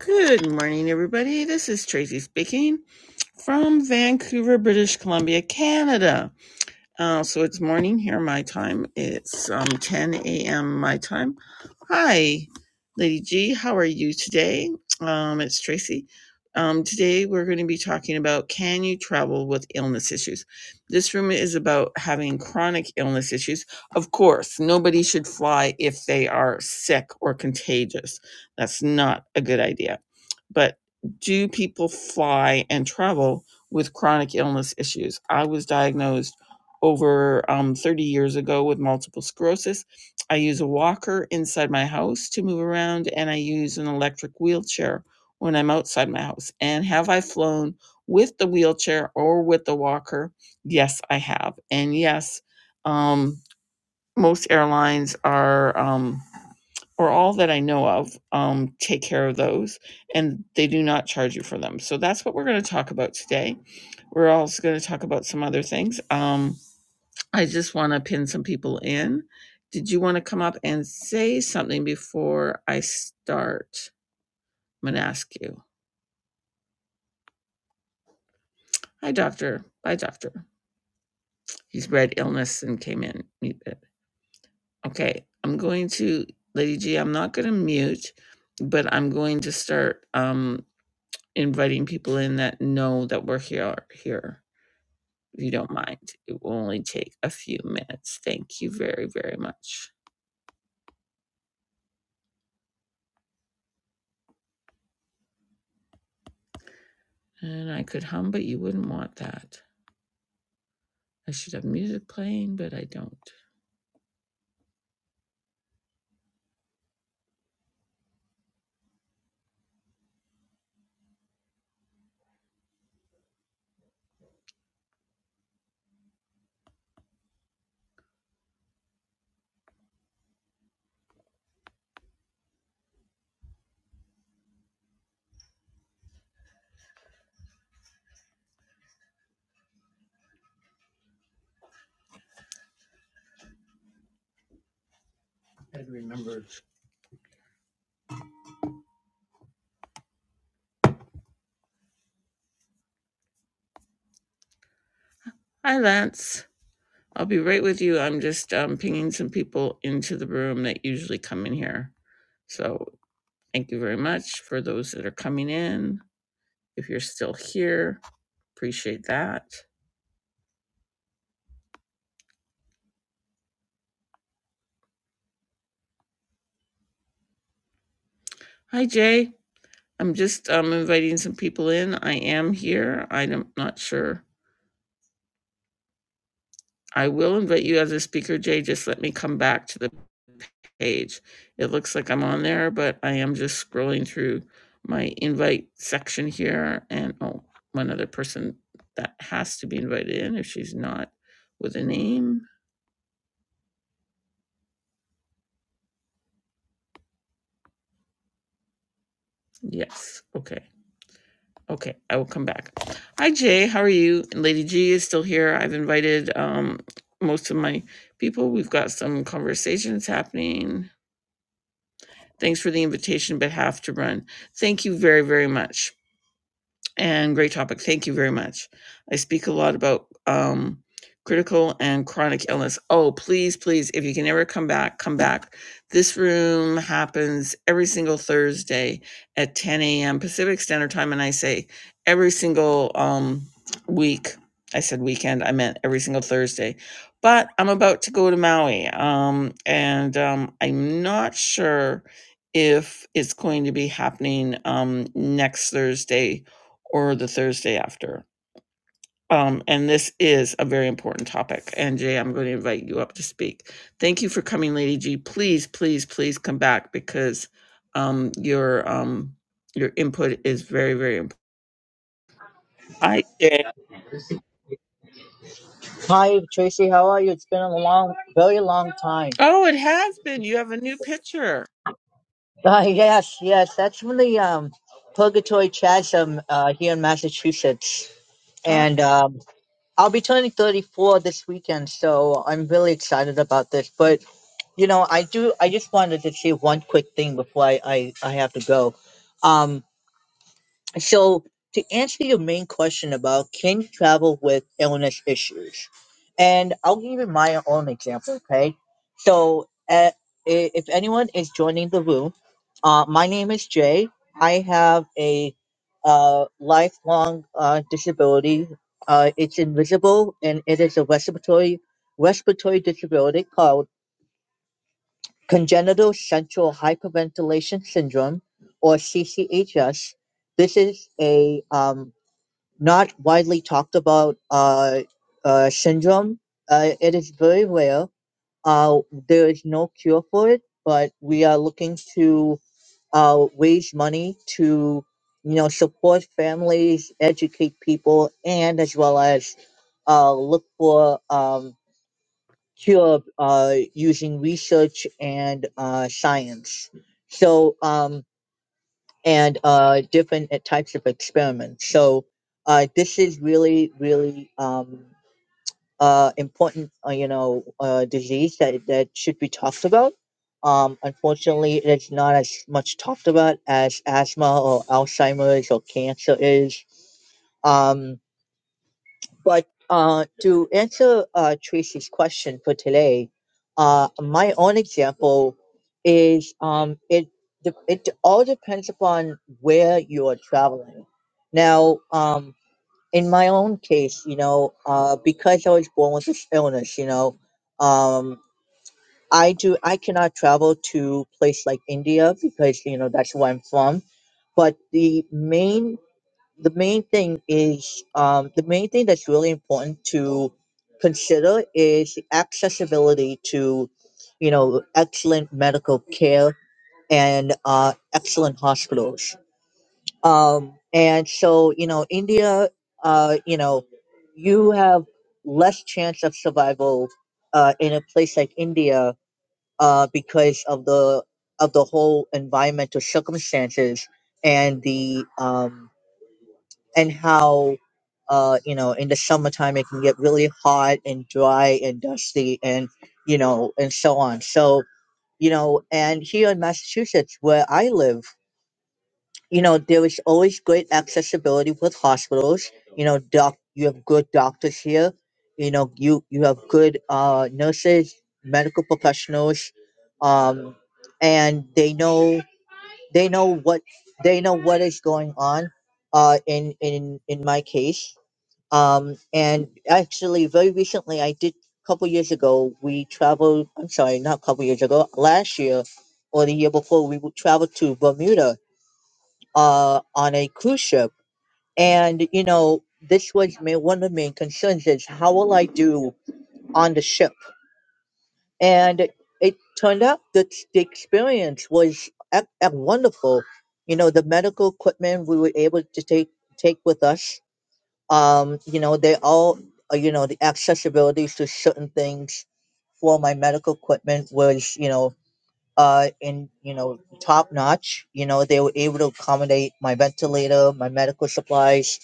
Good morning, everybody. This is Tracy speaking from Vancouver, British Columbia, Canada. Uh, so it's morning here. My time it's um, 10 a.m. My time. Hi, Lady G. How are you today? Um, it's Tracy. Um, today we're going to be talking about can you travel with illness issues? This room is about having chronic illness issues. Of course, nobody should fly if they are sick or contagious. That's not a good idea. But do people fly and travel with chronic illness issues? I was diagnosed over um, 30 years ago with multiple sclerosis I use a walker inside my house to move around, and I use an electric wheelchair when I'm outside my house. And have I flown with the wheelchair or with the walker? Yes, I have. And yes, um, most airlines are, um, or all that I know of, um, take care of those, and they do not charge you for them. So that's what we're going to talk about today. We're also going to talk about some other things. Um, I just want to pin some people in. Did you want to come up and say something before I start? I'm going to ask you. Hi, doctor. Bye, doctor. He's read illness and came in. Okay, I'm going to, Lady G, I'm not going to mute, but I'm going to start um, inviting people in that know that we're here. here. If you don't mind, it will only take a few minutes. Thank you very, very much. And I could hum, but you wouldn't want that. I should have music playing, but I don't. Hi, Lance. I'll be right with you. I'm just um, pinging some people into the room that usually come in here. So thank you very much for those that are coming in. If you're still here, appreciate that. Hi, Jay. I'm just um, inviting some people in. I am here. I'm not sure I will invite you as a speaker, Jay. Just let me come back to the page. It looks like I'm on there, but I am just scrolling through my invite section here. And oh, one other person that has to be invited in if she's not with a name. Yes. Okay. Okay. I will come back. Hi, Jay. How are you? And Lady G is still here. I've invited um, most of my people. We've got some conversations happening Thanks for the invitation, but have to run. Thank you very, very much and great topic. Thank you very much. I speak a lot about um, critical and chronic illness. Oh, please, please, if you can ever come back, come back. This room happens every single Thursday at 10 a.m. Pacific Standard Time, and I say every single um, week. I said weekend. I meant every single Thursday. But I'm about to go to Maui, um, and um, I'm not sure if it's going to be happening um, next Thursday or the Thursday after. Um, and this is a very important topic. And Jay, I'm going to invite you up to speak. Thank you for coming, Lady G. Please, please, please come back because um, your um, your input is very, very important. Hi, Jay. Hi, Tracy. How are you? It's been a long, very long time. Oh, it has been. You have a new picture. Uh, yes, yes. That's from the um, Purgatory Chasm uh, here in Massachusetts. Uh, And um, I'll be turning 34 this weekend, so I'm really excited about this. But, you know, I do, I just wanted to say one quick thing before I, I, I have to go. Um, So, to answer your main question about can you travel with illness issues, and I'll give you my own example, okay? So, uh, i- if anyone is joining the room, uh, my name is Jay. I have a uh, lifelong uh, disability. Uh, it's invisible, and it is a respiratory respiratory disability called congenital central hyperventilation syndrome, or CCHS. This is a um, not widely talked about uh, uh, syndrome. Uh, it is very rare. Uh, there is no cure for it, but we are looking to uh, raise money to, you know, support families, educate people, and as well as uh, look for um, cure uh, using research and uh, science. So um, and uh, different uh, types of experiments. So uh, this is really, really um, uh, important, uh, you know, uh, disease that, that should be talked about. Um, unfortunately, it's not as much talked about as asthma or Alzheimer's or cancer is. Um, but uh, to answer uh, Tracy's question for today, uh, my own example is um, it de- it all depends upon where you are traveling. Now, um, in my own case, you know, uh, because I was born with this illness, you know, um, I do I cannot travel to place like India because you know that's where I'm from. But the main the main thing is um, the main thing that's really important to consider is accessibility to you know excellent medical care and uh, excellent hospitals um, and so you know india uh, you know you have less chance of survival uh, in a place like india uh, because of the of the whole environmental circumstances and the um, and how uh you know in the summertime it can get really hot and dry and dusty and you know and so on so you know and here in massachusetts where i live you know there is always great accessibility with hospitals you know doc you have good doctors here you know you you have good uh nurses medical professionals um and they know they know what they know what is going on uh in in in my case um, and actually, very recently, I did a couple years ago, we traveled, I'm sorry, not a couple years ago, last year or the year before, we would travel to Bermuda uh, on a cruise ship. And, you know, this was ma- one of the main concerns is how will I do on the ship? And it turned out that the experience was ec- ec- wonderful. You know, the medical equipment we were able to take take with us um you know they all uh, you know the accessibility to certain things for my medical equipment was you know uh in you know top notch you know they were able to accommodate my ventilator my medical supplies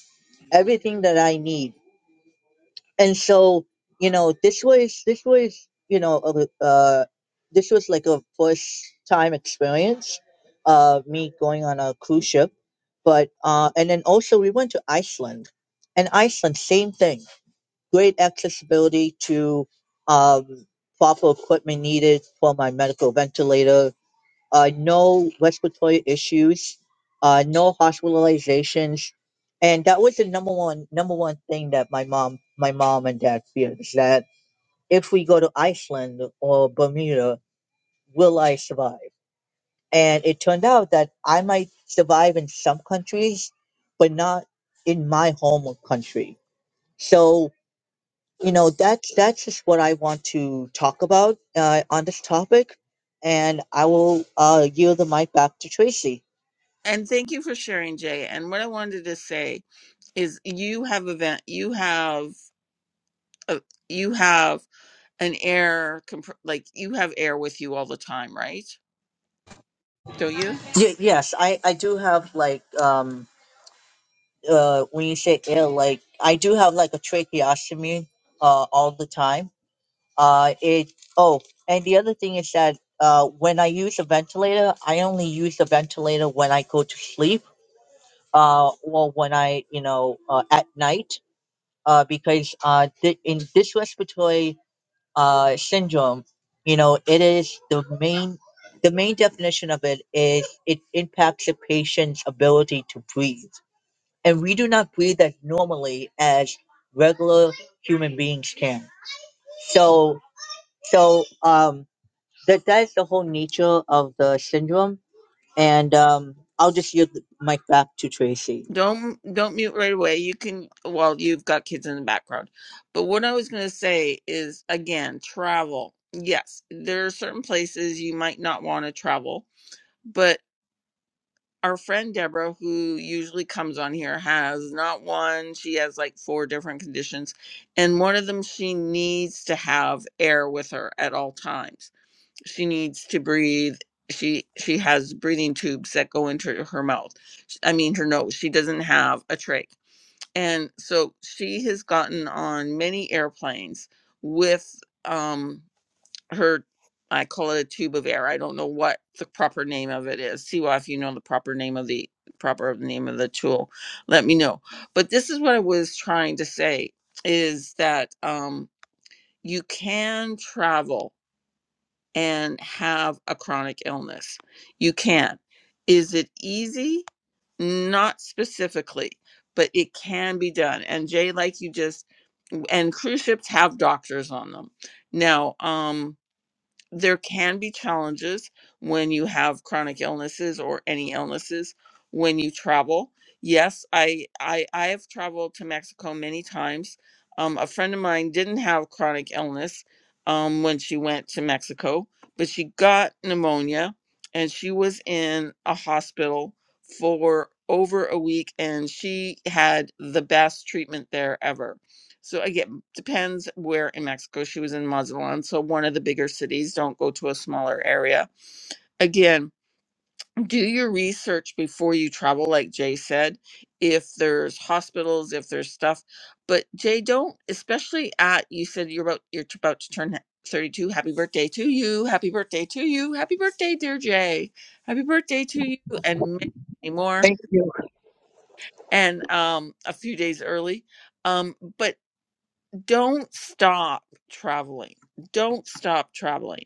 everything that i need and so you know this was this was you know a- uh this was like a first time experience uh me going on a cruise ship but uh and then also we went to iceland and iceland same thing great accessibility to um, proper equipment needed for my medical ventilator. Uh, no respiratory issues, uh, no hospitalizations, and that was the number one number one thing that my mom my mom and dad feared is that if we go to Iceland or Bermuda, will I survive? And it turned out that I might survive in some countries, but not in my home country. So you know that's that's just what i want to talk about uh, on this topic and i will uh, yield the mic back to tracy and thank you for sharing, Jay. And what I wanted to say is, you have event. You have a, you have an air comp- like you have air with you all the time, right? Don't you? Ye- yes i i do have like um uh when you say ill like i do have like a tracheostomy uh all the time uh it oh and the other thing is that uh when i use a ventilator i only use the ventilator when i go to sleep uh or when i you know uh, at night uh because uh th- in this respiratory uh, syndrome, you know, it is the main the main definition of it is it impacts a patient's ability to breathe, and we do not breathe as normally as regular human beings can. So, so um, that that is the whole nature of the syndrome, and um, I'll just yield the mic back to Tracy. Don't don't mute right away. You can well, you've got kids in the background. But what I was going to say is again, travel. Yes, there are certain places you might not want to travel, but. our friend Deborah, who usually comes on here, has not one, she has like four different conditions. And one of them, she needs to have air with her at all times. She needs to breathe. She she has breathing tubes that go into her mouth. I mean her nose. She doesn't have a trach. And so she has gotten on many airplanes with um her I call it a tube of air. I don't know what the proper name of it is. Siwa, if you know the proper name of the proper name of the tool, let me know. But this is what I was trying to say is that um, you can travel and have a chronic illness. You can. Is it easy? Not specifically, but it can be done. And Jay, like you just and cruise ships have doctors on them. Now, um, there can be challenges when you have chronic illnesses or any illnesses when you travel yes i i i have traveled to mexico many times um, a friend of mine didn't have chronic illness um, when she went to mexico but she got pneumonia and she was in a hospital for over a week and she had the best treatment there ever so again, depends where in Mexico she was in Mazatlan. So one of the bigger cities. Don't go to a smaller area. Again, do your research before you travel, like Jay said. If there's hospitals, if there's stuff, but Jay, don't especially at you said you're about you're about to turn 32. Happy birthday to you. Happy birthday to you. Happy birthday, dear Jay. Happy birthday to you, and many more. And um, a few days early. Um, but don't stop traveling. Don't stop traveling.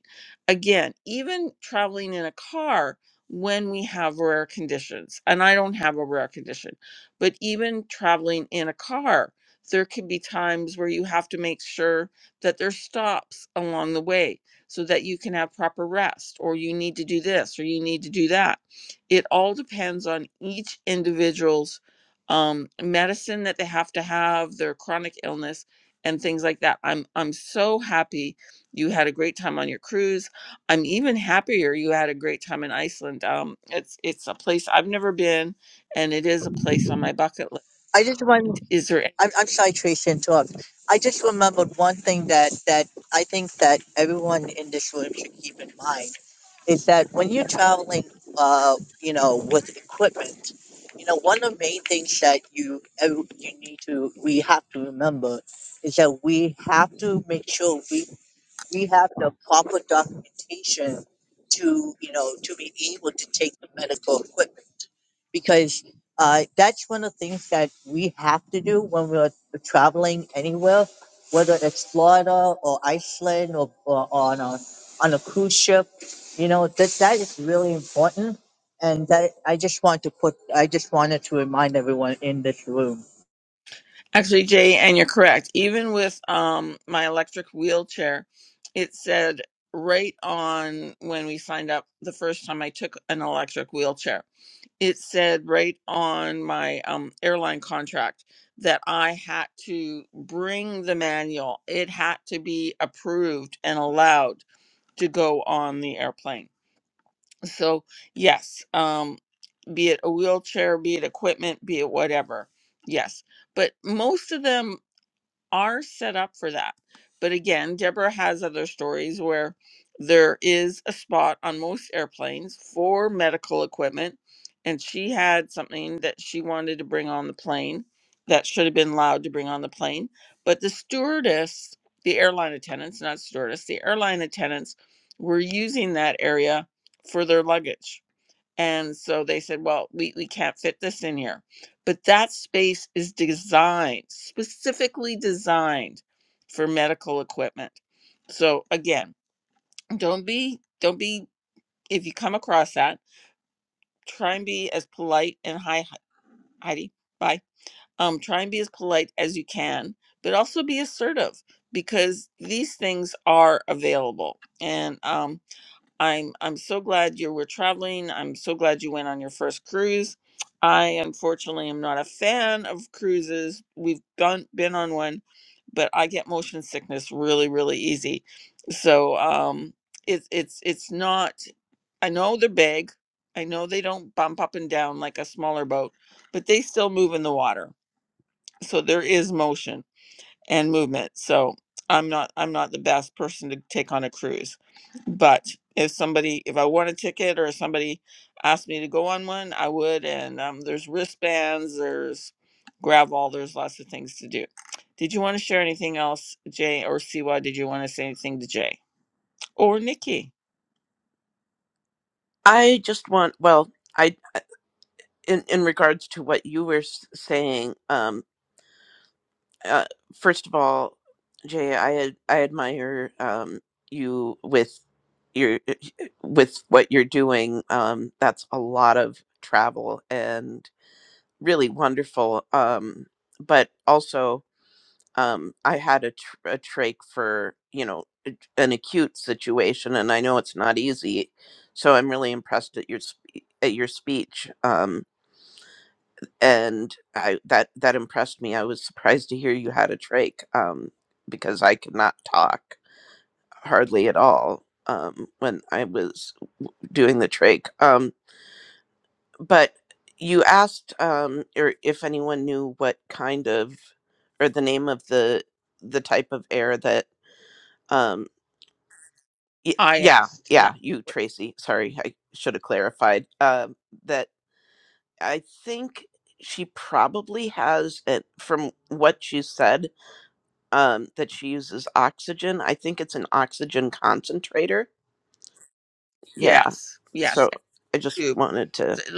Again, even traveling in a car when we have rare conditions, and I don't have a rare condition, but even traveling in a car, there could be times where you have to make sure that there's stops along the way so that you can have proper rest, or you need to do this, or you need to do that. It all depends on each individual's um, medicine that they have to have, their chronic illness and things like that. I'm I'm so happy you had a great time on your cruise. I'm even happier you had a great time in Iceland. Um, it's it's a place I've never been, and it is a place on my bucket list. I just want. Is there any- I'm, I'm sorry, Tracy, to interrupt. I just remembered one thing that, that I think that everyone in this room should keep in mind is that when you're traveling, uh, you know, with equipment, you know, one of the main things that you ev- you need to we have to remember is that we have to make sure we we have the proper documentation to, you know, to be able to take the medical equipment. Because uh, that's one of the things that we have to do when we're traveling anywhere, whether it's Florida or Iceland or, or on a, on a cruise ship, you know, that, that is really important. And that I just want to put, I just wanted to remind everyone in this room. actually, Jay? And you're correct. Even with um my electric wheelchair, it said right on when we signed up the first time I took an electric wheelchair it said right on my um, airline contract that I had to bring the manual. It had to be approved and allowed to go on the airplane. So, yes, um, be it a wheelchair, be it equipment, be it whatever. Yes. But most of them are set up for that. But again, Deborah has other stories where there is a spot on most airplanes for medical equipment, and she had something that she wanted to bring on the plane that should have been allowed to bring on the plane. But the stewardess, the airline attendants, not stewardess, the airline attendants were using that area for their luggage and so they said, well, we, we can't fit this in here. But that space is designed, specifically designed for medical equipment. So again, don't be, don't be, if you come across that, try and be as polite and hi, Heidi, bye. Um, try and be as polite as you can, but also be assertive because these things are available. And um, I'm I'm so glad you were traveling. I'm so glad you went on your first cruise. I unfortunately am not a fan of cruises. We've gone been on one, but I get motion sickness really really easy. So um it's it's it's not I know they're big. I know they don't bump up and down like a smaller boat, but they still move in the water. So there is motion and movement. So I'm not I'm not the best person to take on a cruise. But if somebody if I want a ticket or somebody asked me to go on one, I would. And um, there's wristbands, there's gravel, there's lots of things to do. Did you want to share anything else, Jay or Siwa? Did you want to say anything to Jay or Nikki? I just want, well, I in in regards to what you were s- saying, um, uh, first of all, Jay, I ad- I admire um you with your with what you're doing. Um, that's a lot of travel and really wonderful. Um, but also, um, I had a tr- a trach for you know a- an acute situation, and I know it's not easy. So I'm really impressed at your sp- at your speech. Um, and I that that impressed me. I was surprised to hear you had a trach um, because I could not talk hardly at all um, when I was doing the trach. Um, but you asked um, or if anyone knew what kind of or the name of the the type of air that um, y- I yeah asked. Yeah. yeah you Tracy sorry I should have clarified um, that I think she probably has it from what you said um, that she uses oxygen. I think it's an oxygen concentrator. Yeah. Yes. So Yes. I just and wanted to, Noob.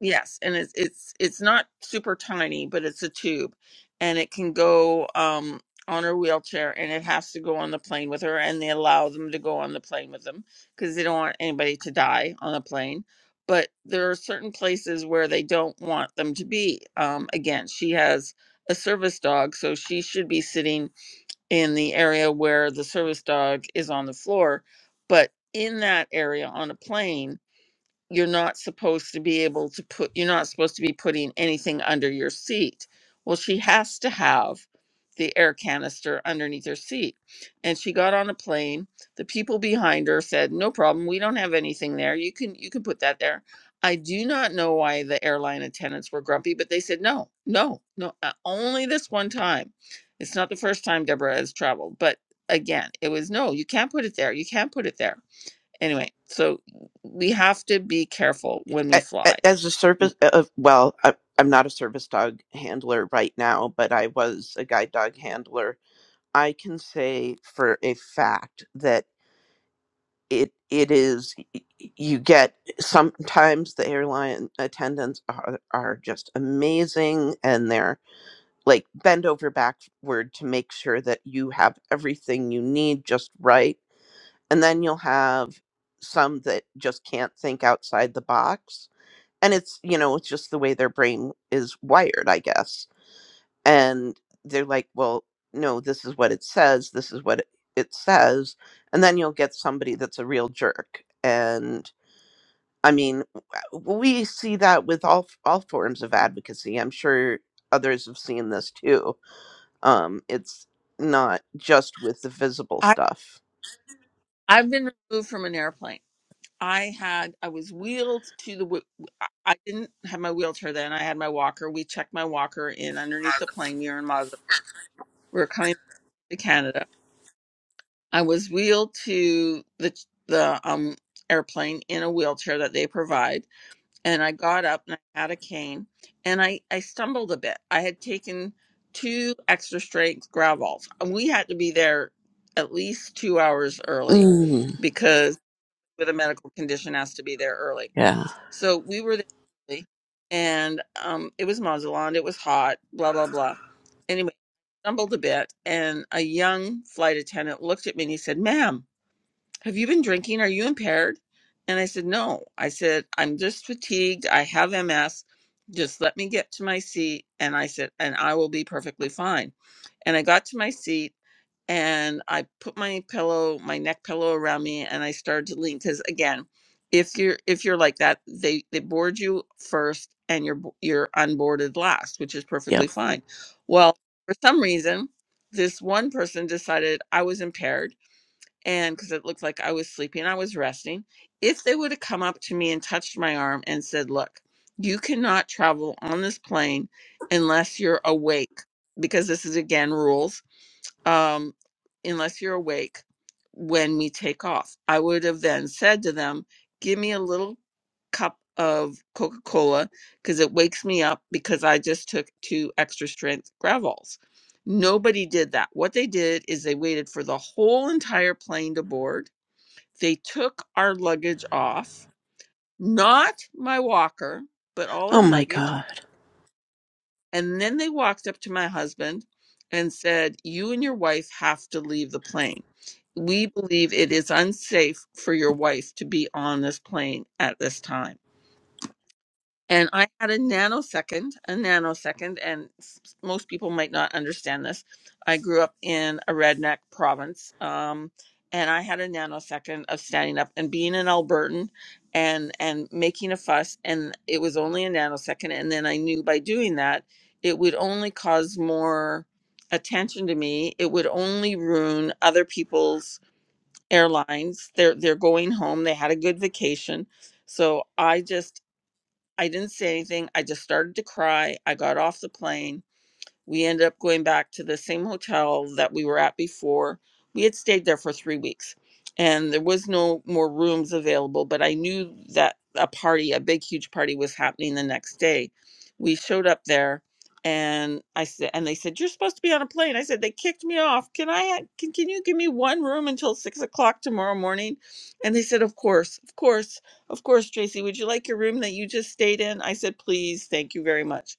Yes, and it's it's it's not super tiny, but it's a tube, and it can go um on her wheelchair, and it has to go on the plane with her, and they allow them to go on the plane with them because they don't want anybody to die on the plane. But there are certain places where they don't want them to be. Um, again, she has a service dog, so she should be sitting in the area where the service dog is on the floor. But in that area on a plane, you're not supposed to be able to put you're not supposed to be putting anything under your seat well she has to have the air canister underneath her seat and she got on a plane the people behind her said no problem we don't have anything there you can you can put that there i do not know why the airline attendants were grumpy but they said no no no uh, only this one time it's not the first time deborah has traveled but again it was no you can't put it there you can't put it there Anyway, so we have to be careful when we a- fly. a- as a service, uh, uh, well, I, I'm not a service dog handler right now, but I was a guide dog handler. I can say for a fact that it it is y- y- you get sometimes the airline attendants are are just amazing and they're like bend over backward to make sure that you have everything you need just right. And then you'll have some that just can't think outside the box. And it's, you know, it's just the way their brain is wired, I guess. And they're like, well, no, this is what it says. This is what it it says. And then you'll get somebody that's a real jerk. And I mean, w- we see that with all, all forms of advocacy. I'm sure others have seen this too um, it's not just with the visible I stuff. I've been removed from an airplane. I had I was wheeled to the wh- I I didn't have my wheelchair then. I had my walker. We checked my walker in underneath the plane. We were in Mother. We were coming back to Canada. I was wheeled to the the um airplane in a wheelchair that they provide. and I got up and I had a cane and I, I stumbled a bit. I had taken two extra strength gravels. And we had to be there at least two hours early Mm, because with a medical condition has to be there early. yeah. So we were there early and um, it was Mazalond, it was hot, blah, blah, blah. Anyway, stumbled a bit and a young flight attendant looked at me and he said, ma'am, have you been drinking? Are you impaired? And I said, no. I said, I'm just fatigued. I have MS. Just let me get to my seat. And I said, and I will be perfectly fine. And I got to my seat and I put my pillow, my neck pillow around me and I started to lean. Cause again, if you're, if you're like that, they, they board you first and you're, bo- you're unboarded last, which is perfectly Yep. fine. Well, for some reason, this one person decided I was impaired and because it looked like I was sleepy and I was resting, if they would have come up to me and touched my arm and said, Look, you cannot travel on this plane unless you're awake, because this is again rules um, unless you're awake, when we take off. I would have then said to them, give me a little cup of Coca Cola because it wakes me up because I just took two extra strength gravels. Nobody did that. What they did is they waited for the whole entire plane to board. They took our luggage off, not my walker, but all Oh our my luggage god. and then they walked up to my husband and said, You and your wife have to leave the plane. We believe it is unsafe for your wife to be on this plane at this time. And I had a nanosecond, a nanosecond, and s- s- most people might not understand this. I grew up in a redneck province, um, and I had a nanosecond of standing up and being an Albertan and and making a fuss, and it was only a nanosecond. And then I knew by doing that, it would only cause more attention to me. It would only ruin other people's airlines. They're they're going home. They had a good vacation, so I just I didn't say anything. I just started to cry. I got off the plane. We ended up going back to the same hotel that we were at before. We had stayed there for three weeks and there was no more rooms available, but I knew that a party, a big, huge party was happening the next day. We showed up there and I said, and they said, you're supposed to be on a plane. I said, they kicked me off. Can I, ha- can, can you give me one room until six o'clock tomorrow morning? And they said, of course, of course, of course, Tracy, would you like your room that you just stayed in? I said, please, thank you very much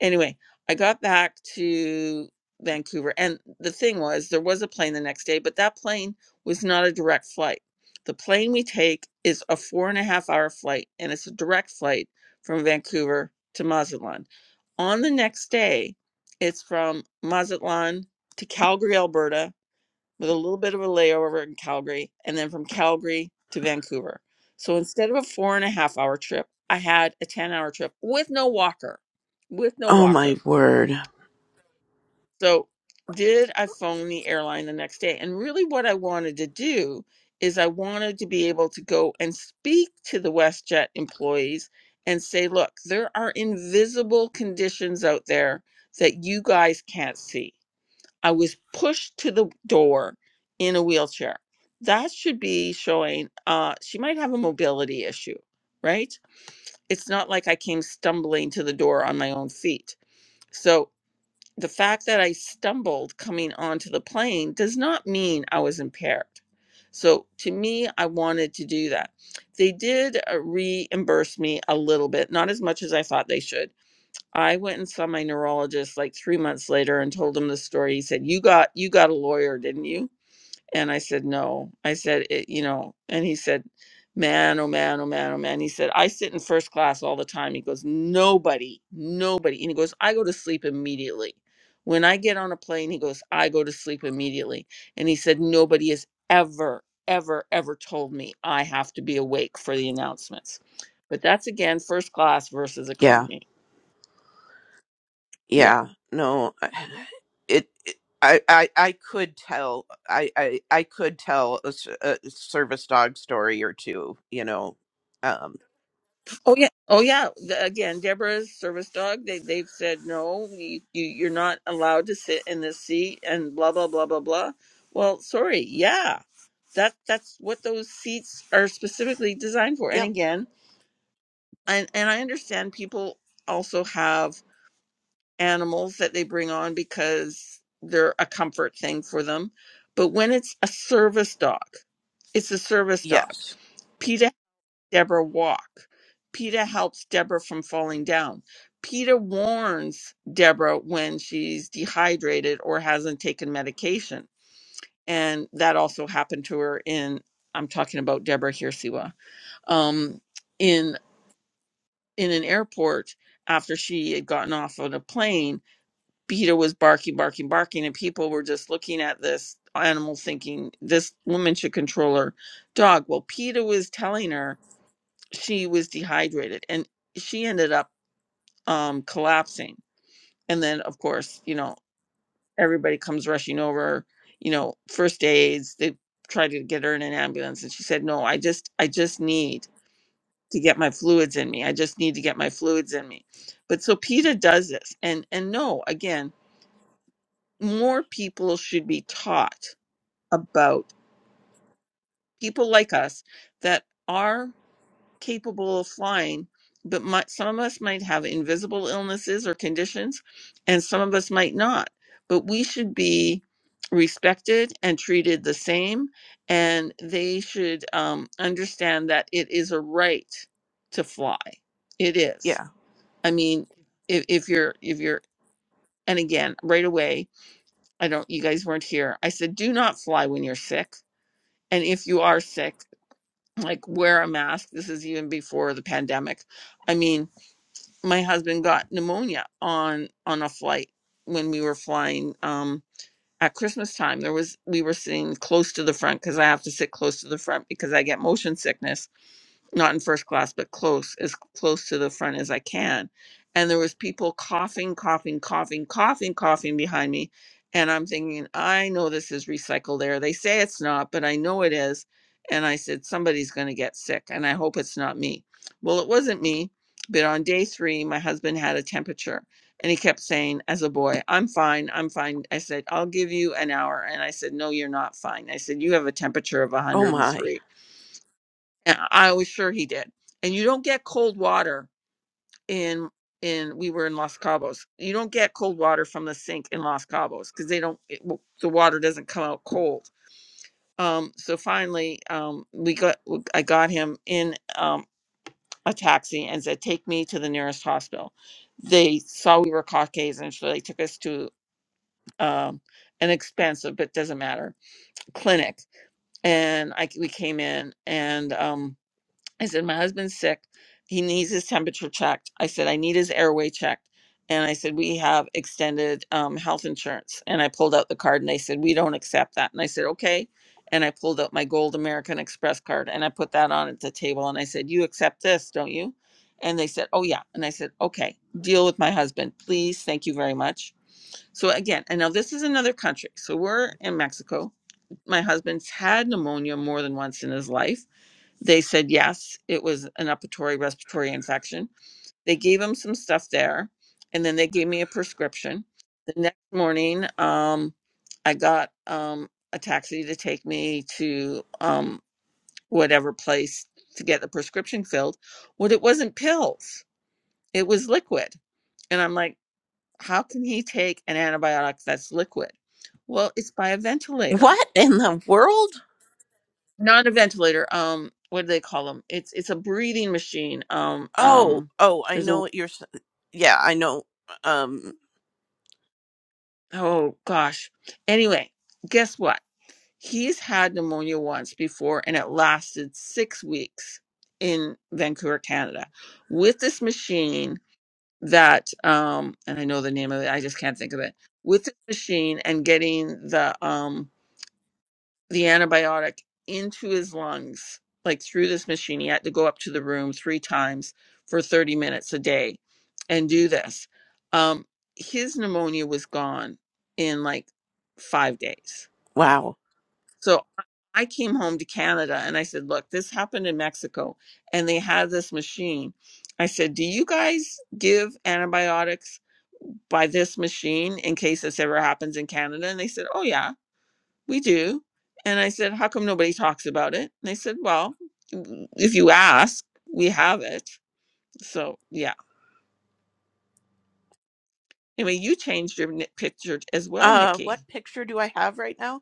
anyway, I got back to Vancouver, and the thing was, there was a plane the next day, but that plane was not a direct flight. The plane we take is a four and a half hour flight, and it's a direct flight from Vancouver to Mazatlan. On the next day, it's from Mazatlan to Calgary, Alberta, with a little bit of a layover in Calgary, and then from Calgary to Vancouver. So instead of a four and a half hour trip, I had a 10 hour trip with no walker, with no Oh walker. my word. So, did I phone the airline the next day? And really, what I wanted to do is I wanted to be able to go and speak to the WestJet employees and say, look, there are invisible conditions out there that you guys can't see. I was pushed to the door in a wheelchair. That should be showing uh, she might have a mobility issue, right? It's not like I came stumbling to the door on my own feet. So, the fact that I stumbled coming onto the plane does not mean I was impaired. So to me, I wanted to do that. They did uh, reimburse me a little bit, not as much as I thought they should. I went and saw my neurologist like three months later and told him the story. He said, "You got you got a lawyer, didn't you?" And I said, No. I said, it, You know, and he said, Man, oh man, oh man, oh man. He said, I sit in first class all the time. He goes, Nobody, nobody. And he goes, I go to sleep immediately. When I get on a plane, he goes, I go to sleep immediately. And he said, Nobody has ever, ever, ever told me I have to be awake for the announcements. But that's again first class versus Yeah. economy. Yeah. Yeah. No. I- It. it I, I, I could tell I, I, I could tell a, s- a service dog story or two you know um Oh yeah, oh yeah. The- Again, Deborah's service dog. They they've said no. You, you you're not allowed to sit in this seat and blah blah blah blah blah. Well, sorry. Yeah, that that's what those seats are specifically designed for. And yep again, and and I understand people also have animals that they bring on because they're a comfort thing for them. But when it's a service dog, it's a service dog. yes Deborah walk. PETA helps Deborah from falling down. PETA warns Deborah when she's dehydrated or hasn't taken medication. And that also happened to her in, I'm talking about Deborah here, Siwa, um, in, in an airport after she had gotten off of a plane. PETA was barking, barking, barking, and people were just looking at this animal thinking this woman should control her dog. Well, PETA was telling her she was dehydrated and she ended up um collapsing and then of course you know everybody comes rushing over you know first aids they tried to get her in an ambulance and she said no i just i just need to get my fluids in me i just need to get my fluids in me but so peta does this and and no again more people should be taught about people like us that are capable of flying, but might, some of us might have invisible illnesses or conditions, and some of us might not. But we should be respected and treated the same, and they should um, understand that it is a right to fly. It is. yeah I mean, if, if you're if you're and again, right away, I don't. You guys weren't here. I said, do not fly when you're sick, and if you are sick, like wear a mask. This is even before the pandemic. I mean, my husband got pneumonia on on a flight when we were flying um at christmas time there was we were sitting close to the front because i have to sit close to the front because i get motion sickness not in first class but close as close to the front as i can and there was people coughing coughing coughing coughing coughing behind me and i'm thinking i know this is recycled air they say it's not but i know it is and i said somebody's going to get sick and i hope it's not me well it wasn't me but on day three my husband had a temperature and he kept saying as a boy i'm fine i'm fine i said i'll give you an hour and i said no you're not fine i said you have a temperature of oh my 103 and I was sure he did. And you don't get cold water in in we were in Los Cabos. You don't get cold water from the sink in Los Cabos because they don't it, w- the water doesn't come out cold. Um, so finally, um, we got w- I got him in um, a taxi and said, "Take me to the nearest hospital." They saw we were Caucasian, so they took us to um, an expensive but doesn't matter clinic. And I c- we came in and. Um, I said, My husband's sick. He needs his temperature checked. I said, I need his airway checked. And I said, We have extended um, health insurance. And I pulled out the card and they said, We don't accept that. And I said, Okay. And I pulled out my gold American Express card and I put that on at the table. And I said, You accept this, don't you? And they said, Oh, yeah. And I said, Okay, deal with my husband, please. Thank you very much. So again, and now this is another country. So we're in Mexico. My husband's had pneumonia more than once in his life they said yes, it was an upper respiratory infection. They gave him some stuff there, and then they gave me a prescription. The next morning, um, I got um, a taxi to take me to um, whatever place to get the prescription filled. What it wasn't pills, it was liquid. And I'm like, how can he take an antibiotic that's liquid? Well, it's by a ventilator what in the world not a ventilator. Um, what do they call them? It's it's a breathing machine. Um, oh um, oh I there's a know what you're s- yeah I know um oh gosh. Anyway, guess what? He's had pneumonia once before, and it lasted six weeks in Vancouver, Canada, with this machine that um, and I know the name of it. I just can't think of it. With this machine and getting the um the antibiotic into his lungs, like through this machine. He had to go up to the room three times for 30 minutes a day and do this. Um, his pneumonia was gone in like five days. wow So I I came home to Canada and I said, Look, this happened in Mexico and they had this machine. I said, Do you guys give antibiotics by this machine in case this ever happens in Canada? And they said, Oh, yeah we do. And I said, how come nobody talks about it? And they said, well, w- if you ask, we have it. So yeah. Anyway, you changed your ni- picture as well, Uh, Nikki. what picture do I have right now?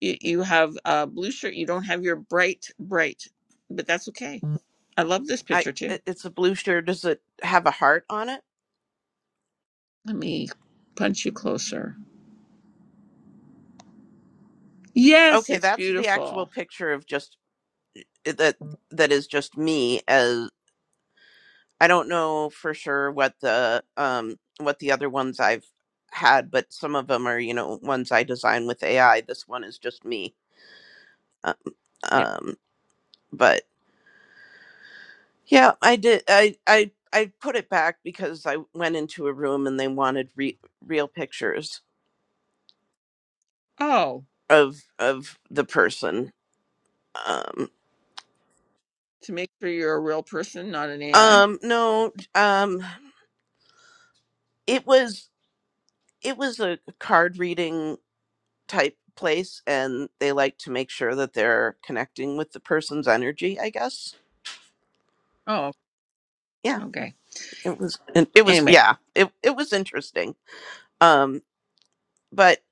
You, you have a blue shirt. You don't have your bright, bright, but that's okay. I love this I picture too. it- it's a blue shirt. Does it have a heart on it? Let me punch you closer. Yes, Okay, it's that's the actual beautiful. picture of just that that is just me as I don't know for sure what the um what the other ones I've had, but some of them are, you know, ones I design with AI. This one is just me. Um, Yeah. um but yeah, I did I I I put it back because I went into a room and they wanted re- real pictures Oh, of of the person um to make sure you're a real person, not an AI. um no um it was it was a card reading type place and they like to make sure that they're connecting with the person's energy i guess Oh, yeah okay. it was and it was Anyway. yeah it, it was interesting um but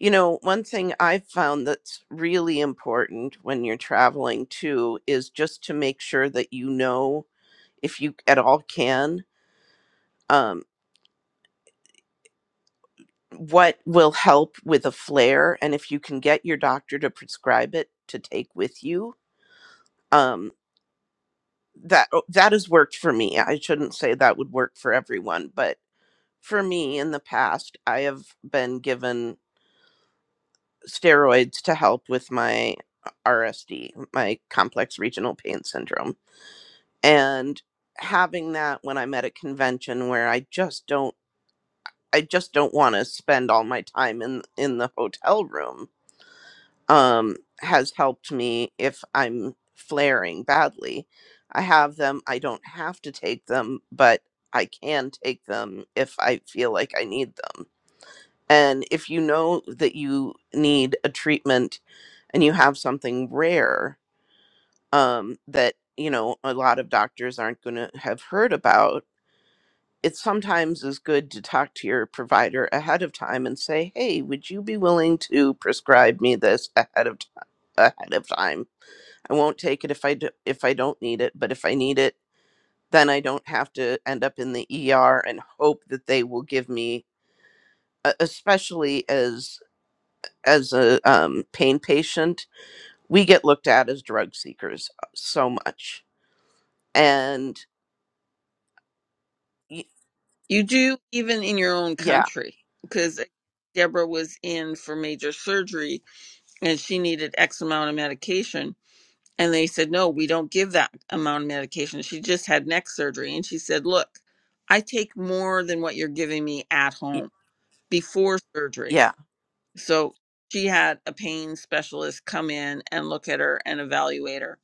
you know one thing i've found that's really important when you're traveling too is just to make sure that you know if you at all can Um. what will help with a flare and if you can get your doctor to prescribe it to take with you um that oh, that has worked for me i shouldn't say that would work for everyone but for me in the past i have been given steroids to help with my rsd my complex regional pain syndrome and having that when i'm at a convention where i just don't i just don't want to spend all my time in in the hotel room um, has helped me if I'm flaring badly. I have them. I don't have to take them, but I can take them if I feel like I need them. And if you know that you need a treatment and you have something rare um, that, you know, a lot of doctors aren't going to have heard about, it sometimes is good to talk to your provider ahead of time and say, hey, would you be willing to prescribe me this ahead of time? Ahead of time I won't take it if I do, if I don't need it, but if I need it, then I don't have to end up in the ER and hope that they will give me e- especially as as a um, pain patient, we get looked at as drug seekers uh, so much. And y- You do even in your own yeah, country, because Deborah was in for major surgery and she needed X amount of medication. And they said, no, we don't give that amount of medication. She just had neck surgery. And she said, look, I take more than what you're giving me at y- home before surgery. yeah, So she had a pain specialist come in and look at her and evaluate her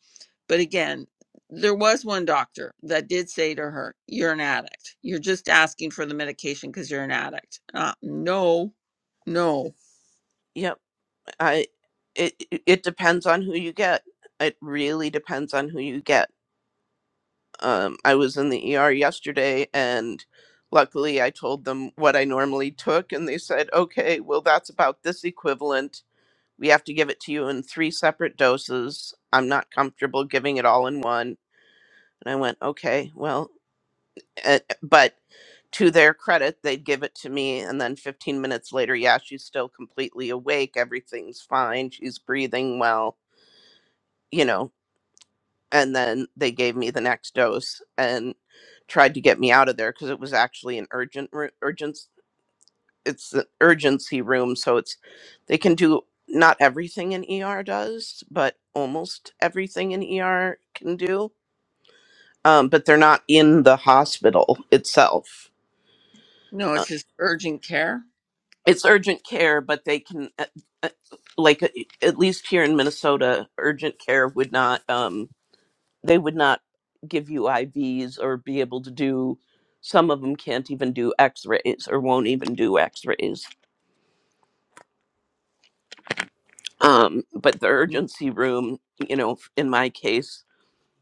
but again, there was one doctor that did say to her, You're an addict. You're just asking for the medication because you're an addict. Uh, no, no, yep. I it it it depends on who you get. It really depends on who you get Um, I was in the ER yesterday, and luckily I told them what I normally took, and they said, okay, well, that's about this equivalent. We have to give it to you in three separate doses. I'm not comfortable giving it all in one. And I went, okay, well, eh, eh, but to their credit, they'd give it to me. And then 15 minutes later, yeah, she's still completely awake. Everything's fine. She's breathing well. You know, and then they gave me the next dose and tried to get me out of there because it was actually an urgent ru- urgent it's an urgency room so it's they can do not everything an ER does but almost everything an ER can do um, but they're not in the hospital itself no, uh, it's just urgent care. it's urgent care but they can uh, uh, like uh, at least here in Minnesota urgent care would not Um, they would not give you IVs or be able to do some of them can't even do x-rays or won't even do x-rays um, but the Mm. urgency room you know in my case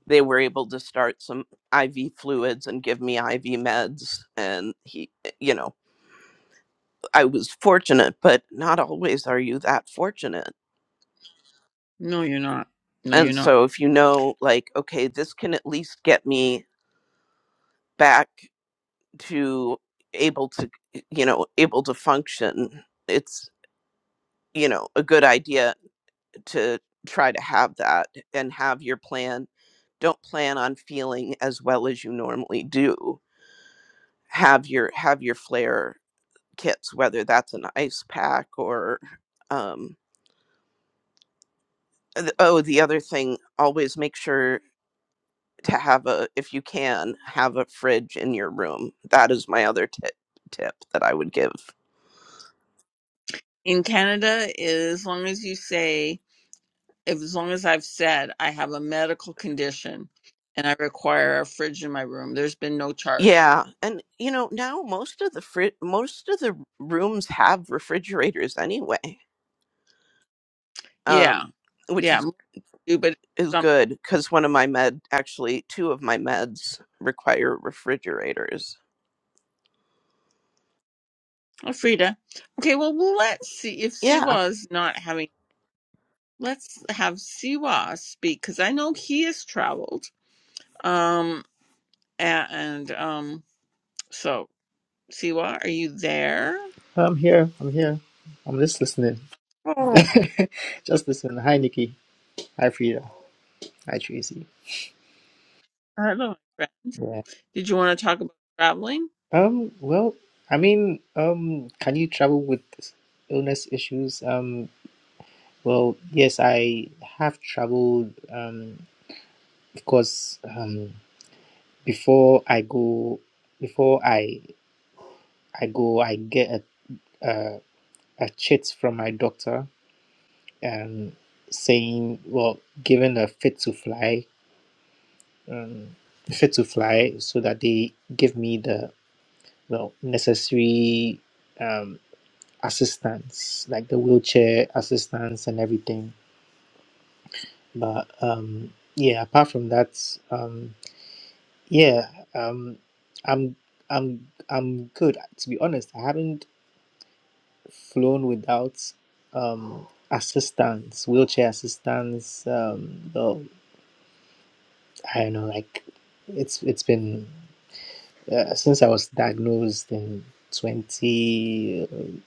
they were able to start some iv fluids and give me iv meds and he eh, you know i was fortunate but not always are you that fortunate No, you're not. No, you're and not. so if you know like okay this can at least get me back to able to you know able to function it's you know a good idea to try to have that and have your plan don't plan on feeling as well as you normally do have your have your flare kits whether that's an ice pack or um th- oh the other thing always make sure to have a if you can have a fridge in your room that is my other tip tip that i would give In Canada, as long as you say as long as I've said I have a medical condition and I require a fridge in my room, there's been no charge. Yeah, and you know now most of the fri- most of the rooms have refrigerators anyway, um, Yeah, which yeah, is m- do, but is um, good because one of my med actually two of my meds require refrigerators. oh, Frida. Okay, well, we'll let's see if Yeah. Siwa is not having. Let's have Siwa speak because I know he has traveled. Um, a- and, um, so Siwa, are you there? I'm here. I'm here. I'm just listening. Oh, just listening. Hi, Nikki. Hi, Frida. Hi, Tracy. hello. my friend. Yeah. Did you want to talk about traveling? Um. Well, I mean, um, can you travel with illness issues? Um. Well, yes, I have traveled. Um. Of course. Um. Before I go, before I I go, I get a a, a chit from my doctor. Um. Saying, well, given a fit to fly, um, fit to fly so that they give me the well necessary um, assistance like the wheelchair assistance and everything but um, yeah apart from that um, yeah um, i'm i'm i'm good to be honest i haven't flown without um, assistance wheelchair assistance um, well, i don't know like it's it's been Uh, since I was diagnosed in 2019,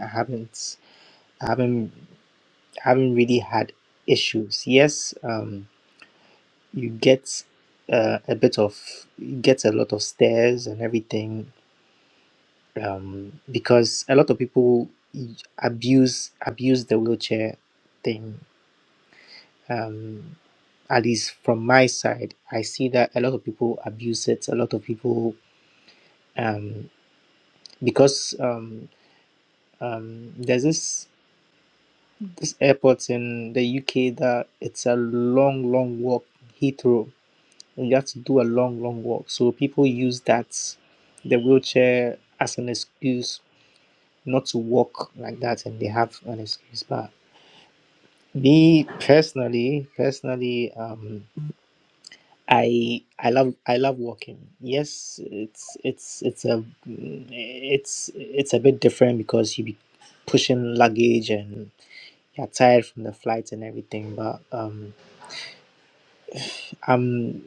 I haven't, I haven't, I haven't really had issues. Yes, um, you get uh, a bit of, you get a lot of stares and everything, um, because a lot of people abuse abuse the wheelchair thing. Um, at least from my side, I see that a lot of people abuse it. A lot of people um, because. Um, Um, there's this this airport in the UK that it's a long, long walk, Heathrow, and you have to do a long, long walk. So people use that the wheelchair as an excuse not to walk like that, and they have an excuse. But me personally, personally, um, I I love I love walking. Yes, it's it's it's a it's it's a bit different because you be pushing luggage and yeah tired from the flights and everything but um i'm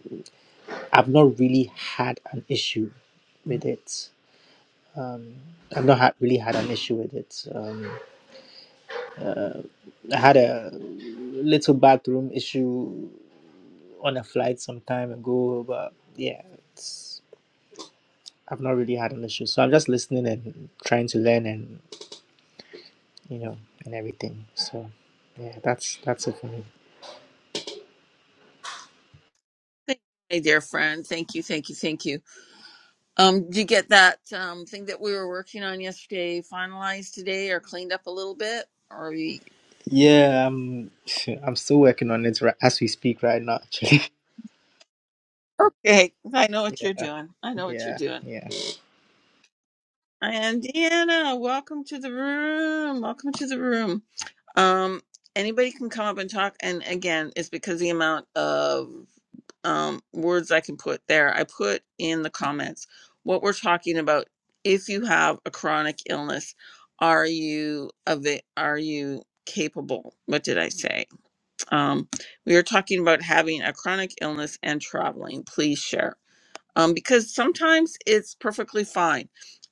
i've not really had an issue with it um i've not had, really had an issue with it um i had a little bathroom issue on a flight some time ago but yeah it's i've not really had an issue so i'm just listening and trying to learn and you know and everything so yeah that's that's it for me Thank you, my dear friend. Thank you, thank you, thank you. Um, did you get that um, thing that we were working on yesterday finalized today or cleaned up a little bit? Or are you... yeah i'm i'm still working on it ri- as we speak right now actually Okay, I know what you're doing. I know what you're Yeah, doing. yeah, And Deanna, welcome to the room. Welcome to the room. Um, anybody can come up and talk. And again, it's because the amount of um, words I can put there. I put in the comments what we're talking about. If you have a chronic illness, are you of it? Are you capable? What did I say? Um, we are talking about having a chronic illness and traveling. Please share um, because sometimes it's perfectly fine,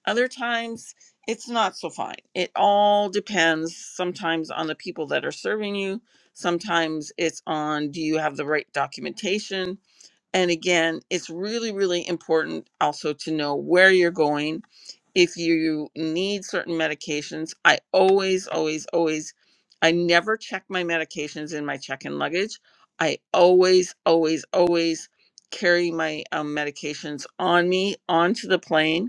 other times it's not so fine. It all depends sometimes on the people that are serving you, sometimes it's on do you have the right documentation, and again, it's really, really important also to know where you're going. If you need certain medications, I always, always, always, I never check my medications in my check in luggage. I always, always, always carry my um, medications on me onto the plane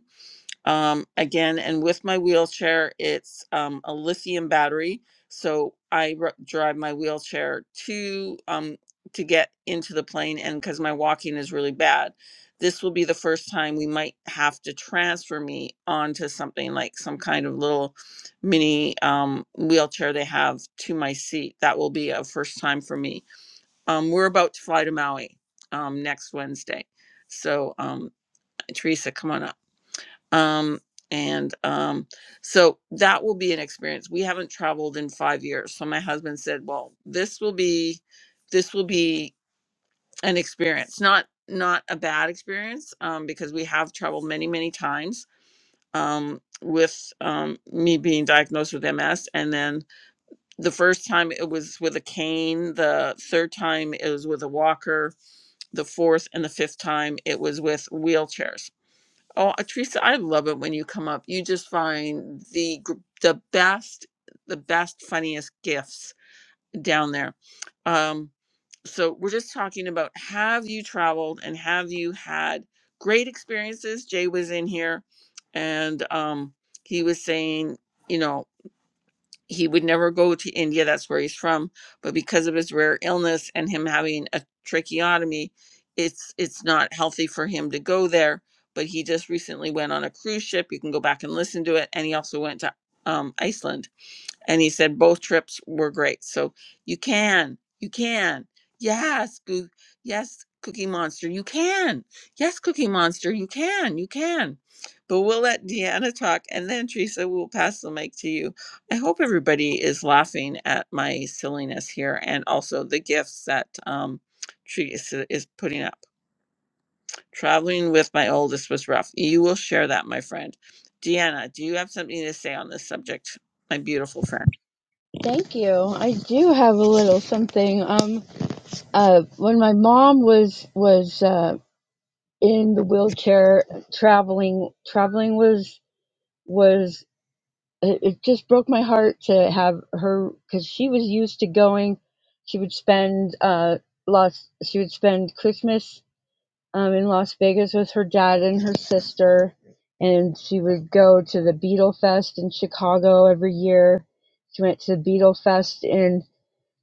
um, again and with my wheelchair it's um, a lithium battery so i r- drive my wheelchair to um, to get into the plane and because my walking is really bad this will be the first time we might have to transfer me onto something like some kind of little mini um, wheelchair they have to my seat that will be a first time for me um, we're about to fly to maui um, next wednesday so um, teresa come on up um and um so that will be an experience we haven't traveled in 5 years so my husband said well this will be this will be an experience not not a bad experience um because we have traveled many many times um with um me being diagnosed with MS and then the first time it was with a cane the third time it was with a walker the fourth and the fifth time it was with wheelchairs Oh, uh, Teresa, I love it when you come up. You just find the gr- the best, the best, funniest gifts down there. Um, so we're just talking about have you traveled and have you had great experiences? Jay was in here, and um, he was saying, you know he would never go to India. That's where he's from. But because of his rare illness and him having a tracheotomy, it's it's not healthy for him to go there. But he just recently went on a cruise ship. You can go back and listen to it. And he also went to um, Iceland and he said both trips were great. So you can, you can. Yes, Goo- yes, Cookie Monster, you can. Yes, Cookie Monster, you can, you can. But we'll let Deanna talk, and then Teresa, we'll pass the mic to you. I hope everybody is laughing at my silliness here, and also the gifts that um, Teresa is putting up. Traveling with my oldest was rough. You will share that, my friend. Deanna, do you have something to say on this subject, my beautiful friend? Thank you. I do have a little something. Um, uh, when my mom was was uh, in the wheelchair, traveling, traveling was was it, it just broke my heart to have her because she was used to going. She would spend uh, Las she would spend Christmas um, in Las Vegas with her dad and her sister, and she would go to the Beetle Fest in Chicago every year. She went to the Beetle Fest in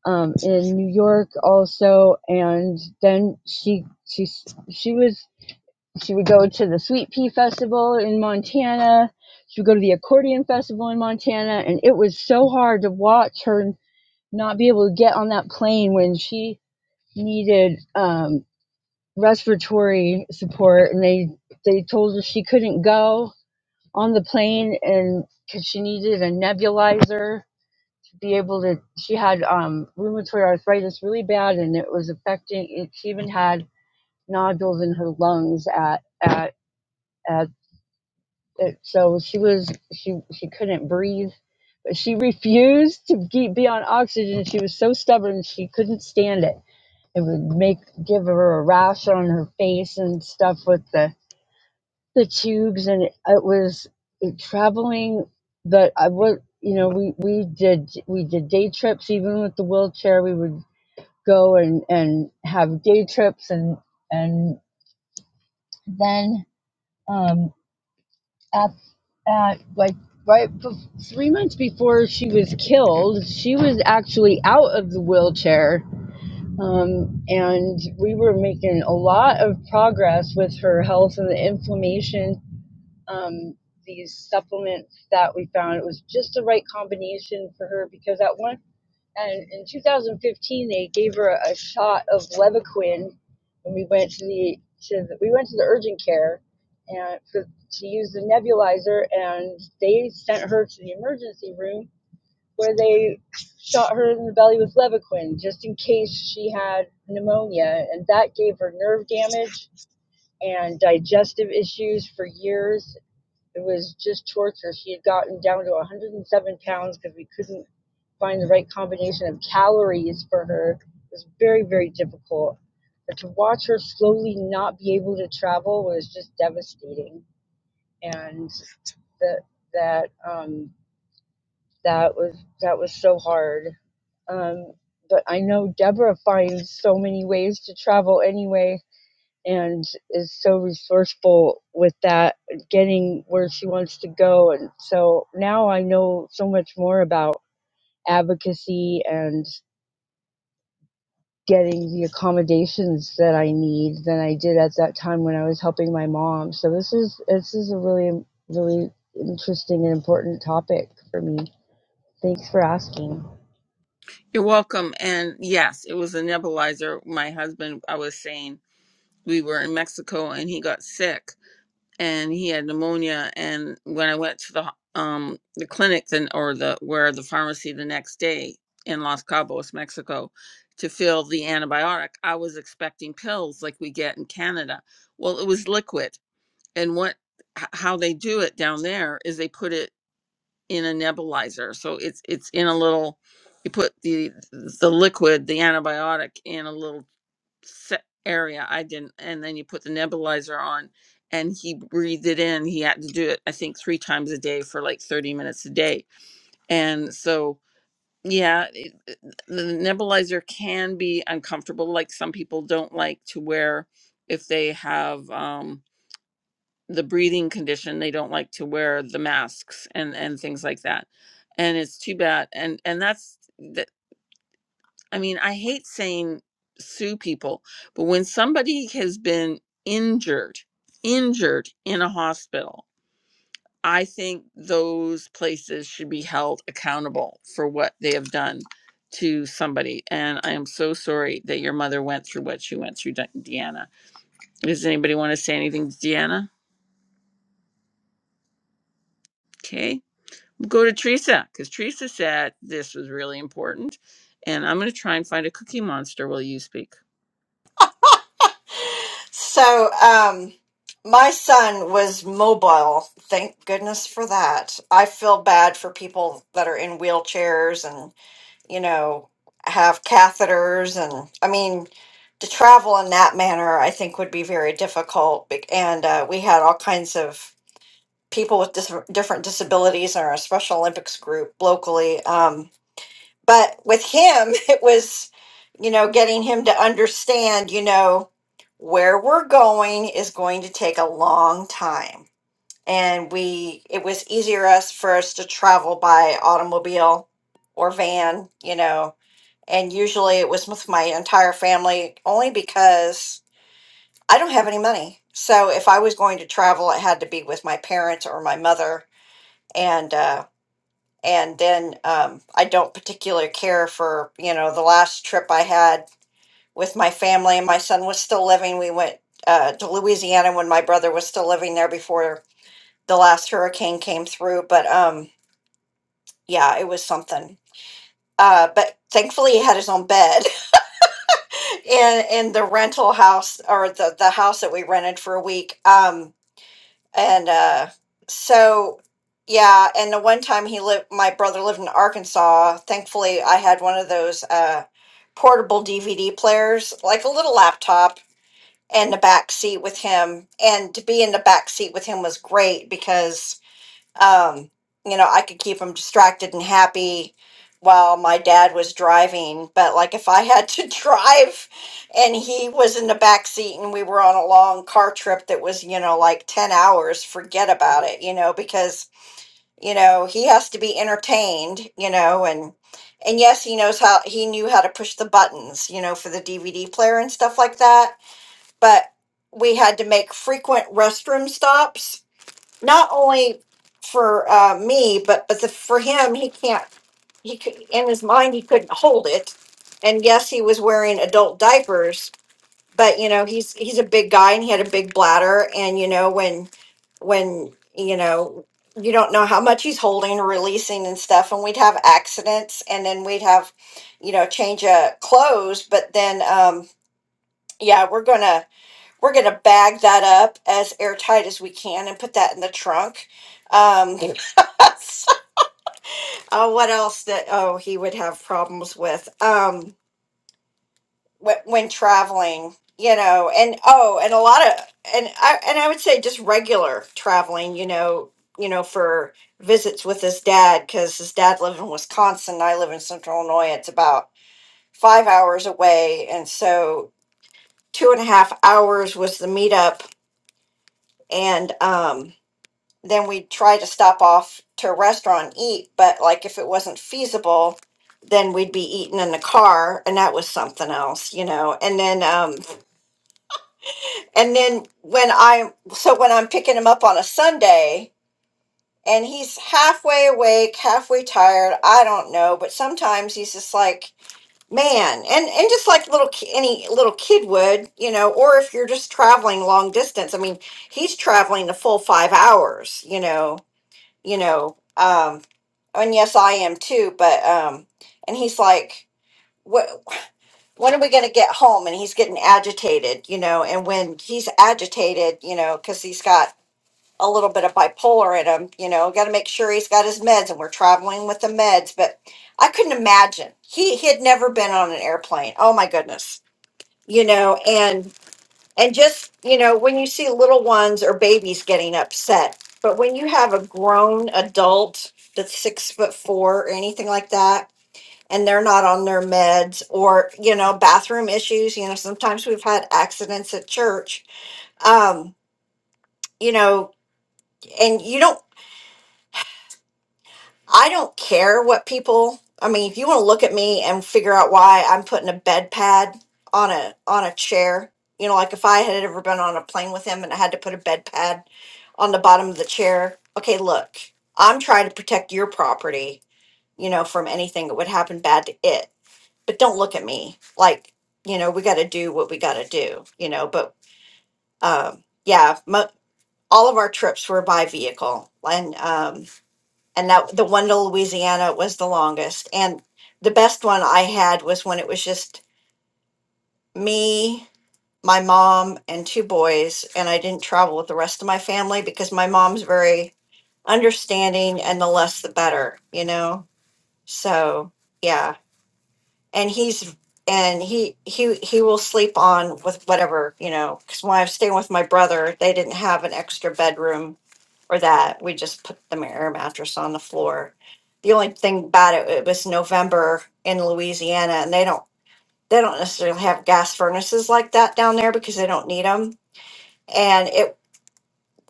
um, in New York also, and then she she she was she would go to the Sweet Pea Festival in Montana. She would go to the Accordion Festival in Montana, and it was so hard to watch her not be able to get on that plane when she needed um, respiratory support, and they they told her she couldn't go on the plane and because she needed a nebulizer be able to she had um rheumatoid arthritis really bad and it was affecting it she even had nodules in her lungs at at at it, so she was she she couldn't breathe but she refused to keep, be on oxygen she was so stubborn she couldn't stand it it would make give her a rash on her face and stuff with the the tubes and it, it was it, traveling that I was, you know, we we did we did day trips even with the wheelchair. We would go and, and have day trips and and then um, at, at like right three months before she was killed, she was actually out of the wheelchair, um, and we were making a lot of progress with her health and the inflammation. Um, these supplements that we found it was just the right combination for her because at one And in 2015, they gave her a shot of Levaquin, and we went to the to the, we went to the urgent care, and for, to use the nebulizer, and they sent her to the emergency room where they shot her in the belly with Levaquin just in case she had pneumonia, and that gave her nerve damage and digestive issues for years. It was just torture. She had gotten down to 107 pounds because we couldn't find the right combination of calories for her. It was very, very difficult. But to watch her slowly not be able to travel was just devastating. And that that um, that was that was so hard. Um, but I know Deborah finds so many ways to travel anyway and is so resourceful with that getting where she wants to go and so now i know so much more about advocacy and getting the accommodations that i need than i did at that time when i was helping my mom so this is this is a really really interesting and important topic for me thanks for asking You're welcome. And yes, it was a nebulizer. My husband, I was saying, we were in Mexico and he got sick and he had pneumonia. And when I went to the ho- um the clinic then or the where the pharmacy the next day in Los Cabos, Mexico, to fill the antibiotic, I was expecting pills like we get in Canada. Well, it was liquid. And what h- how they do it down there is they put it in a nebulizer. So it's it's in a little you put the the liquid, the antibiotic in a little set area. I didn't and then you put the nebulizer on and he breathed it in. He had to do it I think 3 times a day for like 30 minutes a day. And so yeah, it, it- the nebulizer can be uncomfortable like some people don't like to wear if they have um the breathing condition they don't like to wear the masks and and things like that and it's too bad and and that's that i mean i hate saying sue people but when somebody has been injured injured in a hospital i think those places should be held accountable for what they have done to somebody and i am so sorry that your mother went through what she went through De- deanna does anybody want to say anything to deanna okay go to Teresa because Teresa said this was really important. And I'm going to try and find a cookie monster while you speak. So, um, my son was mobile. Thank goodness for that. I feel bad for people that are in wheelchairs and, you know, have catheters. And I mean, to travel in that manner, I think would be very difficult. Bec- And uh, we had all kinds of people with dis- different disabilities in our Special Olympics group locally. Um, but with him it was you know getting him to understand you know where we're going is going to take a long time and we it was easier us for us to travel by automobile or van you know and usually it was with my entire family only because i don't have any money so if i was going to travel it had to be with my parents or my mother and. uh, and then um, I don't particularly care for you know the last trip I had with my family and my son was still living. We went uh, to Louisiana when my brother was still living there before the last hurricane came through. But um, yeah, it was something. Uh, but thankfully, he had his own bed in in the rental house or the the house that we rented for a week. Um, and uh so yeah and the one time he lived my brother lived in arkansas thankfully i had one of those uh portable dvd players like a little laptop in the back seat with him and to be in the back seat with him was great because um, you know, I could keep him distracted and happy while my dad was driving. But like if I had to drive and he was in the back seat and we were on a long car trip that was, you know, like 10 hours, forget about it, you know, because, you know, he has to be entertained, you know, and and yes, he knows how he knew how to push the buttons, you know, for the DVD player and stuff like that, but we had to make frequent restroom stops not only for uh, me, but but the, for him, he can't. He could in his mind he couldn't hold it, and yes, he was wearing adult diapers. But you know he's he's a big guy and he had a big bladder, and you know when when you know you don't know how much he's holding releasing and stuff, and we'd have accidents, and then we'd have you know change of clothes. But then um, yeah, we're gonna we're going to bag that up as airtight as we can and put that in the trunk. Um, oh, what else that, oh, he would have problems with um, when, when traveling, you know, and oh, and a lot of, and I, and I would say just regular traveling, you know, you know, for visits with his dad, because his dad lived in Wisconsin. And I live in central Illinois. It's about five hours away. And so two and a half hours was the meetup. And, um, then we'd try to stop off to a restaurant and eat but like if it wasn't feasible then we'd be eating in the car and that was something else you know and then um and then when i so when i'm picking him up on a sunday and he's halfway awake halfway tired i don't know but sometimes he's just like man and and just like little ki- any little kid would you know or if you're just traveling long distance i mean he's traveling the full five hours you know you know, um, and yes, I am too, but, um, and he's like, what, when are we going to get home? And he's getting agitated, you know, and when he's agitated, you know, cause he's got a little bit of bipolar in him, you know, got to make sure he's got his meds and we're traveling with the meds. But I couldn't imagine he, he had never been on an airplane. Oh my goodness. You know, and. And just, you know, when you see little ones or babies getting upset, but when you have a grown adult that's six foot four or anything like that, and they're not on their meds or, you know, bathroom issues, you know, sometimes we've had accidents at church, um, you know, and you don't I don't care what people. I mean, if you want to look at me and figure out why I'm putting a bed pad on a on a chair, you know, like if I had ever been on a plane with him and I had to put a bed pad on the bottom of the chair, okay, look, I'm trying to protect your property, you know, from anything that would happen bad to it. But don't look at me like, you know, we got to do what we got to do, you know. But um, yeah, mo- all of our trips were by vehicle, and um, and that the one to Louisiana was the longest. And the best one I had was when it was just me, my mom, and two boys, and I didn't travel with the rest of my family because my mom's very understanding and the less the better, you know? So, yeah. And he's and he he he will sleep on with whatever, you know, cuz when I was staying with my brother, they didn't have an extra bedroom or that we just put the air mattress on the floor. The only thing bad it, it was November in Louisiana, and they don't they don't necessarily have gas furnaces like that down there because they don't need them. And it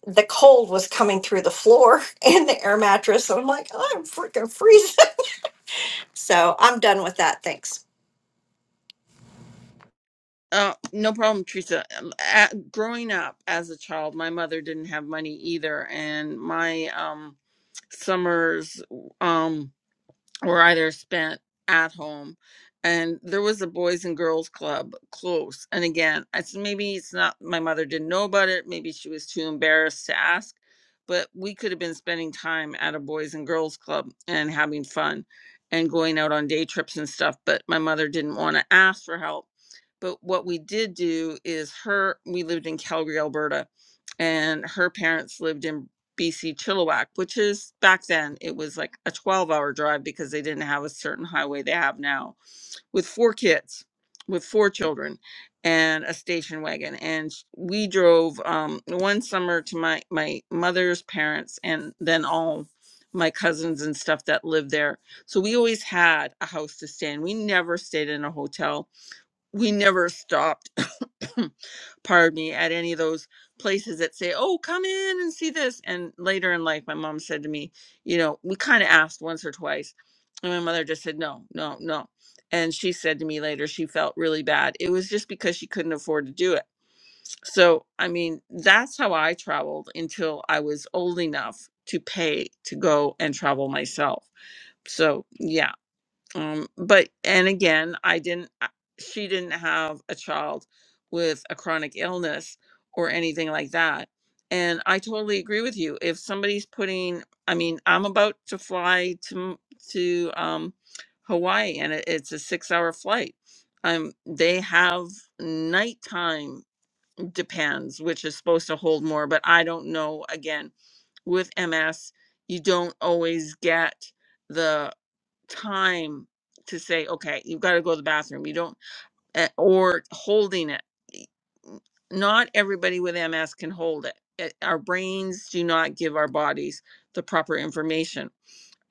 the cold was coming through the floor and the air mattress, and I'm like, I'm freaking freezing. so I'm done with that. Thanks. Oh, no problem, Teresa. Um, At, growing up as a child, my mother didn't have money either, and my um summers um were either spent at home and there was a boys and girls club close and again i s- maybe it's not my mother didn't know about it maybe she was too embarrassed to ask but we could have been spending time at a boys and girls club and having fun and going out on day trips and stuff but my mother didn't want to ask for help but what we did do is her we lived in calgary alberta and her parents lived in BC Chilliwack, which is back then it was like a 12 hour drive because they didn't have a certain highway they have now with four kids, with four children and a station wagon. And sh- we drove um, one summer to my, my mother's parents and then all my cousins and stuff that lived there. So we always had a house to stay in. We never stayed in a hotel we never stopped pardon me at any of those places that say oh come in and see this and later in life my mom said to me you know we kind of asked once or twice and my mother just said no no no and she said to me later she felt really bad it was just because she couldn't afford to do it so i mean that's how i traveled until i was old enough to pay to go and travel myself so yeah um but and again i didn't I- she didn't have a child with a chronic illness or anything like that and i totally agree with you if somebody's putting i mean i'm about to fly to to um hawaii and it, it's a six hour flight um they have nighttime depends which is supposed to hold more but i don't know again with ms you don't always get time to say, okay, you've got to go to the bathroom. You don't, eh, or holding it. Not everybody with MS can hold it. It- Our brains do not give our bodies the proper information.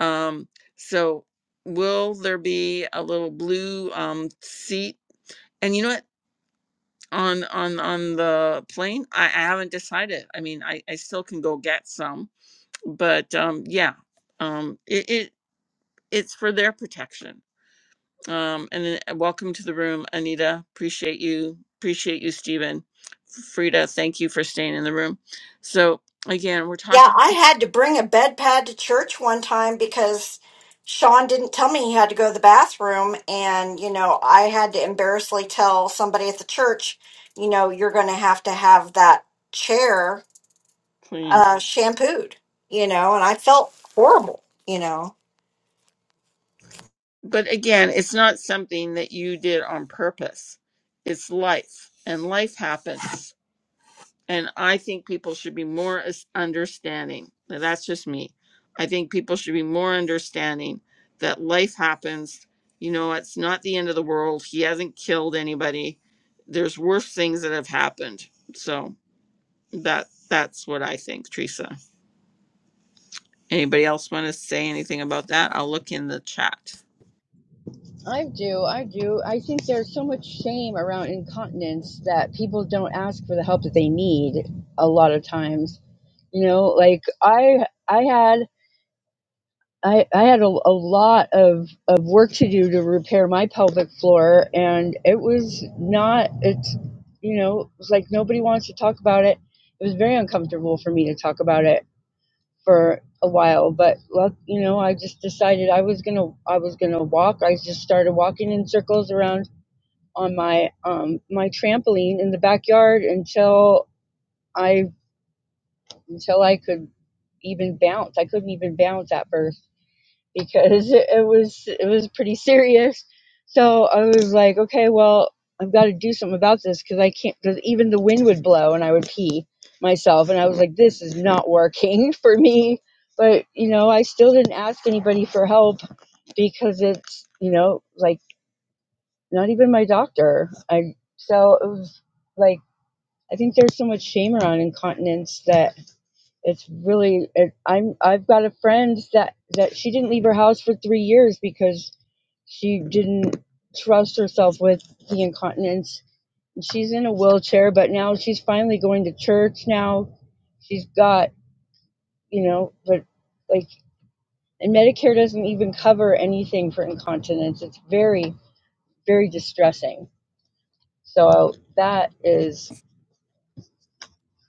Um, so, will there be a little blue um, seat? And you know what? On on on the plane, I, I haven't decided. I mean, I I still can go get some, but um, yeah, um, it, it it's for their protection Um, and then uh, welcome to the room, Anita. Appreciate you. Appreciate you, Stephen. Frida, thank you for staying in the room. So again, we're Yeah, talking I had to bring a bed pad to church one time because Sean didn't tell me he had to go to the bathroom. And, you know, I had to embarrassingly tell somebody at the church, you know, you're going to have to have that chair cleans. uh, shampooed, you know, and I felt horrible, you know. But again, it's not something that you did on purpose. It's life and life happens. and I think people should be more as- understanding. Now, That's just me. I think people should be more understanding that life happens. You know, it's not the end of the world. He hasn't killed anybody. There's worse things that have happened. So that that's what I think, Teresa. Anybody else want to say anything about that? I'll look in the chat. i do i do i think there's so much shame around incontinence that people don't ask for the help that they need a lot of times you know like i i had i i had a, a lot of of work to do to repair my pelvic floor and it was not it's you know it was like nobody wants to talk about it it was very uncomfortable for me to talk about it for a while but luck you know i just decided i was gonna i was gonna walk i just started walking in circles around on my um my trampoline in the backyard until i until i could even bounce i couldn't even bounce at first because it, it was it was pretty serious. So I was like, okay, well, I've got to do something about this because I can't. Because even the wind would blow and I would pee myself, and I was like, this is not working for me. But you know, I still didn't ask anybody for help because it's you know like not even my doctor. I so it was like I think there's so much shame around incontinence that it's really it, i'm i've got a friend that that she didn't leave her house for three years because she didn't trust herself with the incontinence she's in a wheelchair but now she's finally going to church now she's got you know but like and medicare doesn't even cover anything for incontinence it's very very distressing so that is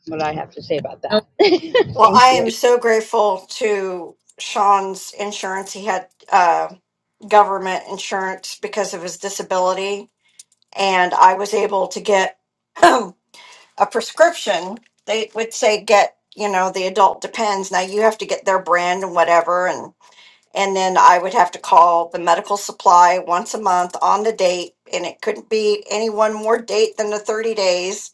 what i have to say about that Well, I thank you am so grateful to Sean's insurance. He had uh, government insurance because of his disability, and I was able to get. a prescription, they would say get, you know, the adult depends. Now you have to get their brand and whatever and and then I would have to call the medical supply once a month on the date and it couldn't be any one more date than the 30 days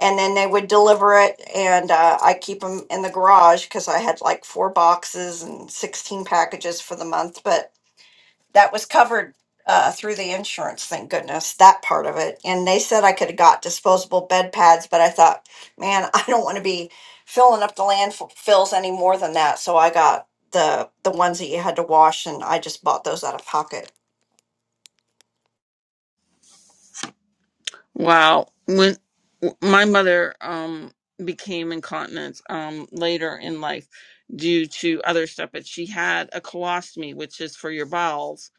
and then they would deliver it and uh, I keep them in the garage cuz I had like four boxes and 16 packages for the month but that was covered uh, through the insurance. Thank goodness that part of it. And they said I could have got disposable bed pads, but I thought, man, I don't want to be filling up the landfills any more than that. So I got the the ones that you had to wash, and I just bought those out of pocket. Wow. When my mother um became incontinent um later in life due to other stuff, but she had a colostomy, which is for your bowels,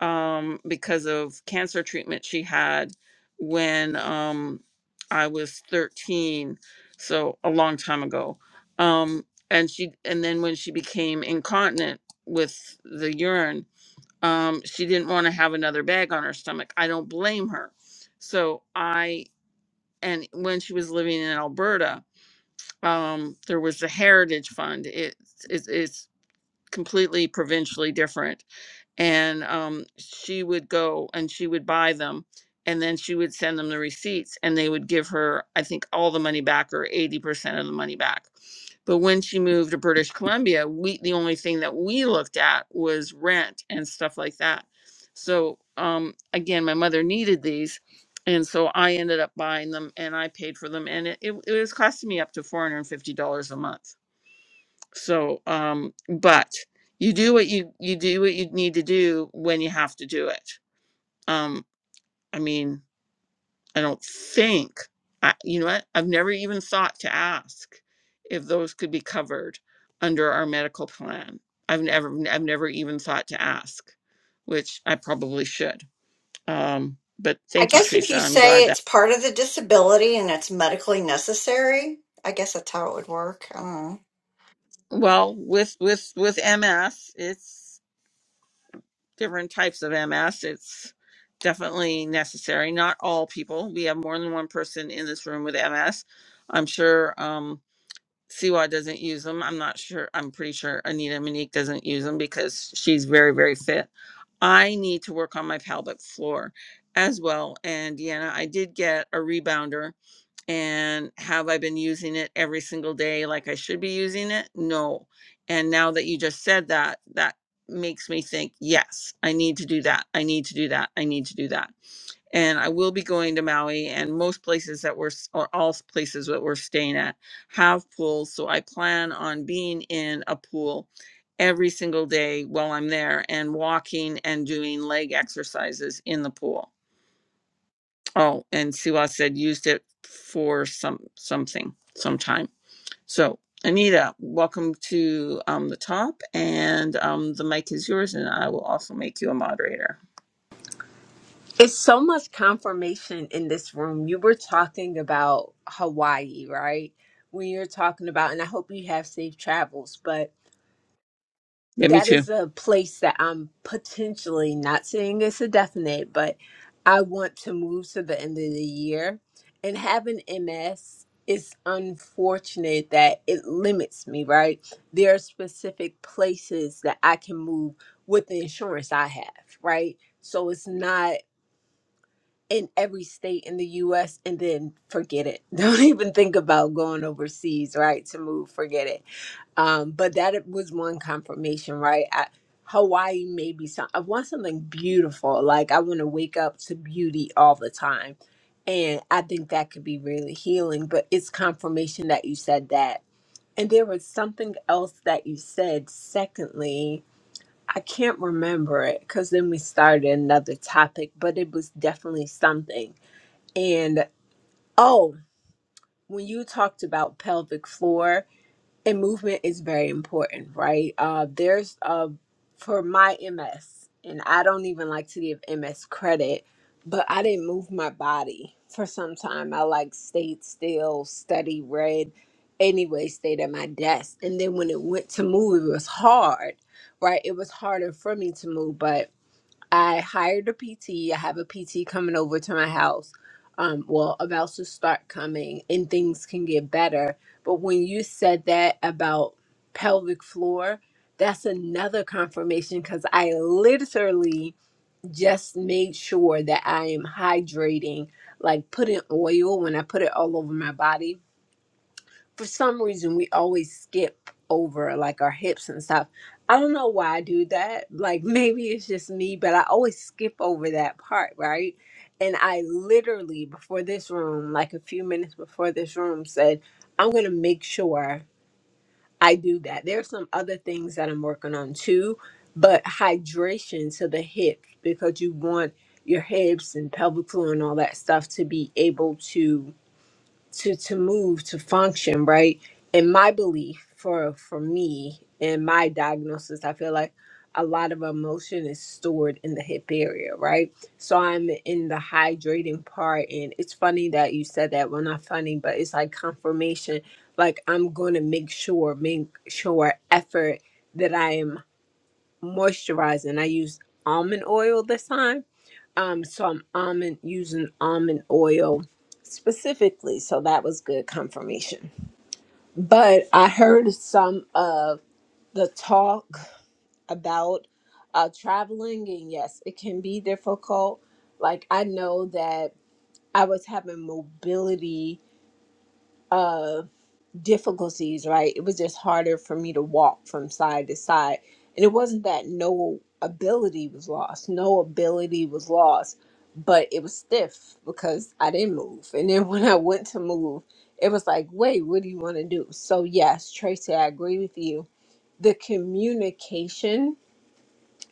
um, because of cancer treatment she had when um I was 13, so a long time ago. Um and she and then when she became incontinent with the urine, um, she didn't want to have another bag on her stomach. I don't blame her. So I and when she was living in Alberta, um, there was the Heritage Fund. It's it's it's completely provincially different and um, she would go and she would buy them and then she would send them the receipts and they would give her i think all the money back or 80% of the money back but when she moved to british columbia we the only thing that we looked at was rent and stuff like that so um, again my mother needed these and so i ended up buying them and i paid for them and it, it, it was costing me up to $450 a month so, um, but you do what you you do what you need to do when you have to do it. Um, I mean, I don't think I, you know what? I've never even thought to ask if those could be covered under our medical plan. I've never I've never even thought to ask, which I probably should. Um, but I thank you, guess if Teresa. you I'm say glad that. it's part of the disability and it's medically necessary, I guess that's how it would work. I don't know. Well, with with with MS, it's different types of MS. It's definitely necessary. Not all people. We have more than one person in this room with MS. I'm sure um, Siwa doesn't use them. I'm not sure. I'm pretty sure Anita Monique doesn't use them because she's very, very fit. I need to work on my pelvic floor as well. And Deanna, I did get a rebounder and have I been using it every single day like I should be using it? No. And now that you just said that, that makes me think, yes, I need to do that. I need to do that. I need to do that. And I will be going to Maui and most places that we're, s- or all s- places that we're staying at have pools. So I plan on being in a pool every single day while I'm there and walking and doing leg exercises in the pool Oh, and Siwa said used it for some something sometime. So Anita, welcome to um, the top, and um, the mic is yours, and I will also make you a moderator. It's so much confirmation in this room. You were talking about Hawaii, right? When you're talking about, and I hope you have safe travels, but Yeah, me that too. is a place that I'm potentially not saying it's a definite, but I want to move to the end of the year. And having MS is unfortunate that it limits me, right? There are specific places that I can move with the insurance I have, right? So it's not in every state in the US and then forget it. Don't even think about going overseas, right? To move, forget it. Um, but that it was one confirmation, right? I, Hawaii may be some I want something beautiful. Like I want to wake up to beauty all the time. And I think that could be really healing, but it's confirmation that you said that. And there was something else that you said secondly. I can't remember it because then we started another topic, but it was definitely something and oh, when you talked about pelvic floor and movement is very important, right? Uh, there's uh, for my MS, and I don't even like to give MS credit, but I didn't move my body for some time. I like stayed still, study, read, anyway, stayed at my desk. And then when it went to move, it was hard, right? It was harder for me to move, but I hired a PT. I have a PT coming over to my house. Um, well, about to start coming, and things can get better. But when you said that about pelvic floor, that's another confirmation because I literally just made sure that I am hydrating, like putting oil when I put it all over my body for some reason we always skip over like our hips and stuff. I don't know why I do that. Like maybe it's just me, but I always skip over that part, right? And I literally before this room, like a few minutes before this room said, I'm going to make sure I do that. There's some other things that I'm working on too, but hydration to the hips because you want your hips and pelvic floor and all that stuff to be able to to to move to function right in my belief for for me and my diagnosis i feel like a lot of emotion is stored in the hip area right so i'm in the hydrating part and it's funny that you said that well not funny but it's like confirmation like i'm going to make sure make sure effort that i am moisturizing i use almond oil this time um am almond using almond oil specifically so that was good confirmation but i heard some of the talk about uh traveling and yes it can be difficult like i know that i was having mobility uh, difficulties, right? It was just harder for me to walk from side to side. And it wasn't that no ability was lost, no ability was lost, but it was stiff because I didn't move. And then when I went to move, it was like, wait, what do you want to do? So, yes, Tracy, I agree with you. The communication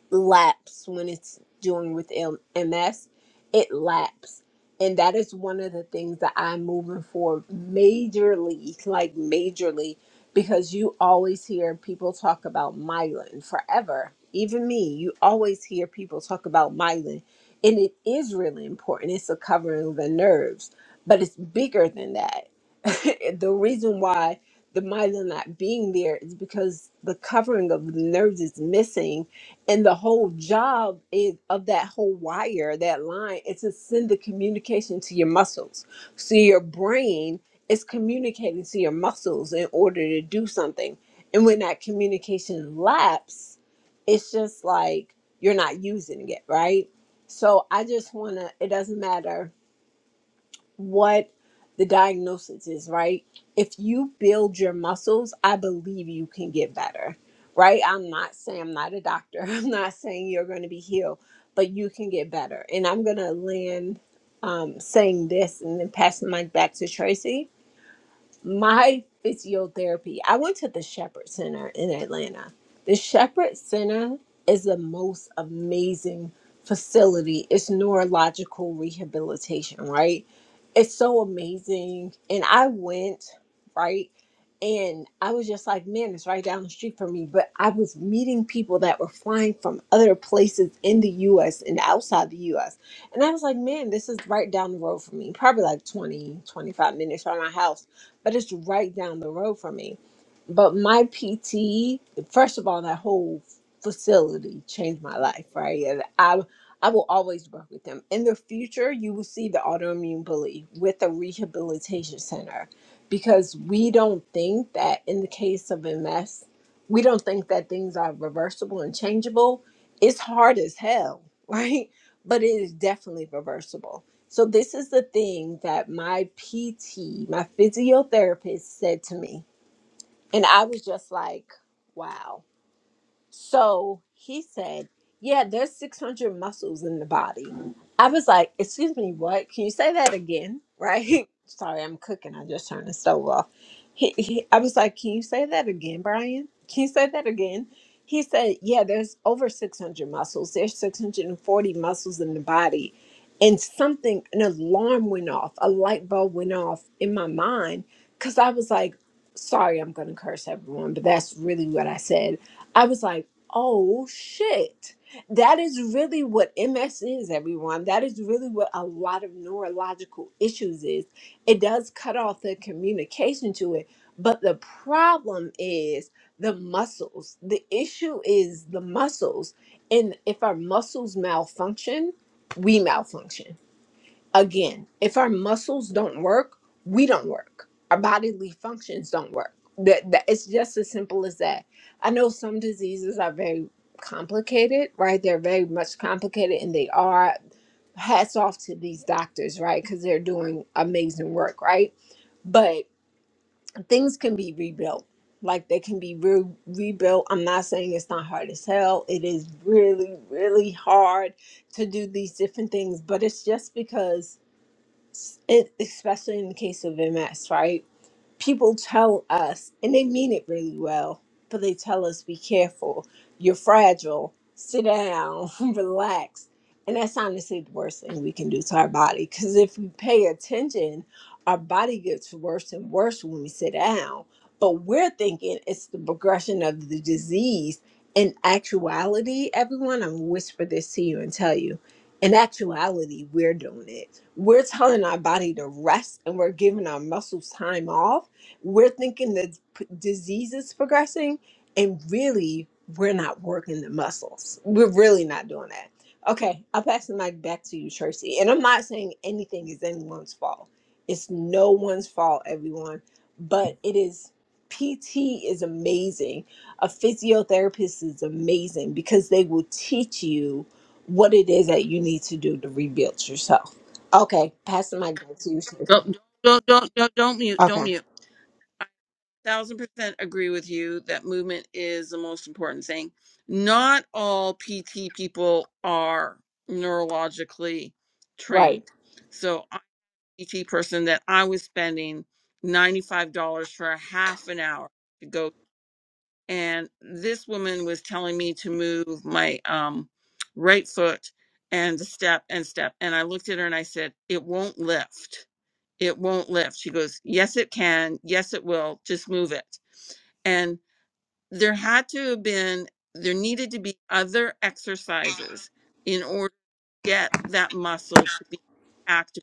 lapse when it's doing with M- MS. It lapse. And that is one of the things that I'm moving for majorly, like majorly, because you always hear people talk about myelin forever. Even me, you always hear people talk about myelin. And it is really important. It's a covering of the nerves, but it's bigger than that. the reason why the myelin not being there is because the covering of the nerves is missing and the whole job is of that whole wire that line is to send the communication to your muscles so your brain is communicating to your muscles in order to do something and when that communication laps it's just like you're not using it right so i just want to it doesn't matter what the diagnosis is, right? If you build your muscles, I believe you can get better, right? I'm not saying I'm not a doctor. I'm not saying you're going to be healed, but you can get better. And I'm going to land um, saying this and then passing the mic back to Tracy my physiotherapy, I went to the Shepherd Center in Atlanta. The Shepherd Center is the most amazing facility. It's neurological rehabilitation, right? It's so amazing. And I went, right? And I was just like, man, it's right down the street from me. But I was meeting people that were flying from other places in the US and outside the US. And I was like, man, this is right down the road from me, probably like 20, 25 minutes from my house but it's right down the road from me. But my PT, first of all, that whole facility changed my life, right? And I I will always work with them. In the future, you will see the autoimmune bully with a rehabilitation center because we don't think that in the case of MS, we don't think that things are reversible and changeable. It's hard as hell, right? But it is definitely reversible so this is the thing that my PT, my physiotherapist said to me. And I was just like, wow. So he said, Yeah, there's 600 muscles in the body. I was like, Excuse me, what? Can you say that again? Right? Sorry, I'm cooking. I just turned the stove off. He, he, I was like, Can you say that again, Brian? Can you say that again? He said, Yeah, there's over 600 muscles. There's 640 muscles in the body. And something, an alarm went off, a light bulb went off in my mind because I was like, Sorry, I'm going to curse everyone, but that's really what I said. I was like, oh shit. That is really what MS is, everyone. That is really what a lot of neurological issues is. It does cut off the communication to it, but the problem is the muscles. The issue is the muscles. And if our muscles malfunction, we malfunction again, if our muscles don't work, we don't work. Our bodily functions don't work. That, that it's just as simple as that. I know some diseases are very complicated, right? They're very much complicated, and they are. Hats off to these doctors, right? Because they're doing amazing work, right? But things can be rebuilt. Like they can be re- rebuilt. I'm not saying it's not hard as hell. It is really, really hard to do these different things, but it's just because it especially in the case of MS, right? people tell us, and they mean it really well, but they tell us, be careful, you're fragile, sit down, relax. And that's honestly the worst thing we can do to our body because if we pay attention, our body gets worse and worse when we sit down. But we're thinking it's the progression of the disease. In actuality, everyone, I'm gonna whisper this to you and tell you. In actuality, we're doing it. We're telling our body to rest and we're giving our muscles time off we're thinking that p- disease is progressing and really we're not working the muscles we're really not doing that okay i'll pass the mic back to you tracy and i'm not saying anything is anyone's fault it's no one's fault everyone but it is pt is amazing a physiotherapist is amazing because they will teach you what it is that you need to do to rebuild yourself okay pass the mic back to you tracy Don't don't don't don't, don't mute. Don't okay mute. Thousand percent agree with you that movement is the most important thing. Not all PT people are neurologically right trained. so. PT person that I was spending $95 for a half an hour to go. And this woman was telling me to move my um, right foot and the step and step. And I looked at her and I said, It won't lift. It won't lift. She goes, Yes, it can. Yes, it will. Just move it. And there had to have been, there needed to be other exercises in order to get that muscle to be activated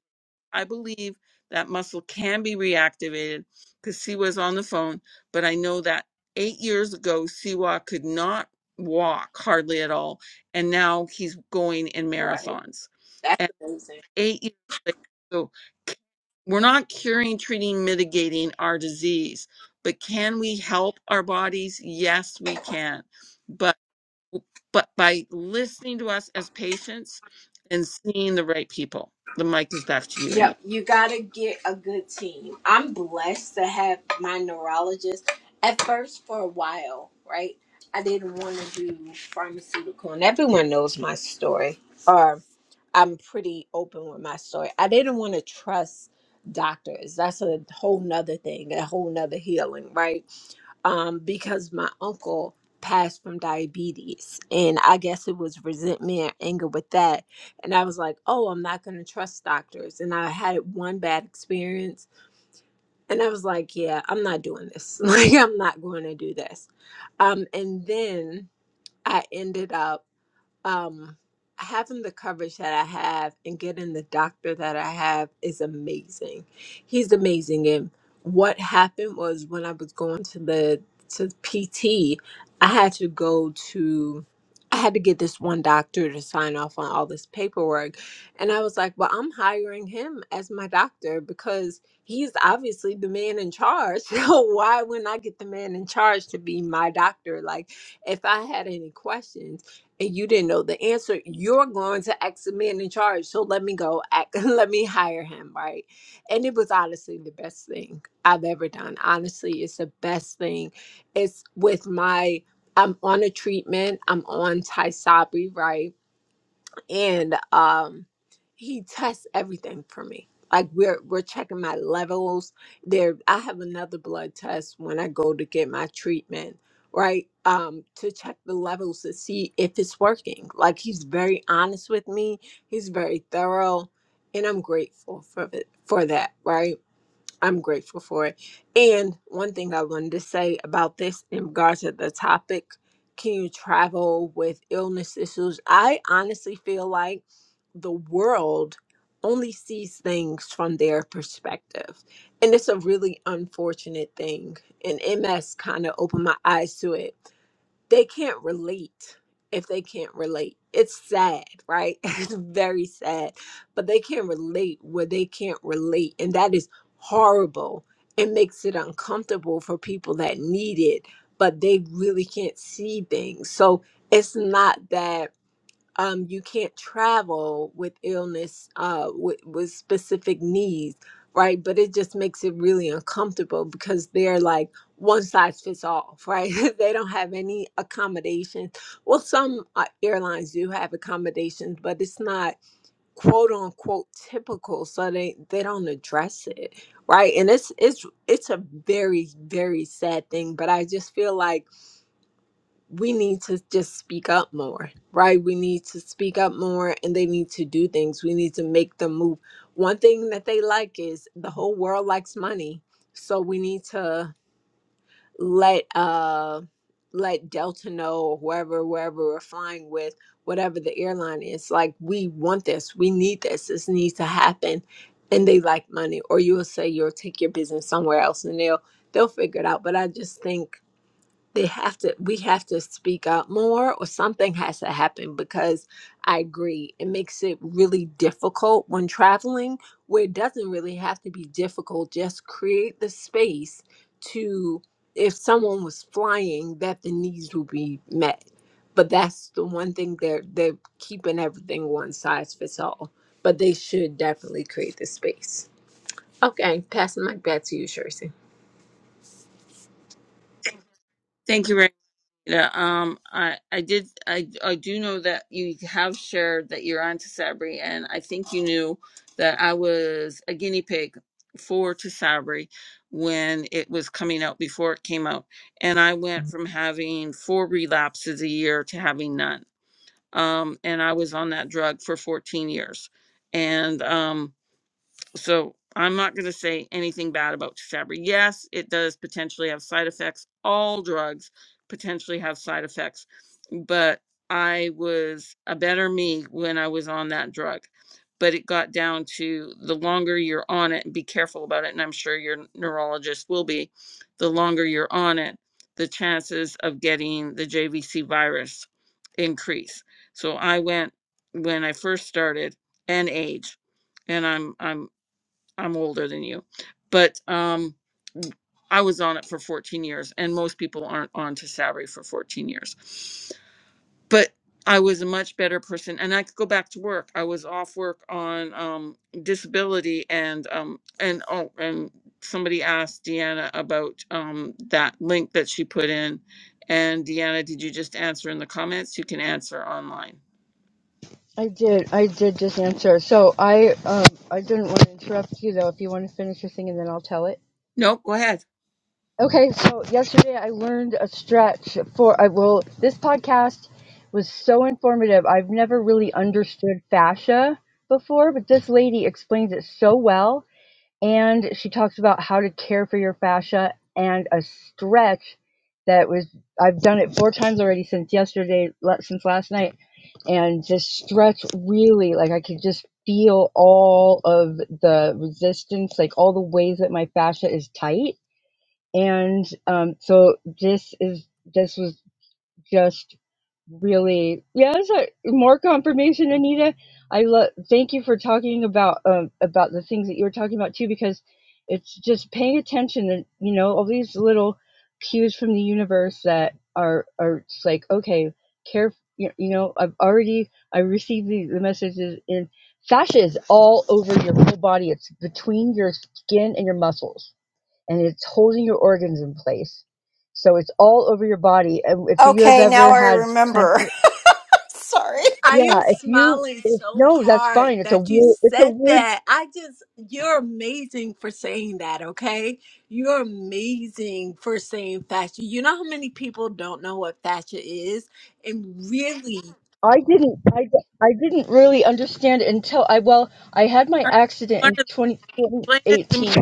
I believe that muscle can be reactivated because Siwa's on the phone, but I know that eight years ago, Siwa could not walk hardly at all, and now he's going in right marathons. That's And amazing. eight years later, so c- we're not curing, treating, mitigating our disease, but can we help our bodies? Yes, we can. But but by listening to us as patients and seeing the right people. The mic is back to you, Anita. Yep, you gotta get a good team. I'm blessed to have my neurologist. At first, for a while, right, I didn't want to do pharmaceutical, and everyone knows my story, or I'm pretty open with my story. I didn't want to trust doctors. That's a whole nother thing, a whole nother healing, right? um, because my uncle passed from diabetes. And I guess it was resentment, anger with that. And I was like, oh, I'm not going to trust doctors. And I had one bad experience. And I was like, yeah, I'm not doing this. Like, I'm not going to do this. Um, and then I ended up um having the coverage that I have and getting the doctor that I have is amazing. He's amazing and what happened was when I was going to the to PT, I had to go to I had to get this one doctor to sign off on all this paperwork. And I was like, well, I'm hiring him as my doctor because he's obviously the man in charge. So why wouldn't I get the man in charge to be my doctor? Like, if I had any questions, and you didn't know the answer, you're going to ask the man in charge. So let me go, act, let me hire him, right? And it was honestly the best thing I've ever done. Honestly, it's the best thing. It's with my, I'm on a treatment, I'm on Tysabri, right? and um he tests everything for me like we're we're checking my levels there i have another blood test when i go to get my treatment right um to check the levels to see if it's working like he's very honest with me he's very thorough and i'm grateful for it for that right I'm grateful for it. And one thing I wanted to say about this in regards to the topic can you travel with illness issues? I honestly feel like the world only sees things from their perspective. And it's a really unfortunate thing. And MS kind of opened my eyes to it they can't relate if they can't relate. It's sad, right? It's very sad. But they can't relate where they can't relate. And that is horrible. It makes it uncomfortable for people that need it, but they really can't see things. So it's not that um, you can't travel with illness uh, with, with specific needs, right? But it just makes it really uncomfortable because they're like one size fits all, right? they don't have any accommodations. Well, some uh, airlines do have accommodations, but it's not quote unquote typical, so they they don't address it, right? And it's it's it's a very very sad thing, but I just feel like we need to just speak up more, right? We need to speak up more and they need to do things. We need to make them move. One thing that they like is the whole world likes money. So we need to let uh let Delta know or whoever wherever we're flying with, whatever the airline is, like we want this, we need this, this needs to happen. And they like money. Or you'll say you'll take your business somewhere else and they'll they'll figure it out. But I just think they have to we have to speak up more or something has to happen because i agree it makes it really difficult when traveling where it doesn't really have to be difficult just create the space to if someone was flying that the needs would be met but that's the one thing they're they're keeping everything one size fits all but they should definitely create the space okay passing the mic back to you Shirley. Thank you, Renita. Um, I, I did, I, I do know that you have shared that you're on to Sabri, and I think you knew that I was a guinea pig for to Sabri when it was coming out before it came out, and I went from having four relapses a year to having none. Um, and I was on that drug for 14 years, and um, so I'm not going to say anything bad about Tysabri. Yes, it does potentially have side effects. All drugs potentially have side effects, but I was a better me when I was on that drug. But it got down to the longer you're on it, and be careful about it. And I'm sure your neurologist will be. The longer you're on it, the chances of getting the JVC virus increase. So I went when I first started, and age and I'm I'm I'm older than you, but um, I was on it for 14 years, and most people aren't on to salary for 14 years. But I was a much better person, and I could go back to work. I was off work on um, disability, and um, and oh, and somebody asked Deanna about um, that link that she put in, and Deanna, did you just answer in the comments? You can answer online. I did. I did just answer. So I um I didn't want to interrupt you though. If you want to finish your thing and then I'll tell it. Nope, go ahead. Okay. So yesterday I learned a stretch for I well this podcast was so informative. I've never really understood fascia before, but this lady explains it so well and she talks about how to care for your fascia and a stretch that was I've done it four times already since yesterday la- since last night and just stretch really like I could just feel all of the resistance, like all the ways that my fascia is tight. And um, so this is this was just really yes I, more confirmation anita i love thank you for talking about um about the things that you were talking about too because it's just paying attention and you know all these little cues from the universe that are are just like okay care you you know i've already i received the, the messages in fascia is all over your whole body it's between your skin and your muscles and it's holding your organs in place. So it's all over your body. And if you have Okay, now ever I had remember. plantar, Sorry. I am yeah, if you smiling if, so no, that's hard fine. It's a that you weird. It's a said weird. that. I just, you're amazing for saying that, okay? You're amazing for saying fascia. You know how many people don't know what fascia is? And really, I didn't. I, I didn't really understand it until I well I had my accident One of in them, 20, explain it to me. 2018.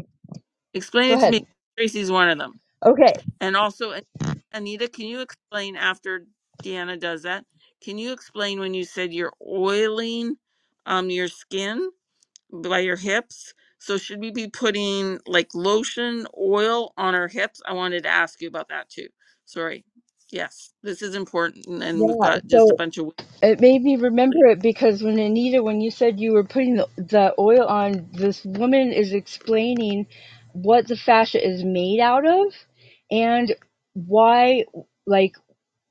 Explain Go it to ahead. me. Tracy's one of them. Okay. And also, An- Anita, can you explain after Deanna does that? Can you explain when you said you're oiling um, your skin by your hips? So, should we be putting like lotion, oil on our hips? I wanted to ask you about that too. Sorry. Yes, this is important. Yeah. And we've got just So. a bunch of. It made me remember it because when Anita, when you said you were putting the, the oil on, this woman is explaining what the fascia is made out of and why. like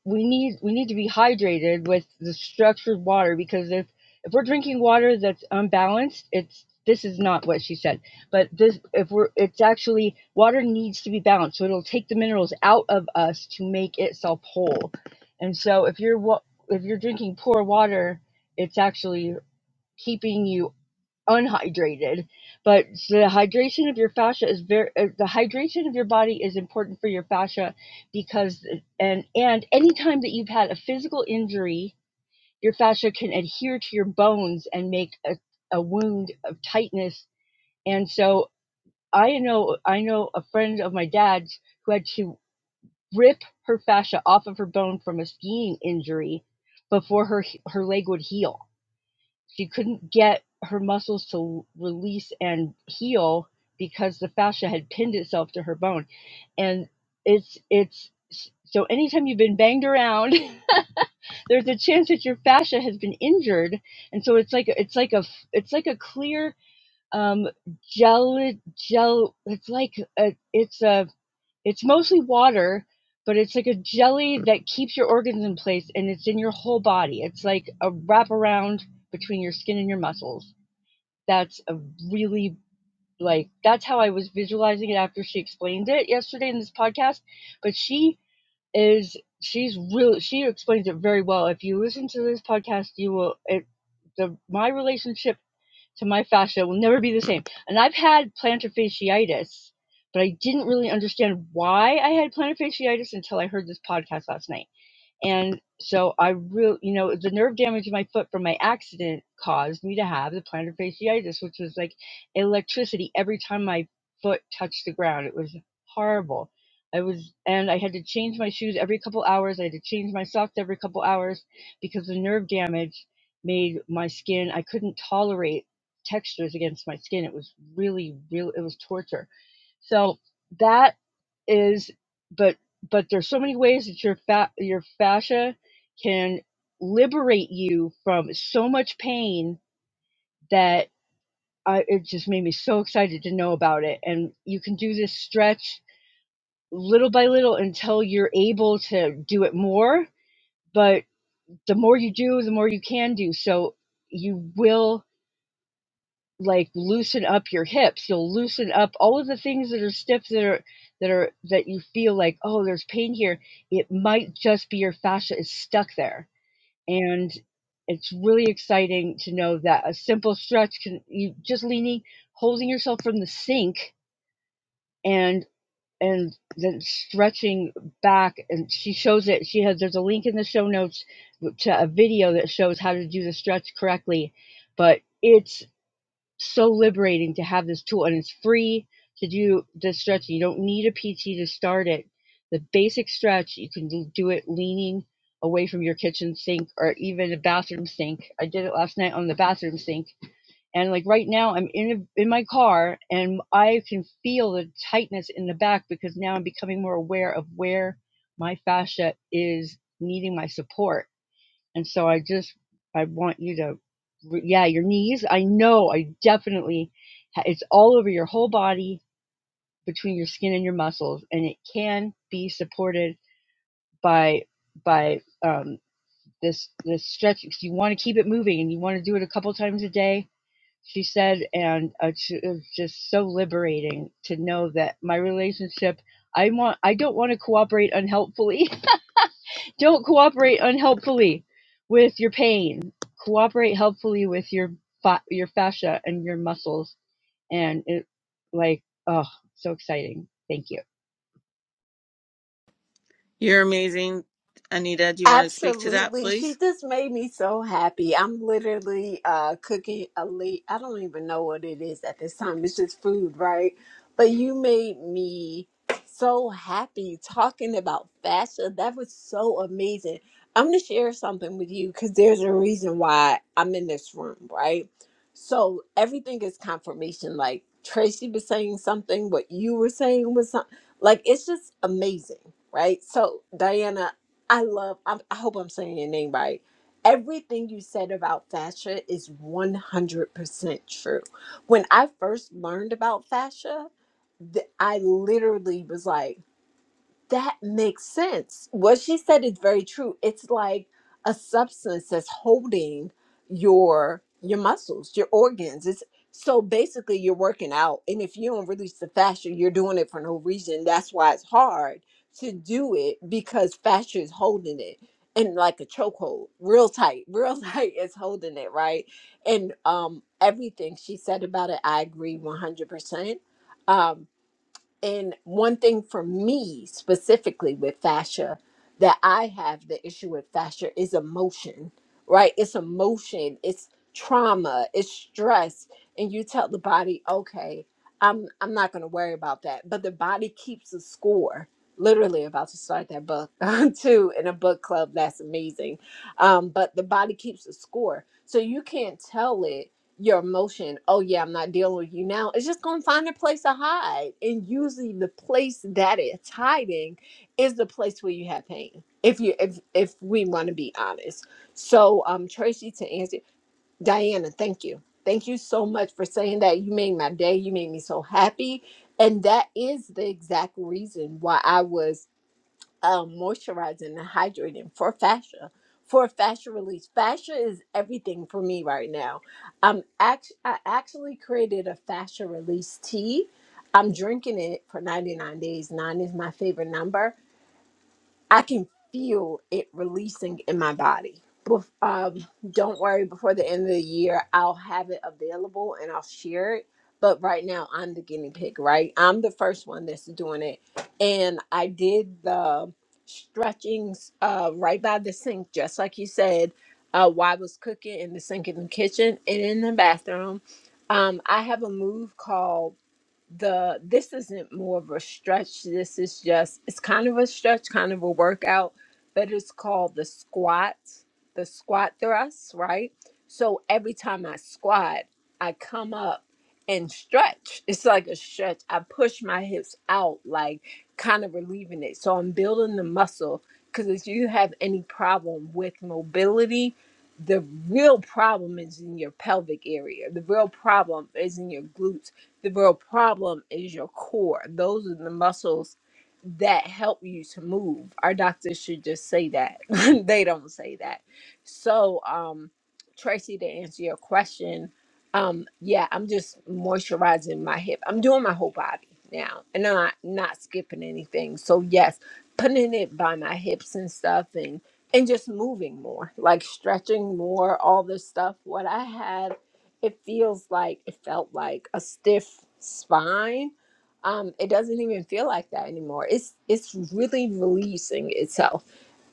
we need we need to be hydrated with the structured water because if if we're drinking water that's unbalanced it's this is not what she said but this if we're it's actually water needs to be balanced so it'll take the minerals out of us to make itself whole and so if you're wa- if you're drinking poor water it's actually keeping you unhydrated. But the hydration of your fascia is very uh, the hydration of your body is important for your fascia because and and anytime that you've had a physical injury, your fascia can adhere to your bones and make a, a wound of tightness. And so I know I know a friend of my dad's who had to rip her fascia off of her bone from a skiing injury before her her leg would heal she couldn't get her muscles to release and heal because the fascia had pinned itself to her bone and it's it's so anytime you've been banged around there's a chance that your fascia has been injured and so it's like it's like a it's like a clear um gel gel it's like a, it's a it's mostly water but it's like a jelly that keeps your organs in place and it's in your whole body it's like a wraparound between your skin and your muscles that's a really like that's how I was visualizing it after she explained it yesterday in this podcast. But she is she's real she explains it very well. If you listen to this podcast, you will it the my relationship to my fascia will never be the same. And I've had plantar fasciitis, but I didn't really understand why I had plantar fasciitis until I heard this podcast last night and so I really, you know, the nerve damage in my foot from my accident caused me to have the plantar fasciitis, which was like electricity every time my foot touched the ground. It was horrible. I was, and I had to change my shoes every couple hours. I had to change my socks every couple hours because the nerve damage made my skin, I couldn't tolerate textures against my skin. It was really, really, it was torture so that is, but but there's so many ways that your fa- your fascia can liberate you from so much pain that I, it just made me so excited to know about it. And you can do this stretch little by little until you're able to do it more. But the more you do, the more you can do. So you will. like loosen up your hips you'll loosen up all of the things that are stiff that are that are that you feel like oh there's pain here it might just be your fascia is stuck there and it's really exciting to know that a simple stretch can you just leaning holding yourself from the sink and and then stretching back and she shows it she has there's a link in the show notes to a video that shows how to do the stretch correctly but it's so liberating to have this tool and it's free to do the stretching. You don't need a PT to start it. The basic stretch, you can do do it leaning away from your kitchen sink or even a bathroom sink. I did it last night on the bathroom sink. And like right now I'm in a, in my car and I can feel the tightness in the back because now I'm becoming more aware of where my fascia is needing my support and so I just, I want you to, yeah, your knees. I know, I definitely, it's all over your whole body between your skin and your muscles, and it can be supported by by um, this this stretch. 'cause You want to keep it moving, and you want to do it a couple times a day. She said, and uh, it was just so liberating to know that my relationship. I want. I don't want to cooperate unhelpfully Don't cooperate unhelpfully with your pain. Cooperate helpfully with your fa- your fascia and your muscles, and it like oh, so exciting. Thank you. You're amazing, Anita. Do you want to speak to that, Absolutely. please? She just made me so happy. I'm literally uh cooking a late I don't even know what it is at this time. It's just food, right? But you made me so happy talking about fashion. That was so amazing. I'm gonna share something with you because there's a reason why I'm in this room, right? So everything is confirmation. Like Tracy was saying something, what you were saying was something like it's just amazing, right? So Diana I love, I, I hope I'm saying your name right. Everything you said about fascia is 100% true. When I first learned about fascia, th- I literally was like, that makes sense. What she said is very true. It's like a substance that's holding your your muscles, your organs. It's so basically you're working out, and if you don't release the fascia, you're doing it for no reason. That's why it's hard to do it because fascia is holding it and like a chokehold, real tight, real tight is holding it right. And um, everything she said about it, I agree one hundred percent Um, and one thing for me specifically with fascia that I have the issue with fascia is emotion, right? It's emotion, it's trauma, it's stress. And you tell the body, okay, I'm I'm not gonna worry about that. But the body keeps a score. Literally about to start that book too in a book club. That's amazing. Um, but the body keeps a score. So you can't tell it your emotion, oh yeah, I'm not dealing with you now, it's just gonna find a place to hide. And usually the place that it's hiding is the place where you have pain. If you if if we wanna be honest. So um Tracy to answer Diana, thank you. Thank you so much for saying that. You made my day. You made me so happy. And that is the exact reason why I was uh, moisturizing and hydrating for fascia for fascia release fascia is everything for me right now i'm act- i actually created a fascia release tea i'm drinking it for 99 days nine is my favorite number I can feel it releasing in my body. Bef- Um, don't worry, before the end of the year, I'll have it available and I'll share it. But right now, I'm the guinea pig, right? I'm the first one that's doing it. And I did the stretchings uh, right by the sink, just like you said, uh, while I was cooking in the sink in the kitchen and in the bathroom. Um, I have a move called the this isn't more of a stretch. This is just it's kind of a stretch, kind of a workout, but it's called the squat, the squat thrust, right? So every time I squat, I come up and stretch. It's like a stretch. I push my hips out, like kind of relieving it. So I'm building the muscle because if you have any problem with mobility, the real problem is in your pelvic area. The real problem is in your glutes the real problem is your core. Those are the muscles that help you to move. Our doctors should just say that. they don't say that. So, um, Tracy, to answer your question, um, yeah, I'm just moisturizing my hip. I'm doing my whole body now and I'm not not skipping anything. So yes, putting it by my hips and stuff and and just moving more, like stretching more, all this stuff. What I had it feels like it felt like a stiff spine um it doesn't even feel like that anymore it's it's really releasing itself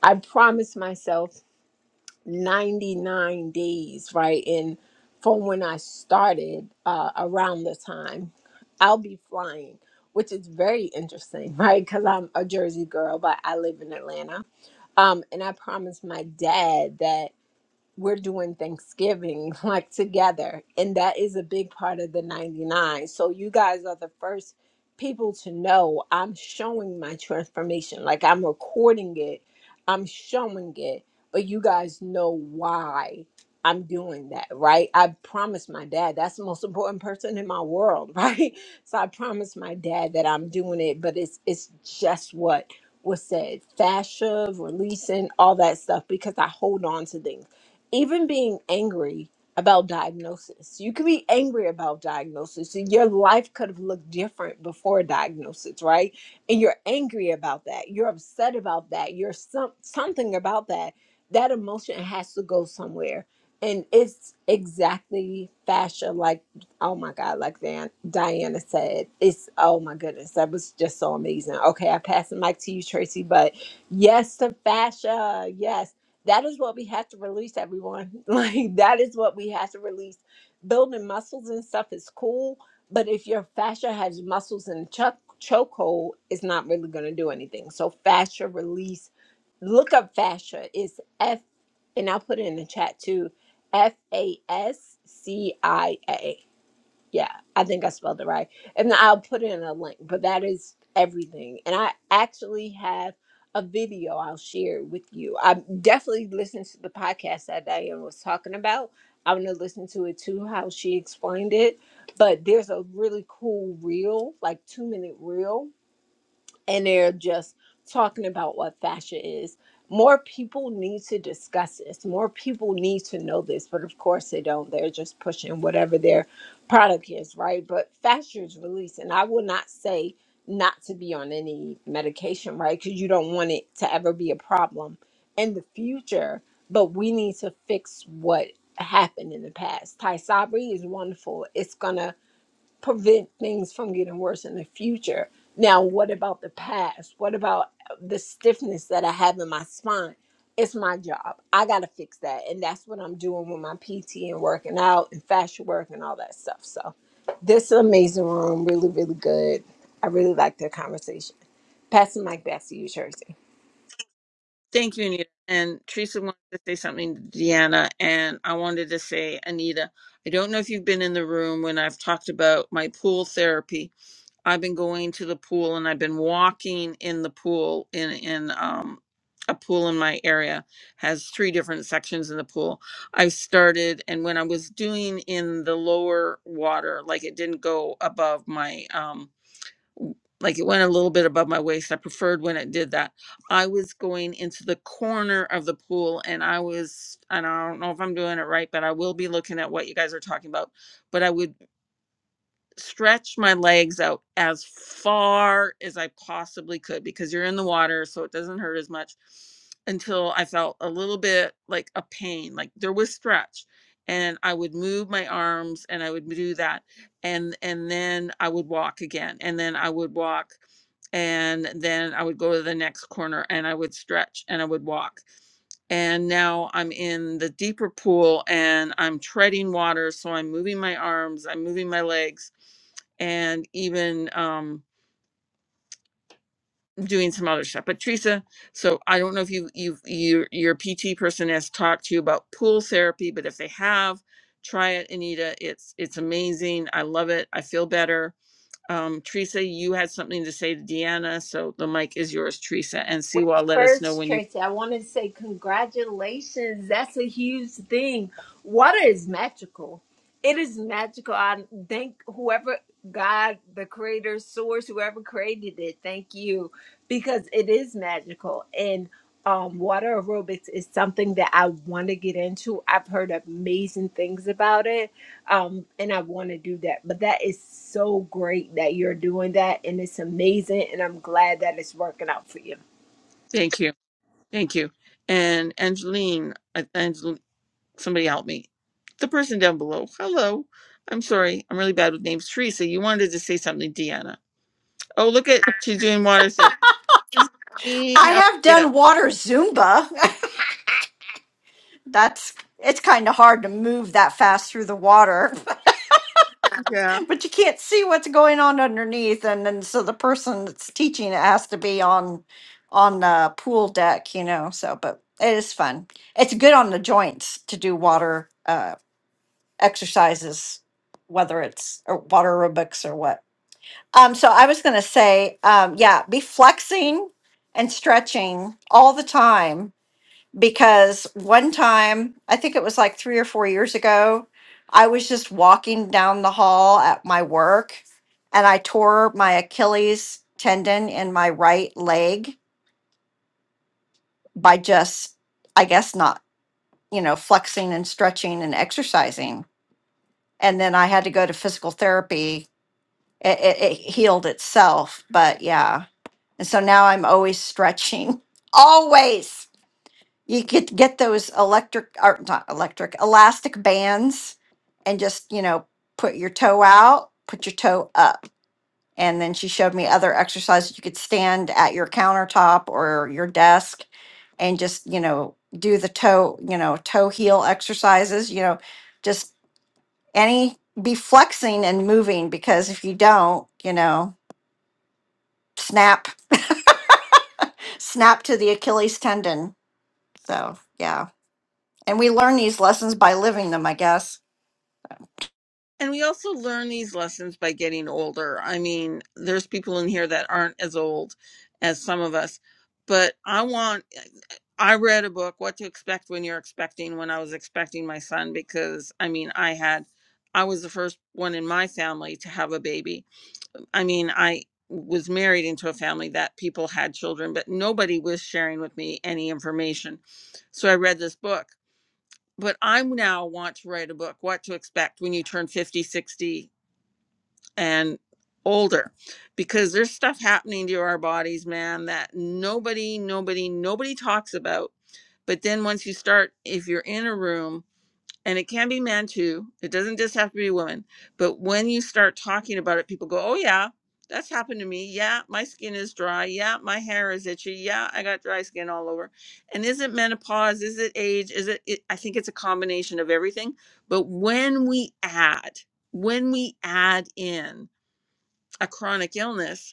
i promised myself 99 days right and from when i started uh around the time i'll be flying which is very interesting right because i'm a jersey girl but i live in atlanta um and i promised my dad that we're doing Thanksgiving like together. And that is a big part of the 99. So you guys are the first people to know I'm showing my transformation. Like I'm recording it, I'm showing it, but you guys know why I'm doing that, right? I promised my dad that's the most important person in my world, right? So I promised my dad that I'm doing it, but it's it's just what was said fascia, releasing, all that stuff, because I hold on to things even being angry about diagnosis, you could be angry about diagnosis, and your life could have looked different before diagnosis, right? And you're angry about that. You're upset about that. You're some something about that. That emotion has to go somewhere, and it's exactly fascia. Like, oh my God, like Van, Diana said, it's oh my goodness, that was just so amazing. Okay, I pass the mic to you, Tracy, but yes, to fascia. Yes that is what we have to release everyone like that is what we have to release building muscles and stuff is cool but if your fascia has muscles in choke chokehold it's not really going to do anything so fascia release look up fascia is f and i'll put it in the chat too f a s c i a yeah, I think I spelled it right. And I'll put in a link, but that is everything. And I actually have a video I'll share with you. I definitely listened to the podcast that Diane was talking about. I'm going to listen to it too, how she explained it. But there's a really cool reel, like two minute reel and they're just talking about what fascia is. More people need to discuss this. More people need to know this, but of course they don't. They're just pushing whatever their product is, right? But fascia is released, and I will not say not to be on any medication, right? Because you don't want it to ever be a problem in the future. But we need to fix what happened in the past. Ty is wonderful. It's gonna prevent things from getting worse in the future. Now, what about the past? What about the stiffness that I have in my spine? It's my job. I got to fix that. And that's what I'm doing with my PT and working out and fascia work and all that stuff. So, this is amazing room, really, really good. I really like their conversation. Passing the mic back to you, Tracy. Thank you, Anita. And Teresa wanted to say something to Deanna, and I wanted to say, Anita, I don't know if you've been in the room when I've talked about my pool therapy. I've been going to the pool and I've been walking in the pool in in um a pool in my area has three different sections in the pool. i started and when I was doing in the lower water, like it didn't go above my um like it went a little bit above my waist. I preferred when it did that. I was going into the corner of the pool and I was, and I don't know if I'm doing it right, but I will be looking at what you guys are talking about. But I would stretch my legs out as far as I possibly could because you're in the water, so it doesn't hurt as much until I felt a little bit like a pain, like there was stretch. And I would move my arms and I would do that. And and then I would walk again. And then I would walk and then I would go to the next corner and I would stretch and I would walk and now I'm in the deeper pool and I'm treading water. So I'm moving my arms, I'm moving my legs, and even um, doing some other stuff. But Teresa, so I don't know if you you your your PT person has talked to you about pool therapy, but if they have, try it, Anita. It's it's amazing. I love it. I feel better. Um, Teresa, you had something to say to Deanna, so the mic is yours, Teresa. And Wait, Siwa, let us know First, when you. Tracy, I want to say congratulations. That's a huge thing. Water is magical. It is magical. I thank whoever God, the creator, source, whoever created it, thank you because it is magical. And um, water aerobics is something that I want to get into. I've heard amazing things about it, um, and I want to do that. But that is so great that you're doing that, and it's amazing. And I'm glad that it's working out for you. Thank you. Thank you. And Angeline, uh, Angel, somebody help me. The person down below. Hello. I'm sorry. I'm really bad with names. Teresa, you wanted to say something, Deanna. Oh, look at she's doing waters there. This is mean I of have yeah. done water Zumba. That's it's kind of hard to move that fast through the water, Yeah. but you can't see what's going on underneath, and then so the person that's teaching it has to be on on the pool deck, you know. So, but it is fun. It's good on the joints to do water uh, exercises, whether it's or water aerobics or what. Um, so I was gonna say, um, yeah, be flexing and stretching all the time because one time, I think it was like three or four years ago, I was just walking down the hall at my work and I tore my Achilles tendon in my right leg by just, I guess, not, you know, flexing and stretching and exercising. And then I had to go to physical therapy. It, it, it healed itself, but yeah. And so now I'm always stretching, always. you could get those electric or not electric elastic bands and just you know put your toe out put your toe up and then she showed me other exercises you could stand at your countertop or your desk and just you know do the toe you know toe heel exercises you know just any be flexing and moving because if you don't you know snap snap to the achilles tendon so yeah and we learn these lessons by living them i guess And we also learn these lessons by getting older. I mean, there's people in here that aren't as old as some of us, but I want. I read a book, What to Expect When You're Expecting, when I was expecting my son, because I mean, I had, I was the first one in my family to have a baby. I mean, I was married into a family that people had children, but nobody was sharing with me any information. So I read this book. But I now want to write a book, What to Expect When You Turn 50, 60, and older, because there's stuff happening to our bodies, man, that nobody, nobody, nobody talks about but then once you start, if you're in a room, and it can be men too, it doesn't just have to be women. But when you start talking about it, people go, oh, yeah, that's happened to me. Yeah, my skin is dry. Yeah, my hair is itchy. Yeah, I got dry skin all over. And is it menopause? Is it age? Is it, it I think it's a combination of everything. But when we add, when we add in a chronic illness,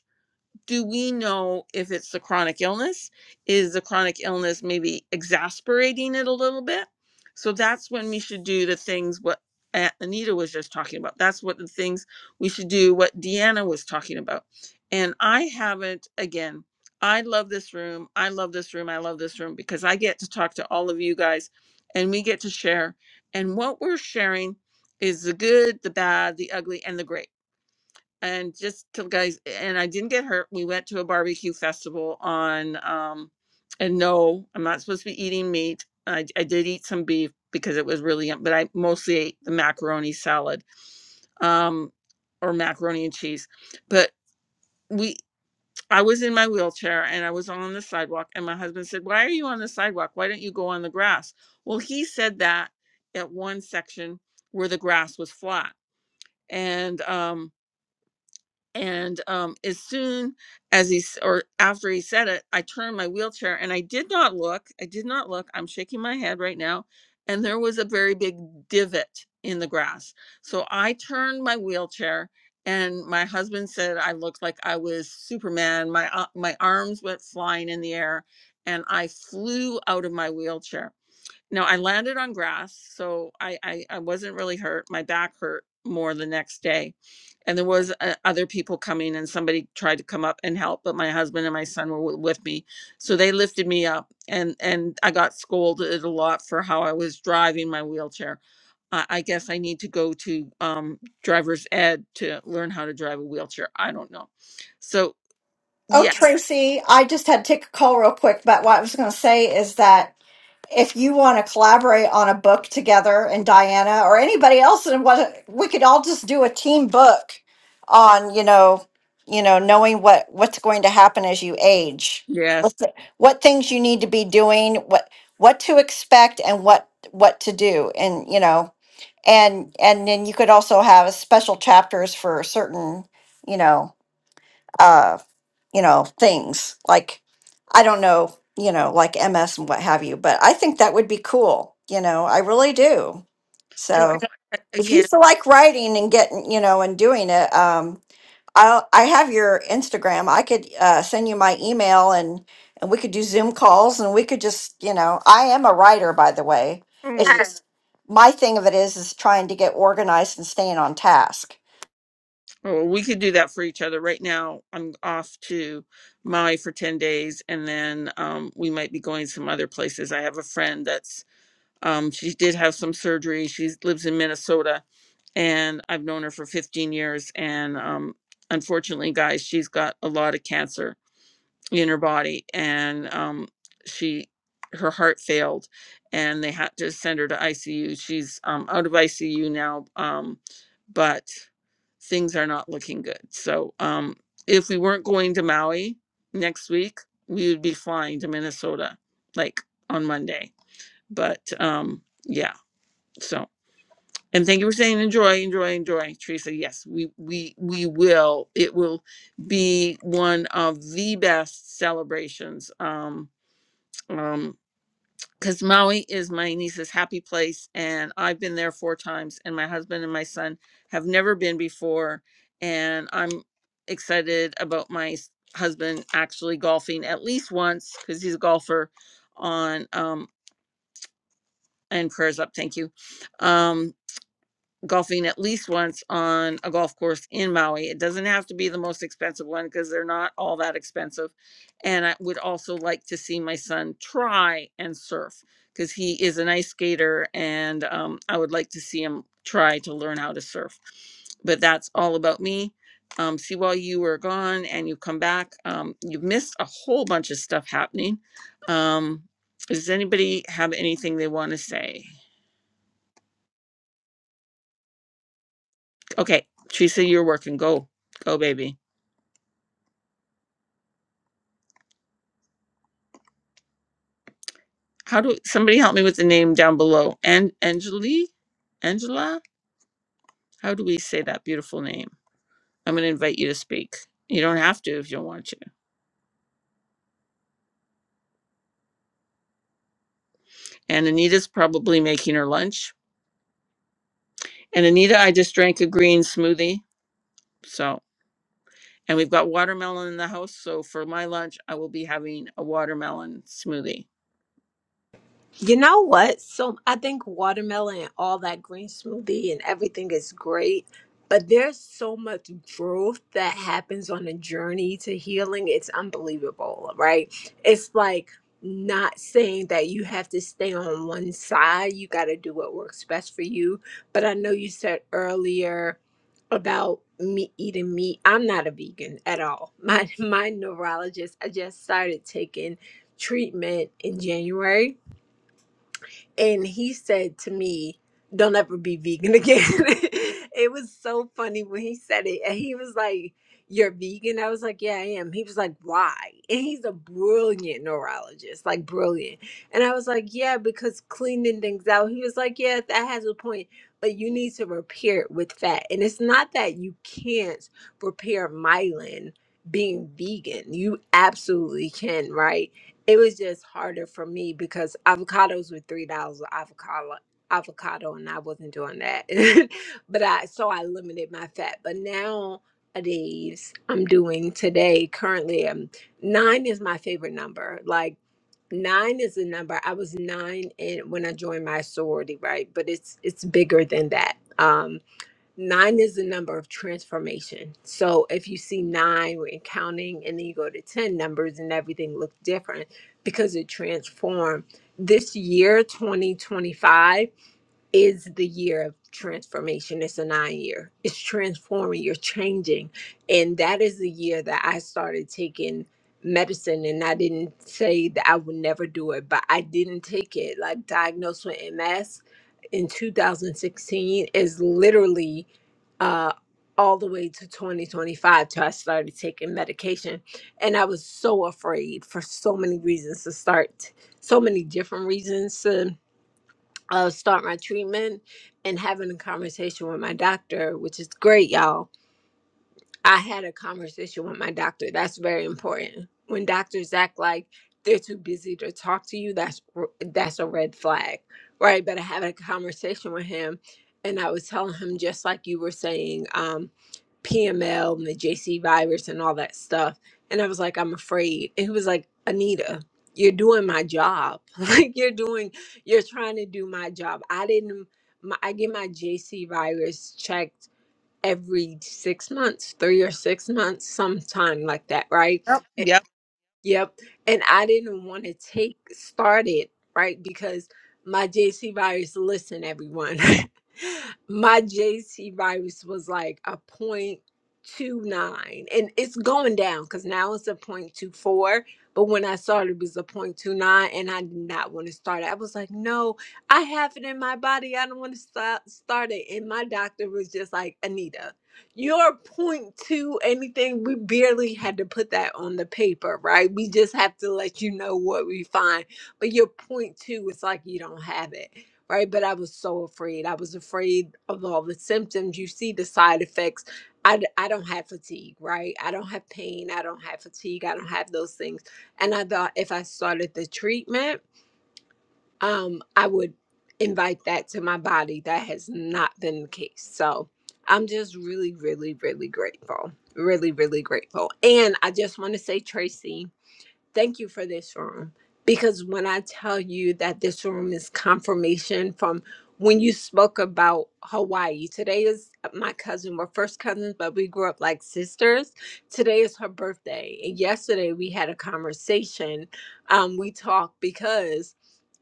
do we know if it's the chronic illness? Is the chronic illness maybe exasperating it a little bit? So that's when we should do the things what A- Anita was just talking about. That's what the things we should do, what Deanna was talking about. And I haven't, again, I love this room. I love this room. I love this room because I get to talk to all of you guys and we get to share. And what we're sharing is the good, the bad, the ugly, and the great and just to guys and i didn't get hurt we went to a barbecue festival on um and no i'm not supposed to be eating meat i, I did eat some beef because it was really yum but i mostly ate the macaroni salad um or macaroni and cheese but we i was in my wheelchair and i was on the sidewalk and my husband said why are you on the sidewalk why don't you go on the grass well he said that at one section where the grass was flat and um and um, as soon as he s- or after he said it i turned my wheelchair and i did not look i did not look i'm shaking my head right now and there was a very big divot in the grass so i turned my wheelchair and my husband said i looked like i was superman my uh, my arms went flying in the air and i flew out of my wheelchair no, I landed on grass, so I, I I wasn't really hurt. My back hurt more the next day, and there was uh, other people coming, and somebody tried to come up and help, but my husband and my son were w- with me, so they lifted me up, and and I got scolded a lot for how I was driving my wheelchair. I, I guess I need to go to um, driver's ed to learn how to drive a wheelchair. I don't know. So Oh, yeah, Tracy, I just had to take a call real quick, but what I was going to say is that if you want to collaborate on a book together and Diana or anybody else and what we could all just do a team book on, you know, you know, knowing what what's going to happen as you age. yes. What th- what things you need to be doing, what what to expect and what what to do and, you know, and and then you could also have special chapters for certain, you know, uh, you know, things like, I don't know, you know, like MS and what have you, but I think that would be cool. You know, I really do. So if you feel like writing and getting, you know, and doing it, um, I'll, I have your Instagram. I could uh, send you my email and, and we could do Zoom calls and we could just, you know, I am a writer, by the way. It's oh. just my thing of it is, is trying to get organized and staying on task. Well, we could do that for each other. Right now, I'm off to Maui for 10 days, and then um, we might be going some other places. I have a friend that's, um, she did have some surgery. She lives in Minnesota, and I've known her for 15 years. And um, unfortunately, guys, she's got a lot of cancer in her body and um she her heart failed and they had to send her to ICU. She's um out of ICU now um but things are not looking good. So um if we weren't going to Maui next week, we would be flying to Minnesota like on Monday. But um yeah. so and thank you for saying enjoy, enjoy, enjoy, Teresa. Yes, we we we will. It will be one of the best celebrations. Um, um, because Maui is my niece's happy place, and I've been there four times, and my husband and my son have never been before, and I'm excited about my s- husband actually golfing at least once because he's a golfer on um and prayers up thank you Um, golfing at least once on a golf course in Maui. It doesn't have to be the most expensive one because they're not all that expensive. And I would also like to see my son try and surf because he is an ice skater and um, I would like to see him try to learn how to surf. But that's all about me. Um, see, while you were gone and you come back, um, you missed a whole bunch of stuff happening. Um, does anybody have anything they want to say? Okay, Teresa, you're working. Go, go, baby. How do somebody help me with the name down below? And Angeli, Angela. How do we say that beautiful name? I'm going to invite you to speak. You don't have to if you don't want to. And Anita's probably making her lunch. And Anita, I just drank a green smoothie. So, and we've got watermelon in the house. So for my lunch, I will be having a watermelon smoothie. You know what? So I think watermelon and all that green smoothie and everything is great, but there's so much growth that happens on the journey to healing. It's unbelievable, right? It's like not saying that you have to stay on one side. You got to do what works best for you. But I know you said earlier about me eating meat. I'm not a vegan at all. My my neurologist, I just started taking treatment in January and he said to me, "Don't ever be vegan again." it was so funny when he said it, and he was like, "You're vegan?" I was like, "Yeah, I am." He was like, "Why?" And he's a brilliant neurologist, like brilliant. And I was like, "Yeah, because cleaning things out." He was like, "Yeah, that has a point." But you need to repair it with fat. And it's not that you can't repair myelin being vegan. You absolutely can, right? It was just harder for me because avocados were three dollars avocado avocado and I wasn't doing that. but I so I limited my fat. But now days I'm doing today currently um nine is my favorite number. Like nine is the number i was nine and when i joined my sorority right but it's it's bigger than that Um, Nine is the number of transformation. So if you see nine we we're counting and then you go to 10 numbers and everything looks different because it transformed. This year, 2025 is the year of transformation. It's a nine year. It's transforming. You're changing. And that is the year that I started taking medicine. And I didn't say that I would never do it, but I didn't take it. Like diagnosed with MS in 2016 is literally uh all the way to 2025 till I started taking medication. And I was so afraid for so many reasons to start, so many different reasons to uh, start my treatment and having a conversation with my doctor, which is great, y'all I had a conversation with my doctor. That's very important. When doctors act like they're too busy to talk to you, that's r- that's a red flag, right? But I had a conversation with him, and I was telling him just like you were saying, um, PML and the JC virus and all that stuff. And I was like, I'm afraid. And he was like, Anita, you're doing my job. like you're doing, you're trying to do my job. I didn't. My, I get my JC virus checked every six months, three or six months, sometime like that, right? Yep. Eh, Yep. Yep. And I didn't want to take started, right? Because my JC virus, listen, everyone, my JC virus was like a point two nine, and it's going down because now it's a point two four. But when I started, it was a point two nine, and I did not want to start it. I was like, no, I have it in my body. I don't want to start start it. And my doctor was just like, Anita your point to anything we barely had to put that on the paper right we just have to let you know what we find but your point two it's like you don't have it right but i was so afraid i was afraid of all the symptoms you see the side effects I, d- I don't have fatigue right i don't have pain i don't have fatigue i don't have those things and i thought if i started the treatment um, I would invite that to my body. That has not been the case. So I'm just really, really, really grateful. Really, really grateful. And I just want to say, Tracy, thank you for this room. Because when I tell you that this room is confirmation from when you spoke about Hawaii, today is my cousin. We're first cousins, but we grew up like sisters. Today is her birthday. And yesterday we had a conversation. Um, we talked because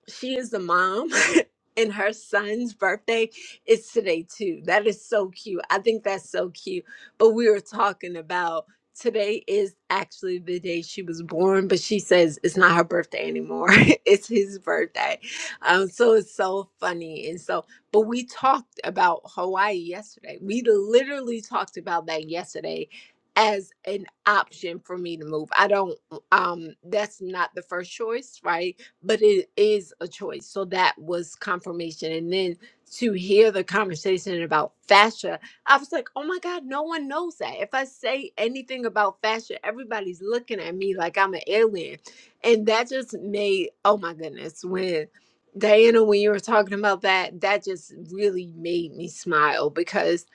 she is the mom and her son's birthday is today too that is so cute i think that's so cute but we were talking about today is actually the day she was born but she says it's not her birthday anymore it's his birthday um so it's so funny and so but we talked about hawaii yesterday we literally talked about that yesterday as an option for me to move i don't um that's not the first choice right but it is a choice. So that was confirmation. And then to hear the conversation about fascia, I was like, oh my God, no one knows that. If I say anything about fascia, everybody's looking at me like I'm an alien. And that just made, oh my goodness, when Diana, when you were talking about that, that just really made me smile because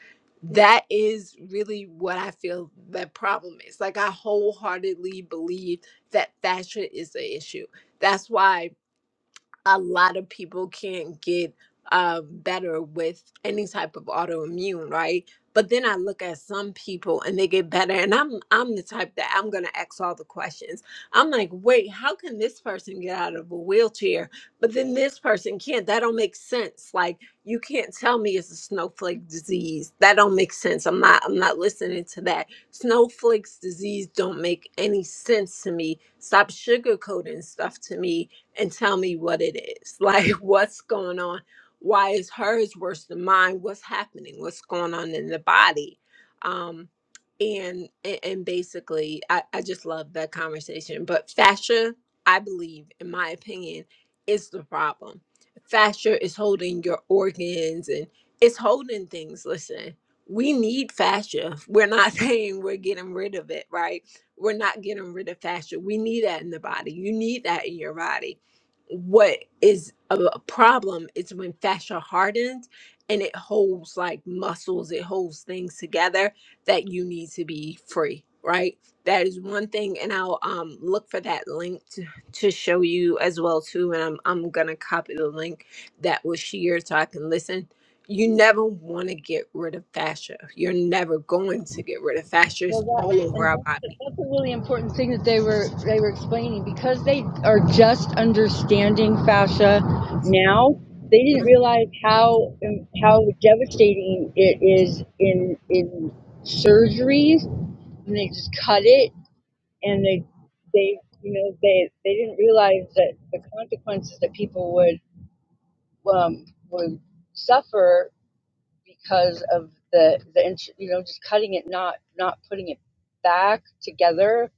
that is really what I feel that problem is. Like I wholeheartedly believe that fascia is the issue that's why a lot of people can't get uh, better with any type of autoimmune, right? But then I look at some people and they get better, and I'm I'm the type that I'm gonna ask all the questions. I'm like, wait, how can this person get out of a wheelchair, but then this person can't? That don't make sense. Like you can't tell me it's a snowflake disease. That don't make sense. I'm not I'm not listening to that. Snowflakes disease don't make any sense to me. Stop sugarcoating stuff to me and tell me what it is. Like, what's going on? Why is hers worse than mine? What's happening? What's going on in the body? Um, and a- and basically, I, I just love that conversation. But fascia, I believe, in my opinion, is the problem. Fascia is holding your organs and it's holding things. Listen, we need fascia. We're not saying we're getting rid of it, right? We're not getting rid of fascia. We need that in the body. You need that in your body what is a a problem is when fascia hardens and it holds like muscles, it holds things together that you need to be free, right? That is one thing, and I'll um look for that link to, to show you as well too. And I'm I'm gonna copy the link that was shared so I can listen. You never want to get rid of fascia. You're never going to get rid of fascia. Well, It's all that, and over our that's, body. that's a really important thing that they were they were explaining because they are just understanding fascia now. They didn't realize how um, how devastating it is in in surgeries when they just cut it and they they you know they they didn't realize that the consequences that people would um, would suffer because of the the ins- you know just cutting it not not putting it back together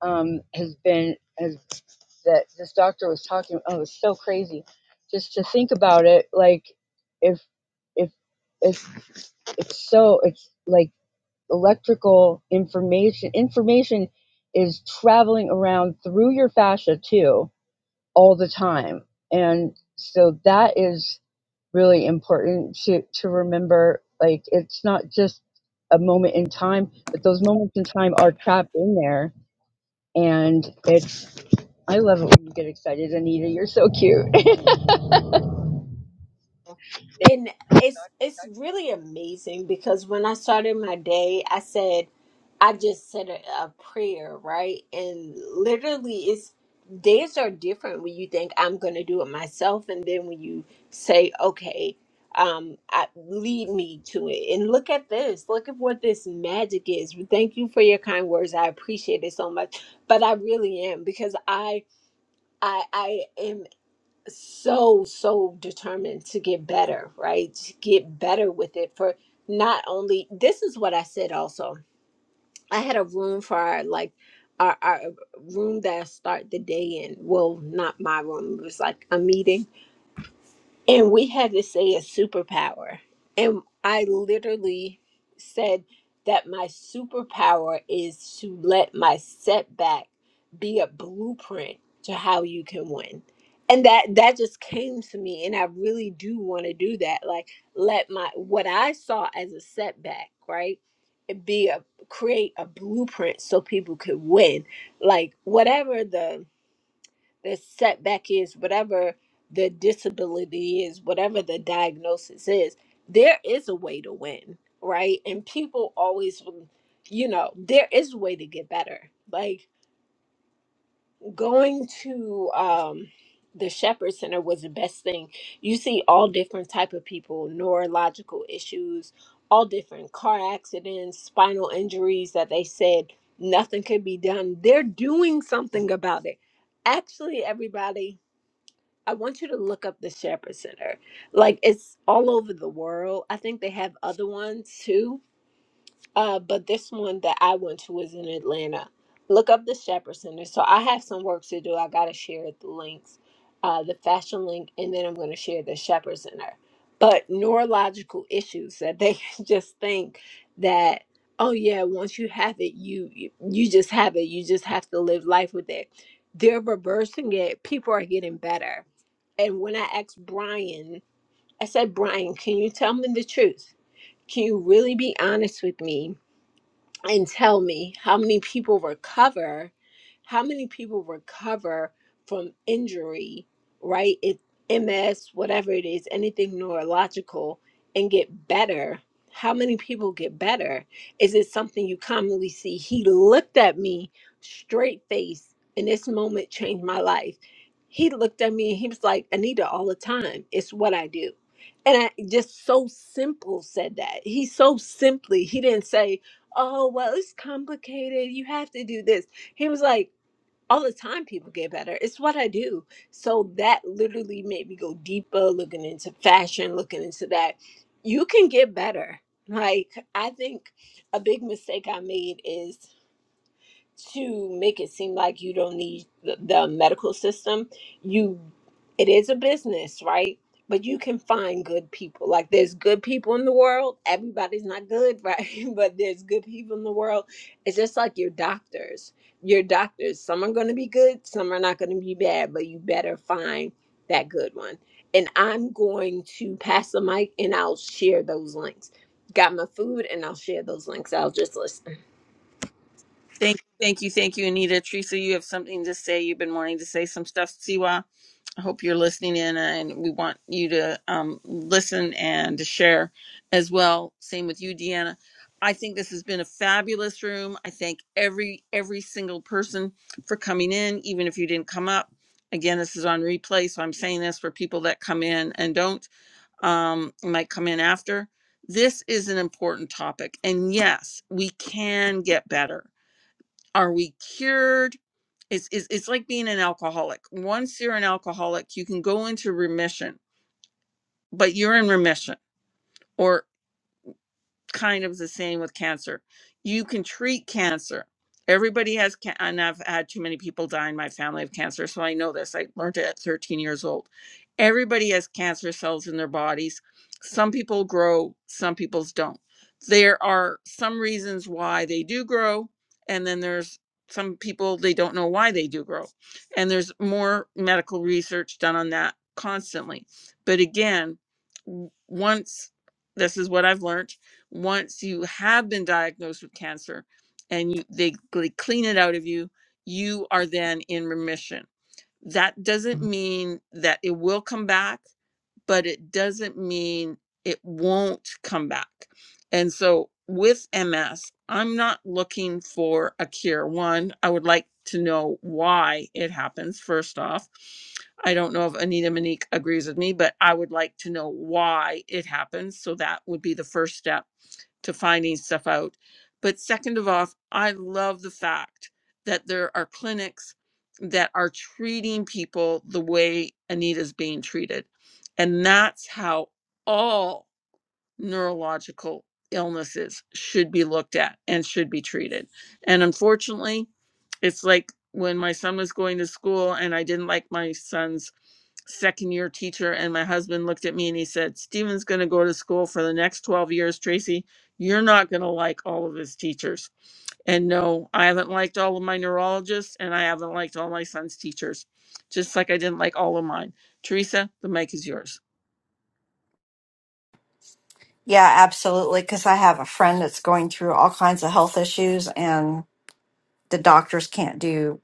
um, has been has that this doctor was talking oh it's so crazy just to think about it like if if if it's so it's like electrical information information is traveling around through your fascia too all the time and so that is really important to to remember like it's not just a moment in time but those moments in time are trapped in there and it's i love it when you get excited anita you're so cute and it's it's really amazing because when I started my day, I said, I just said a, a prayer, right? And literally, it's days are different when you think I'm going to do it myself, and then when you say, okay, um, I, lead me to it. And look at this. Look at what this magic is. Thank you for your kind words. I appreciate it so much. But I really am because I I I am so so determined to get better right to get better with it for not only this is what i said also i had a room for our like our, our room that I start the day in well not my room it was like a meeting and we had to say a superpower. And I literally said that my superpower is to let my setback be a blueprint to how you can win. And that that just came to me and I really do want to do that. Like let my what I saw as a setback, right? It be a create a blueprint so people could win. Like whatever the the setback is, whatever the disability is, whatever the diagnosis is, there is a way to win, right? And people always, you know, there is a way to get better. Like going to um, the Shepherd Center was the best thing. You see all different type of people, neurological issues, all different car accidents, spinal injuries that they said nothing could be done. They're doing something about it actually everybody I want you to look up the Shepherd Center. Like it's all over the world. I think they have other ones too uh, but this one that I went to was in Atlanta. Look up the Shepherd Center. So I have some work to do. I gotta share the links, uh, the fashion link, and then I'm gonna share the Shepherd Center. But neurological issues that they just think that oh yeah, once you have it, you you you just have it. You just have to live life with it. They're reversing it. People are getting better. And when I asked Brian, I said, Brian, can you tell me the truth? Can you really be honest with me? and tell me how many people recover how many people recover from injury right it ms whatever it is anything neurological and get better how many people get better is it something you commonly see he looked at me straight face and this moment changed my life he looked at me and he was like anita all the time it's what i do and i just so simple said that he so simply he didn't say oh well it's complicated you have to do this he was like all the time people get better it's what i do so that literally made me go deeper looking into fashion looking into that you can get better like i think a big mistake i made is to make it seem like you don't need the, the medical system. You, it is a business, right? But you can find good people. Like there's good people in the world. Everybody's not good, right? But there's good people in the world. It's just like your doctors. Your doctors. Some are going to be good. Some are not going to be bad. But you better find that good one. And I'm going to pass the mic and I'll share those links. Got my food and I'll share those links. I'll just listen. Thank you. Thank you. Thank you, Anita. Teresa, you have something to say. You've been wanting to say some stuff. Siwa. I hope you're listening in, and we want you to um, listen and to share as well. Same with you, Deanna. I think this has been a fabulous room. I thank every every single person for coming in, even if you didn't come up. Again, this is on replay, so I'm saying this for people that come in and don't um, might come in after. This is an important topic, and yes, we can get better. Are we cured? It's, it's it's like being an alcoholic. Once you're an alcoholic, you can go into remission, but you're in remission. or kind of the same with cancer. You can treat cancer. Everybody has, can- and I've had too many people die in my family of cancer, so I know this. I learned it at 13 years old. Everybody has cancer cells in their bodies. Some people grow, some people's don't. There are some reasons why they do grow, and then there's some people they don't know why they do grow. And there's more medical research done on that constantly. But again, w- once this is what I've learned once you have been diagnosed with cancer and you, they, they clean it out of you, you are then in remission. That doesn't Mhm. mean that it will come back, but it doesn't mean it won't come back. And so with MS, I'm not looking for a cure. One, I would like to know why it happens, first off. I don't know if Anita Monique agrees with me, but I would like to know why it happens. So that would be the first step to finding stuff out. But second of all, I love the fact that there are clinics that are treating people the way Anita's being treated. And that's how all neurological illnesses should be looked at and should be treated. And unfortunately, it's like when my son was going to school and I didn't like my son's second year teacher and my husband looked at me and he said steven's going to go to school for the next 12 years tracy you're not going to like all of his teachers and no i haven't liked all of my neurologists and i haven't liked all my son's teachers just like i didn't like all of mine teresa the mic is yours Yeah, absolutely. Because I have a friend that's going through all kinds of health issues, and the doctors can't do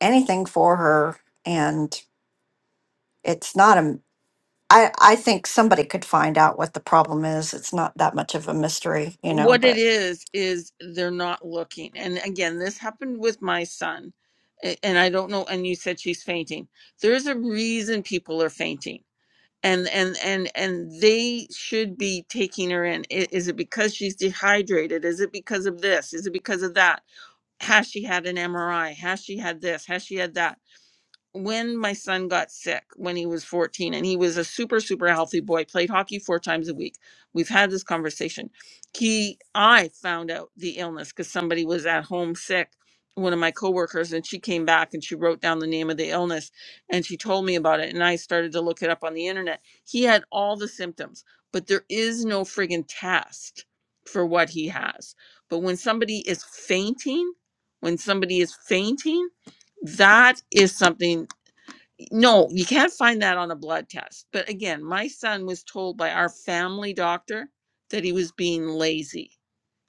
anything for her. And it's not a, I, I think somebody could find out what the problem is. It's not that much of a mystery, you know, what it but is is they're not looking and again this happened with my son a- and i don't know and you said she's fainting there's a reason people are fainting and and and and they should be taking her in I- is it because she's dehydrated is it because of this is it because of that has she had an mri has she had this has she had that when my son got sick when he was 14 and he was a super super healthy boy played hockey four times a week we've had this conversation he i found out the illness because somebody was at home sick one of my coworkers and she came back and she wrote down the name of the illness and she told me about it and i started to look it up on the internet he had all the symptoms but there is no friggin test for what he has but when somebody is fainting when somebody is fainting that is something no, you can't find that on a blood test. But again, my son was told by our family doctor that he was being lazy.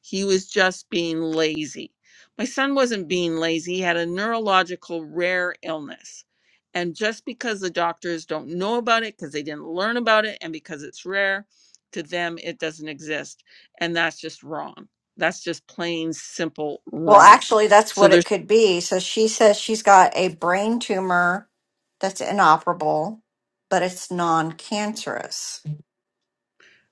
He was just being lazy. My son wasn't being lazy. He had a neurological rare illness. And just because the doctors don't know about it, because they didn't learn about it, and because it's rare, to them it doesn't exist. And that's just wrong. That's just plain simple well, wrong. actually, that's So what there's. it could be. So she says she's got a brain tumor that's inoperable, but it's non cancerous.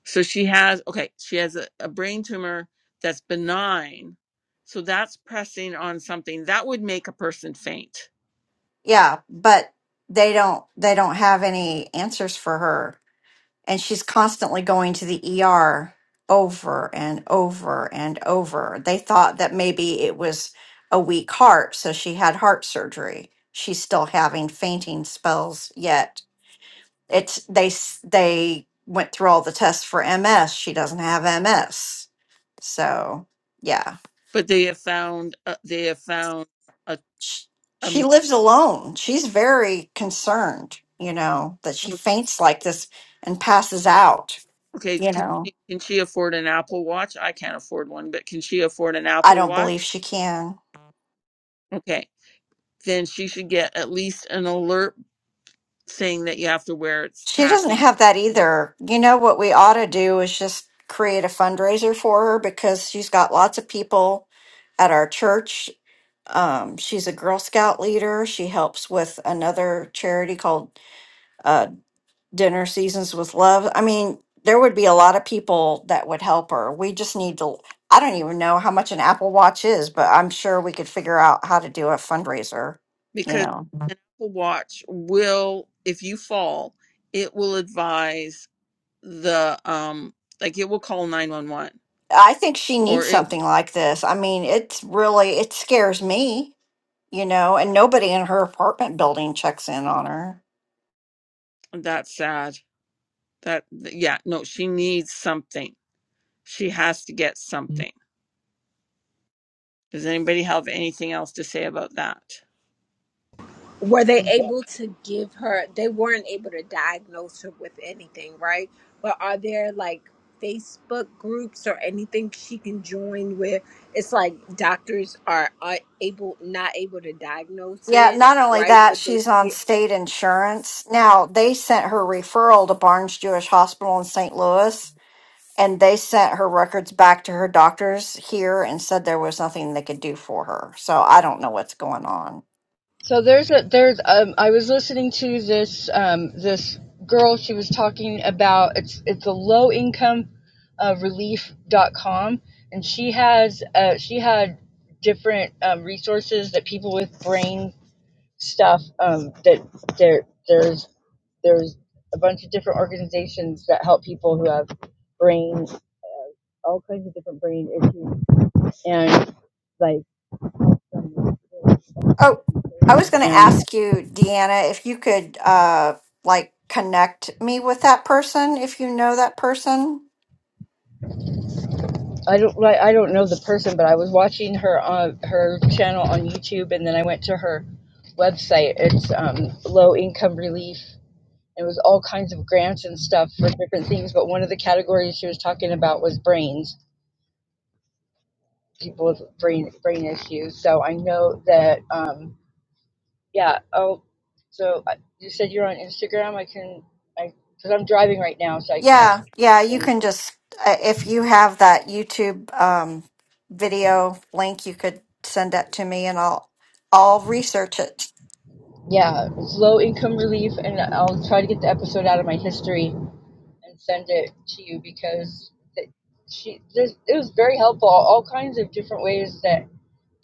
So she has okay, she has a, a brain tumor that's benign. So that's pressing on something that would make a person faint. Yeah, but they don't they don't have any answers for her and she's constantly going to the ER over and over and over. They thought that maybe it was a weak heart, so she had heart surgery. She's still having fainting spells yet. It's they s- they went through all the tests for MS. She doesn't have MS. So, yeah. But they have found uh, they have found a She, A she Mac- lives alone. She's very concerned, you know, that she faints like this and passes out, Okay, you can know. she, can she afford an Apple Watch? I can't afford one, but can she afford an I Apple don't believe Watch? she can. Okay, then she should get at least an alert saying that you have to wear it. It's She doesn't tacky, have that but either. You know what we ought to do is just create a fundraiser for her because she's got lots of people at our church. Um, she's a Girl Scout leader. She helps with another charity called uh, Dinner Seasons with Love. I mean, there would be a lot of people that would help her. We just need to. I don't even know how much an Apple Watch is, but I'm sure we could figure out how to do a fundraiser. You because know. an Apple Watch will, if you fall, it will advise the um, like it will call nine one one I think she needs or it. something like this. I mean, it's really it scares me, you know, and nobody in her apartment building checks in on her. That's sad. That yeah, no, she needs something. She has to get something. Does anybody have anything else to say about that? Were they able to give her? They weren't able to diagnose her with anything, right? But are there like Facebook groups or anything she can join where it's like doctors are, are able not able to diagnose Yeah, it, not only right? that, But she's on they state insurance. Now, they sent her referral to Barnes Jewish Hospital in St. Louis, and they sent her records back to her doctors here and said there was nothing they could do for her. So I don't know what's going on. So there's a there's um I was listening to this um this girl she was talking about it's it's a low income uh, relief dot com and she has uh she had different um, resources that people with brain stuff um that there there's there's a bunch of different organizations that help people who have brain all kinds of different brain issues and like um, Oh, I was going to and ask you, Deanna, if you could uh like connect me with that person if you know that person. I don't like I don't know the person, but I was watching her on her channel on YouTube, and then I went to her website. It's um, low income relief. It was all kinds of grants and stuff for different things, but one of the categories she was talking about was brains, people with brain brain issues. So I know that um, yeah. Oh, so I- you said you're on Instagram. I can I because I'm driving right now, so I can't. Yeah, yeah, you really- can just uh, if you have that YouTube um video link, you could send that to me and I'll I'll research it. Yeah, it's low income relief, and I'll try to get the episode out of my history and send it to you because that she this it was very helpful all kinds of different ways that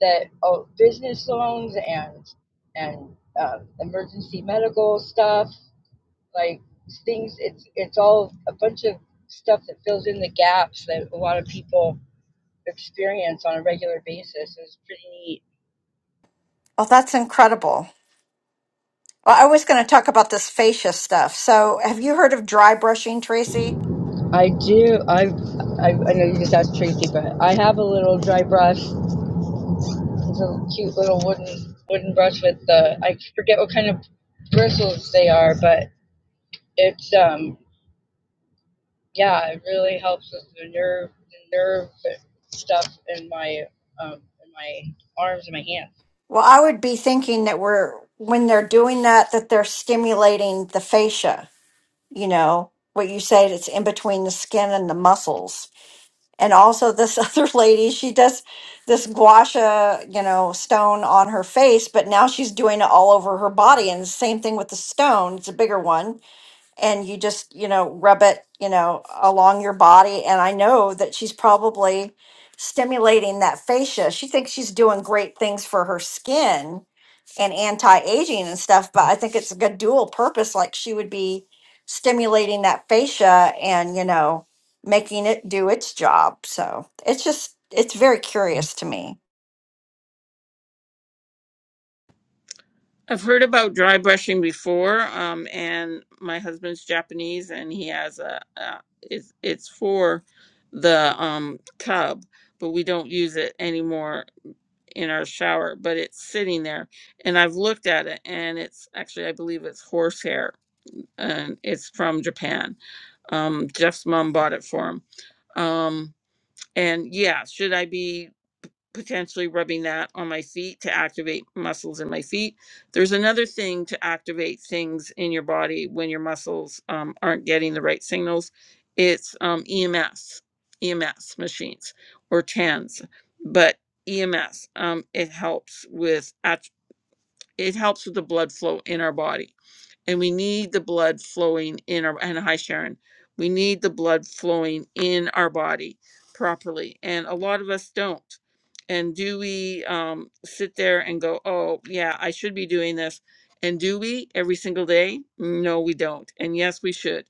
that oh, business loans and and um, emergency medical stuff like things it's it's all a bunch of stuff that fills in the gaps that a lot of people experience on a regular basis It's pretty neat Oh, that's incredible. Well, I was going to talk about this fascia stuff. So, have you heard of dry brushing, Tracy? i do i i, I know you just asked tracy but i have a little dry brush It's a cute little wooden wooden brush with the I forget what kind of bristles they are, but it's um yeah, it really helps with the nerve the nerve stuff in my um in my arms and my hands. Well, I would be thinking that we're when they're doing that that they're stimulating the fascia. you know what you said it's in between the skin and the muscles and also this other lady she does this guasha you know stone on her face but now she's doing it all over her body and the same thing with the stone it's a bigger one and you just you know rub it you know along your body and i know that she's probably stimulating that fascia she thinks she's doing great things for her skin and anti-aging and stuff but i think it's a good dual purpose like she would be stimulating that fascia and you know making it do its job so it's just it's very curious to me I've heard about dry brushing before, um, and my husband's Japanese, and he has a, a it's, it's for the um, tub, but we don't use it anymore in our shower. But it's sitting there, and I've looked at it, and it's actually I believe it's horsehair, and it's from Japan. Um, Jeff's mom bought it for him, um, and yeah, should I be? potentially rubbing that on my feet to activate muscles in my feet. There's another thing to activate things in your body when your muscles um, aren't getting the right signals. It's um, EMS, EMS machines or TANs, but EMS um, it helps with act- it helps with the blood flow in our body and we need the blood flowing in our and hi sharon we need the blood flowing in our body properly and a lot of us don't and do we um, sit there and go oh yeah i should be doing this and do we every single day no we don't and yes we should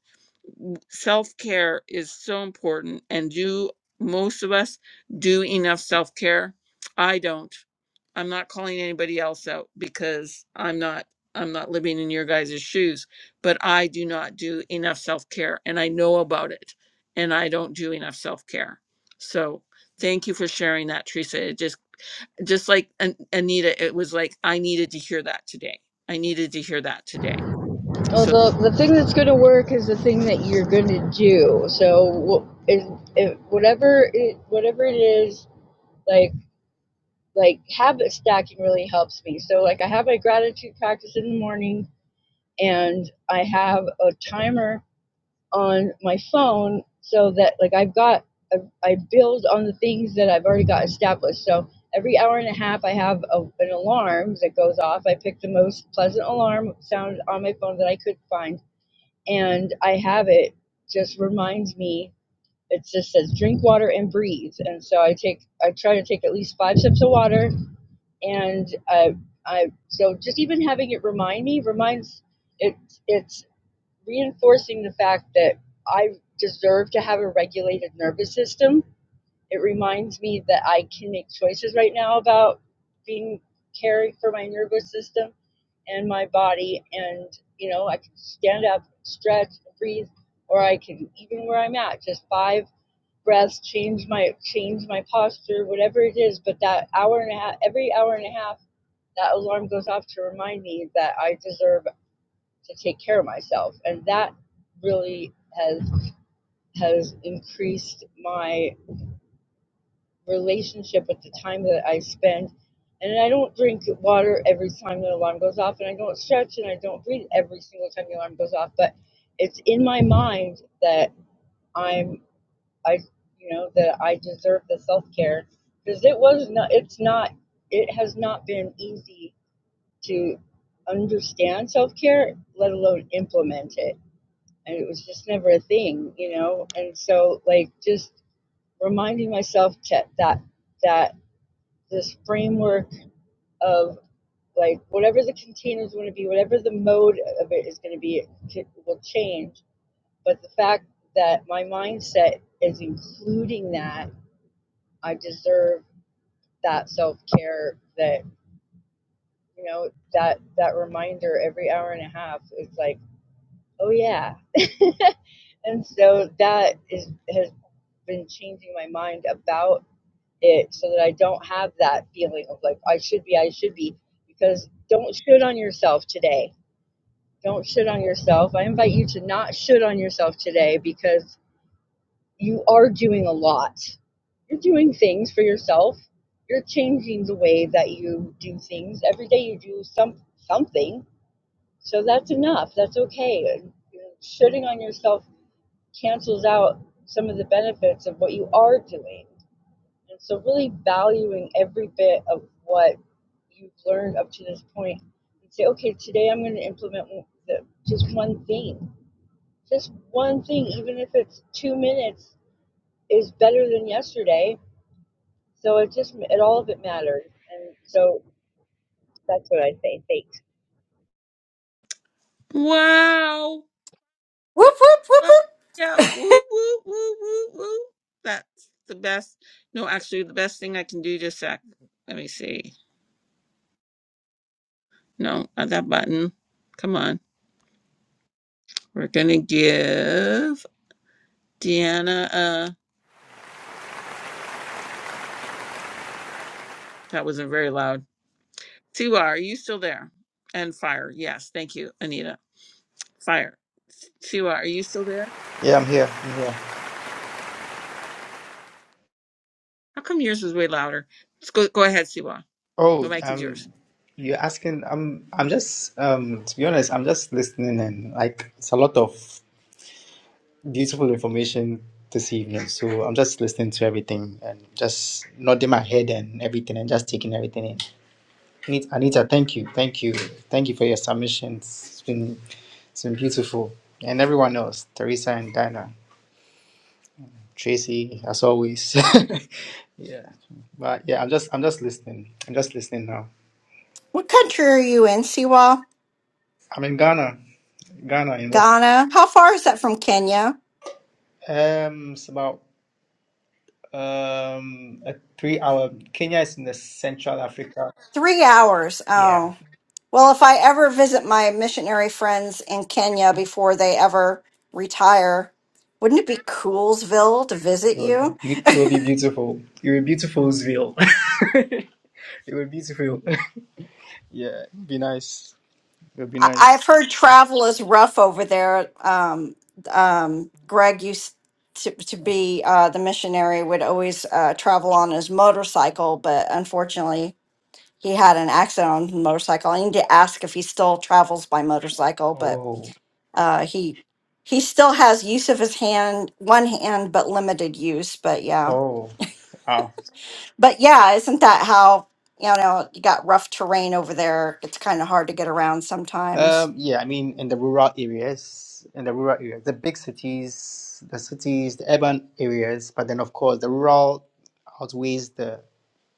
self care is so important, and do most of us do enough self care? I don't. I'm not calling anybody else out because I'm not I'm not living in your guys' shoes, but I do not do enough self-care and I know about it and I don't do enough self-care. So, thank you for sharing that Teresa. It just just like An- Anita, it was like I needed to hear that today. I needed to hear that today. Well, So, the the thing that's going to work is the thing that you're going to do. So wh- it, whatever it whatever it is like like habit stacking really helps me. So like I have my gratitude practice in the morning and I have a timer on my phone so that like I've got I, I build on the things that I've already got established. So every hour and a half, I have a, an alarm that goes off. I pick the most pleasant alarm sound on my phone that I could find, and I have it just reminds me. It just says drink water and breathe, and so I take I try to take at least five sips of water, and I I so just even having it remind me reminds it. it's reinforcing the fact that I deserve to have a regulated nervous system. It reminds me that I can make choices right now about being caring for my nervous system and my body. And, you know, I can stand up, stretch, breathe, or I can, even where I'm at, just five breaths, change my, change my posture, whatever it is. But that hour and a half, every hour and a half, that alarm goes off to remind me that I deserve to take care of myself and that really has has increased my relationship with the time that I spend and I don't drink water every time the alarm goes off and I don't stretch and I don't breathe every single time the alarm goes off but it's in my mind that I'm I you know that I deserve the self-care because it was not it's not it has not been easy to understand self-care let alone implement it and it was just never a thing, you know. And so, like, just reminding myself to, that that this framework of like whatever the container is going to be, whatever the mode of it is going to be, it will change. But the fact that my mindset is including that, I deserve that self care. That you know that that reminder every hour and a half is like, oh yeah. And so that is has been changing my mind about it so that I don't have that feeling of like I should be, I should be, because don't shit on yourself today. Don't shit on yourself. I invite you to not shit on yourself today because you are doing a lot. You're doing things for yourself. You're changing the way that you do things. Every day you do some something. So that's enough. That's okay. Shitting on yourself cancels out some of the benefits of what you are doing. And so, really valuing every bit of what you've learned up to this point and say, okay, today I'm going to implement the, just one thing. Just one thing, even if it's two minutes, is better than yesterday. So, it just, it all of it matters. And so, that's what I say. Thanks. wow. whoop whoop whoop whoop Yeah, woo, woo, woo, woo, woo. That's the best. No, actually, the best thing I can do just sec. Let me see. No, not that button. Come on. We're gonna give Deanna a. That wasn't very loud. Siwa, are you still there? And fire. Yes, thank you, Anita. Fire. Siwa, are you still there? yeah. I'm here. I'm here. How come yours was way louder? Let's go. Go ahead, Siwa. The Oh, mic is yours. um, you're asking. I'm. I'm just. Um, to be honest, I'm just listening, and like, it's a lot of beautiful information this evening. So I'm just listening to everything and just nodding my head and everything, and just taking everything in. Anita, Anita, thank you, thank you, thank you for your submissions. It's been, it's been beautiful, and everyone else, Teresa and Dinah. Tracy, as always. yeah, but yeah, I'm just I'm just listening. I'm just listening now. what country are you in siwa I'm in Ghana, Ghana in West. ghana how far is that from kenya Um, it's about um a three hour. Kenya is Central Africa. three hours Yeah, oh Well, if I ever visit my missionary friends in Kenya before they ever retire, wouldn't it be Coolsville to visit it will, you? be- it will be beautiful. It will be beautiful. It will be beautiful. Yeah, be nice. I- I've heard travel is rough over there. Um, um, Greg used to, to be uh, the missionary, would always uh, travel on his motorcycle, but unfortunately, he had an accident on his motorcycle. I need to ask if he still travels by motorcycle, but Oh, Uh, he he still has use of his hand, one hand, but limited use. But yeah, oh, wow. but yeah, isn't that how you know you got rough terrain over there? It's kind of hard to get around sometimes. Um, yeah, I mean, in the rural areas, in the rural areas, the big cities, the cities, the urban areas, but then of course the rural outweighs the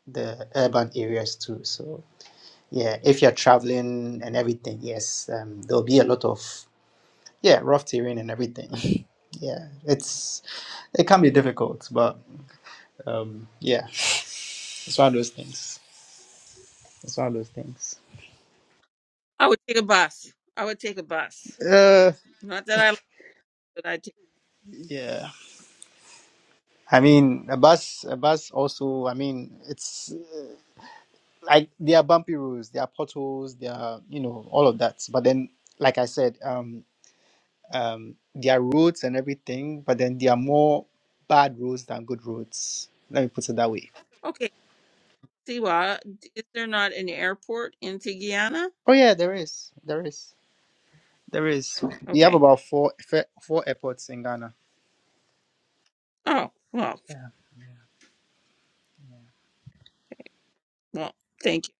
the urban areas too. So yeah, if you're traveling and everything, yes, um, there'll be a lot of yeah rough terrain and everything. yeah, it's it can be difficult, but um, yeah, it's one of those things. It's one of those things. I would take a bus. I would take a bus. Uh, Not that I like, but I take. yeah. I mean, a bus, a bus also. I mean, it's. like there are bumpy roads, there are potholes, there are you know all of that. But then, like I said, um, um, there are roads and everything, but then there are more bad roads than good roads. Let me put it that way. okay. Siwa, is there not an airport in Tigana? Oh yeah, there is, there is, there is. We have Okay. about four fe- four airports in Ghana. Oh, well, Yeah. well, thank you.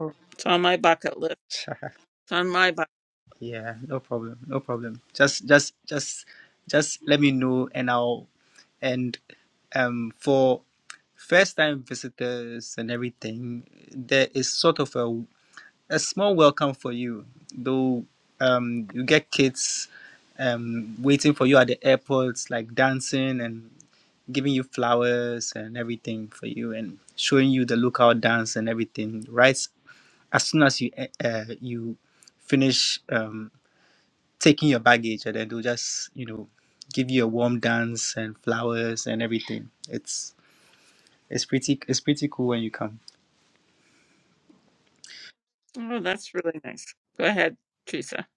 Oh. It's on my bucket list. It's on my bucket. yeah. No problem. No problem. Just, just, just, just let me know, and I'll and um for first time visitors and everything there is sort of a a small welcome for you, though um, you get kids um, waiting for you at the airports, like dancing and giving you flowers and everything for you, and showing you the local dance and everything. Right as soon as you e- uh, you finish um, taking your baggage, and then they'll just you know give you a warm dance and flowers and everything. It's it's pretty it's pretty cool when you come. Oh, that's really nice. Go ahead, Teresa.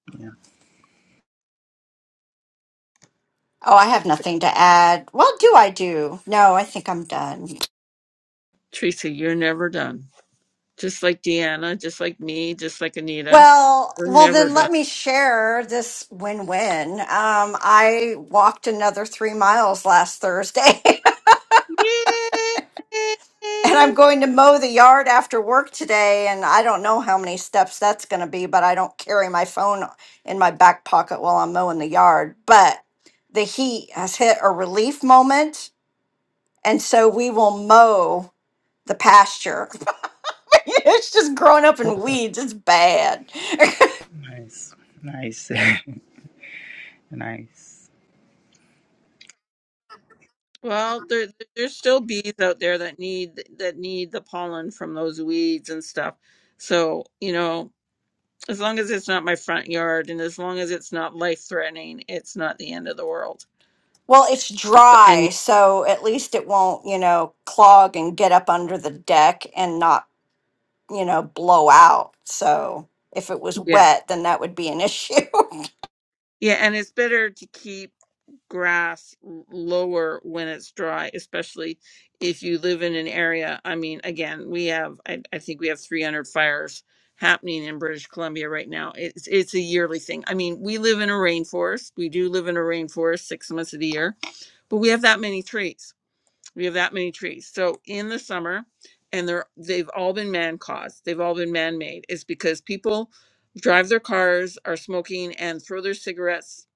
Oh, I have nothing to add. Well, do I do? No, I think I'm done. Teresa, you're never done. Just like Deanna, just like me, just like Anita. Well, We're well, never then done. let me share this win-win. Um, I walked another three miles last Thursday. Yay! and I'm going to mow the yard after work today. And I don't know how many steps that's going to be, but I don't carry my phone in my back pocket while I'm mowing the yard. But the heat has hit a relief moment. And so we will mow the pasture. it's just growing up in weeds. It's bad. Nice, nice, nice. Well, there, there's still bees out there that need that need the pollen from those weeds and stuff. So, you know, As long as it's not my front yard and as long as it's not life threatening, it's not the end of the world. well, it's But dry. and So at least it won't, you know, clog and get up under the deck and not you know, blow out. So if it was yeah. wet, then that would be an issue. Yeah, and it's better to keep grass l- lower when it's dry, especially if you live in an area. I mean, again, we have I, I think we have 300 fires happening in British Columbia right now. It's it's a yearly thing. I mean, we live in a rainforest. We do live in a rainforest 6 months of the year, but we have that many trees. We have that many trees. So in the summer, and they're they've all been man caused. They've all been man made. It's because people drive their cars, are smoking, and throw their cigarettes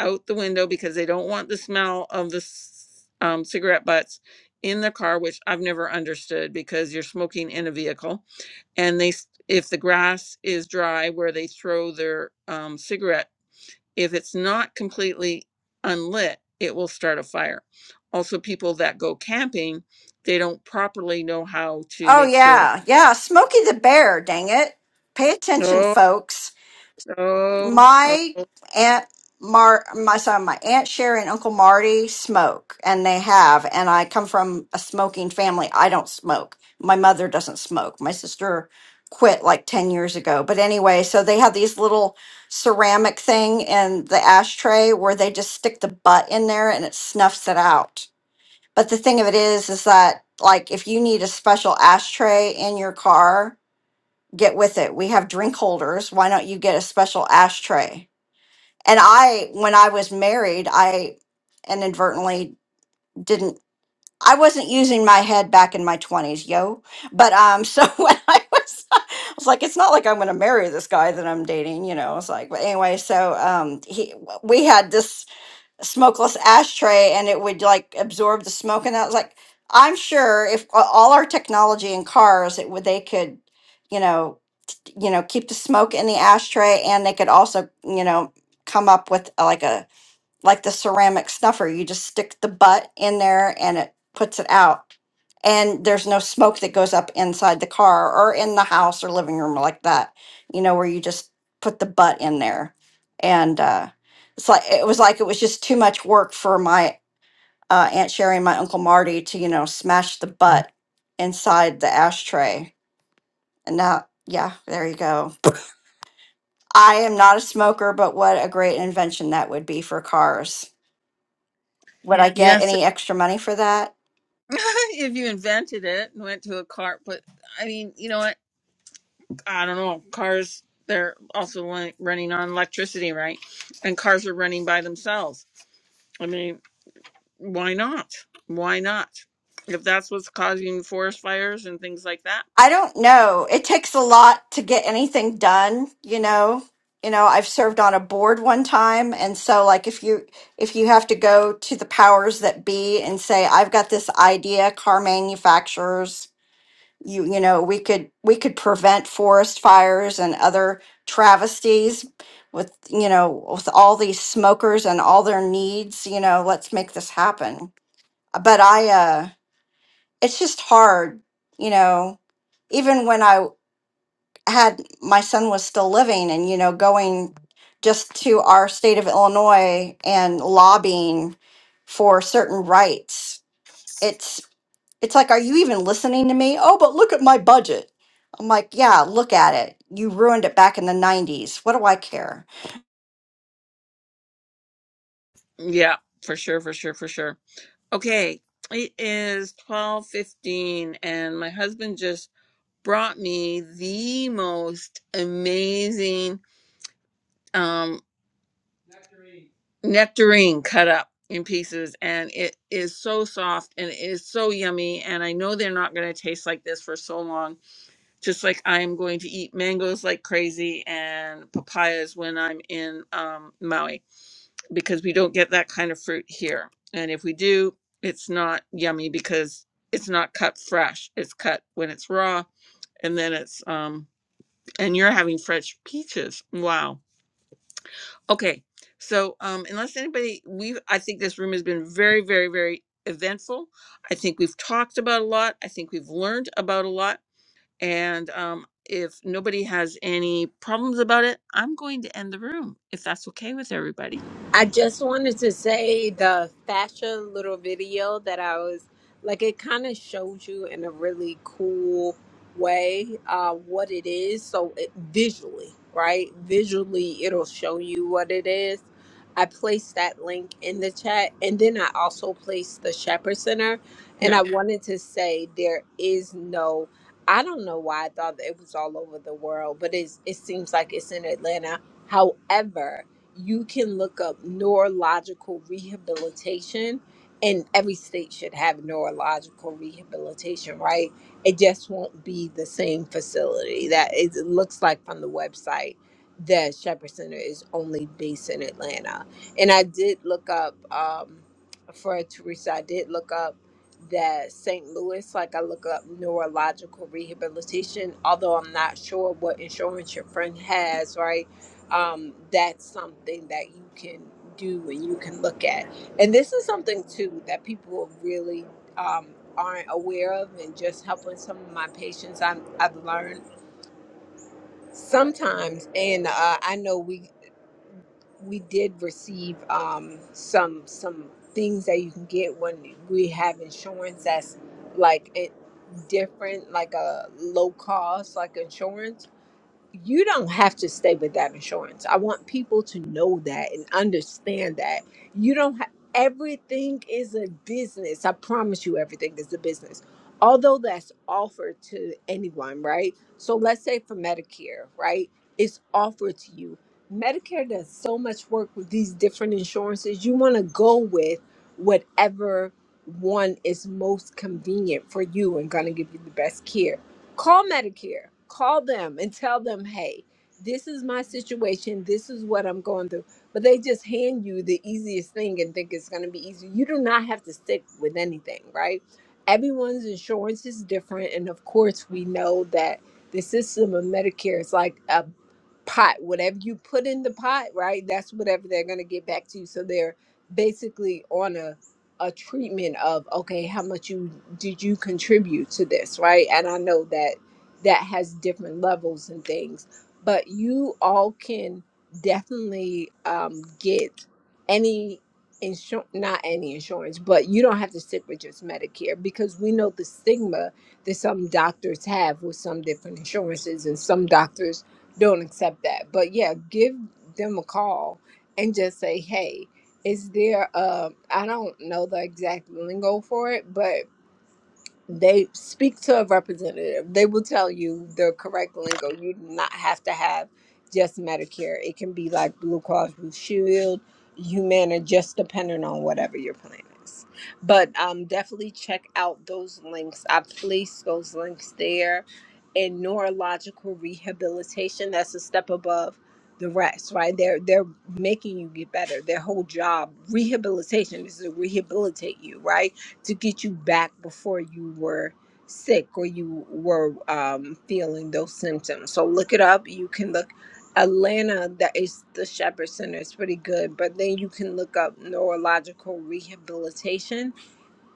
out the window because they don't want the smell of the s- um, cigarette butts in the car, which I've never understood because you're smoking in a vehicle. And they, s- if the grass is dry where they throw their um, cigarette if it's not completely unlit, it will start a fire. Also, people that go camping, they don't properly know how to oh, make sure. yeah. Yeah. Smokey the Bear, dang it. Pay attention, Oh, folks. oh, oh. my aunt Mar, my son, my aunt Sherry and Uncle Marty smoke, and they have. And I come from a smoking family. I don't smoke. My mother doesn't smoke. My sister quit like ten years ago. But anyway, so they have these little ceramic thing in the ashtray where they just stick the butt in there and it snuffs it out. But the thing of it is, is that like if you need a special ashtray in your car, get with it. We have drink holders. Why don't you get a special ashtray? And I, when I was married, I inadvertently didn't, I wasn't using my head back in my 20s, yo. But um, so when I was, I was like, it's not like I'm going to marry this guy that I'm dating, you know. It's like, but anyway, so um, he, we had this smokeless ashtray and it would like absorb the smoke. And I was like, I'm sure if a- all our technology in cars, it would, they could, you know, you know, keep the smoke in the ashtray and they could also, you know, come up with uh, like a like the ceramic snuffer. You just stick the butt in there and it puts it out. And there's no smoke that goes up inside the car or in the house or living room like that, you know, where you just put the butt in there. And uh, it's like, it was like it was just too much work for my uh, Aunt Sherry and my Uncle Marty to, you know, smash the butt inside the ashtray. And now, yeah, there you go. I am not a smoker, but what a great invention that would be for cars. Would I get Yes. any extra money for that? if you invented it and went to a car, but I mean, you know what? I don't know. Cars, they're also run- running on electricity, right? And cars are running by themselves. I mean, why not? Why not? If that's what's causing forest fires and things like that I don't know. It takes a lot to get anything done, you know. You know, I've served on a board one time and so like if you if you have to go to the powers that be and say I've got this idea car manufacturers you you know, we could we could prevent forest fires and other travesties with you know, with all these smokers and all their needs, you know, let's make this happen. But I uh it's just hard, you know, even when I had my son was still living and, you know, going just to our state of Illinois and lobbying for certain rights. It's it's like, are you even listening to me? Oh, but look at my budget. I'm like, yeah, look at it. You ruined it back in the 90s. What do I care? Yeah, for sure, for sure, for sure. Okay, it is 12:15 and my husband just brought me the most amazing um nectarine cut up in pieces and it is so soft and it is so yummy and I know they're not going to taste like this for so long. Just like I'm going to eat mangoes like crazy and papayas when I'm in um Maui. because we don't get that kind of fruit here. And if we do, it's not yummy because it's not cut fresh. It's cut when it's raw and then it's um and you're having fresh peaches. Wow. Okay. So um unless anybody we I think this room has been very very very eventful. I think we've talked about a lot. I think we've learned about a lot and um if nobody has any problems about it, I'm going to end the room if that's okay with everybody. I just wanted to say the fascia little video that I was like, it kind of showed you in a really cool way uh, what it is. So it, visually, right? Visually, it'll show you what it is. I placed that link in the chat, and then I also placed the Shepherd Center. And Yeah. I wanted to say there is no. I don't know why I thought that it was all over the world, but it's, it seems like it's in Atlanta. However, you can look up neurological rehabilitation and every state should have neurological rehabilitation right it just won't be the same facility that is, it looks like from the website the shepherd center is only based in atlanta and i did look up um, for teresa i did look up that st louis like i look up neurological rehabilitation although i'm not sure what insurance your friend has right um, that's something that you can do and you can look at. And this is something too that people really um, aren't aware of. And just helping some of my patients, I'm, I've learned sometimes. And uh, I know we we did receive um, some some things that you can get when we have insurance that's like it different, like a low cost, like insurance you don't have to stay without insurance. I want people to know that and understand that you don't have everything is a business. I promise you, everything is a business. Although that's offered to anyone, right? So let's say for Medicare, right? It's offered to you. Medicare does so much work with these different insurances. You want to go with whatever one is most convenient for you and going to give you the best care call Medicare, call them and tell them, hey, this is my situation. This is what I'm going through. But they just hand you the easiest thing and think it's going to be easy. You do not have to stick with anything, right? Everyone's insurance is different. And of course, we know that the system of Medicare is like a pot whatever you put in the pot right that's whatever they're going to get back to you so they're basically on a a treatment of okay how much you did you contribute to this right and i know that that has different levels and things but you all can definitely um, get any insurance not any insurance but you don't have to stick with just medicare because we know the stigma that some doctors have with some different insurances and some doctors don't accept that. But yeah, give them a call and just say, hey, is there a, I don't know the exact lingo for it, but they speak to a representative. They will tell you the correct lingo. You do not have to have just Medicare. It can be like Blue Cross Blue Shield, Humana, just depending on whatever your plan is. But um, definitely check out those links. I placed those links there. And neurological rehabilitation, that's a step above the rest, right? They're they're making you get better. Their whole job, rehabilitation, is to rehabilitate you, right? to get you back before you were sick or you were um, feeling those symptoms. So look it up. You can look Atlanta, that is the Shepherd Center. It's pretty good, but then you can look up neurological rehabilitation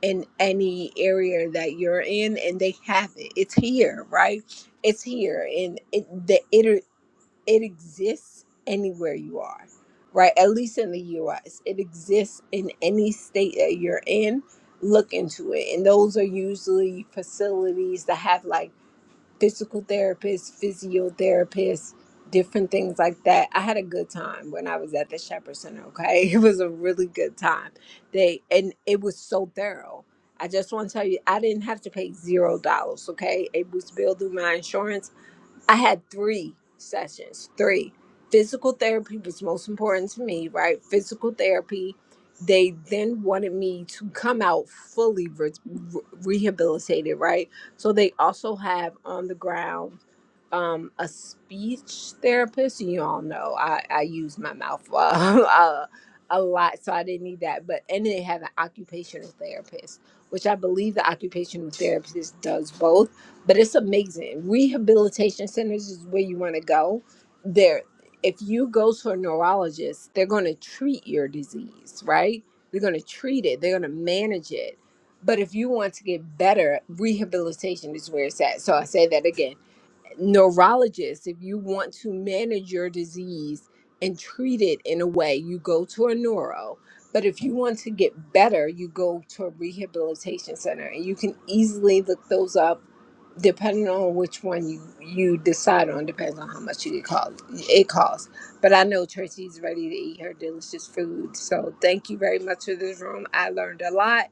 in any area that you're in, and they have it. It's here, right? It's here, and it the it exists anywhere you are, right? At least in the US, it exists in any state that you're in. Look into it. And those are usually facilities that have like physical therapists, physiotherapists, different things like that. I had a good time when I was at the Shepherd Center, okay? It was a really good time. They and it was so thorough. I just want to tell you, I didn't have to pay zero dollars, okay? It was billed through my insurance I had three sessions. Three. Physical therapy was most important to me, right? Physical therapy. They then wanted me to come out fully re- re- rehabilitated, right? So they also have on the ground um, a speech therapist. You all know I, I use my mouth uh, uh, a lot, so I didn't need that. But and they have an occupational therapist, which I believe the occupational therapist does both but it's amazing. Rehabilitation centers is where you want to go. There, if you go to a neurologist, they're going to treat your disease, right? They're going to treat it. They're going to manage it. But if you want to get better, rehabilitation is where it's at. So I say that again neurologist if you want to manage your disease and treat it in a way you go to a neuro but if you want to get better you go to a rehabilitation center and you can easily look those up depending on which one you you decide on depends on how much you cost. it costs but i know tracy's ready to eat her delicious food so thank you very much for this room i learned a lot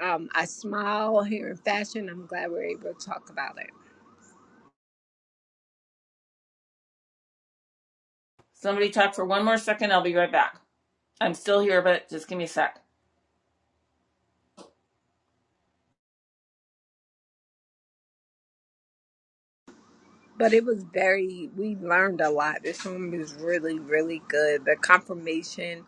um, i smile here in fashion i'm glad we're able to talk about it Somebody talk for one more second. I'll be right back. I'm still here, but just give me a sec. But it was very, we learned a lot. This room was really, really good. The confirmation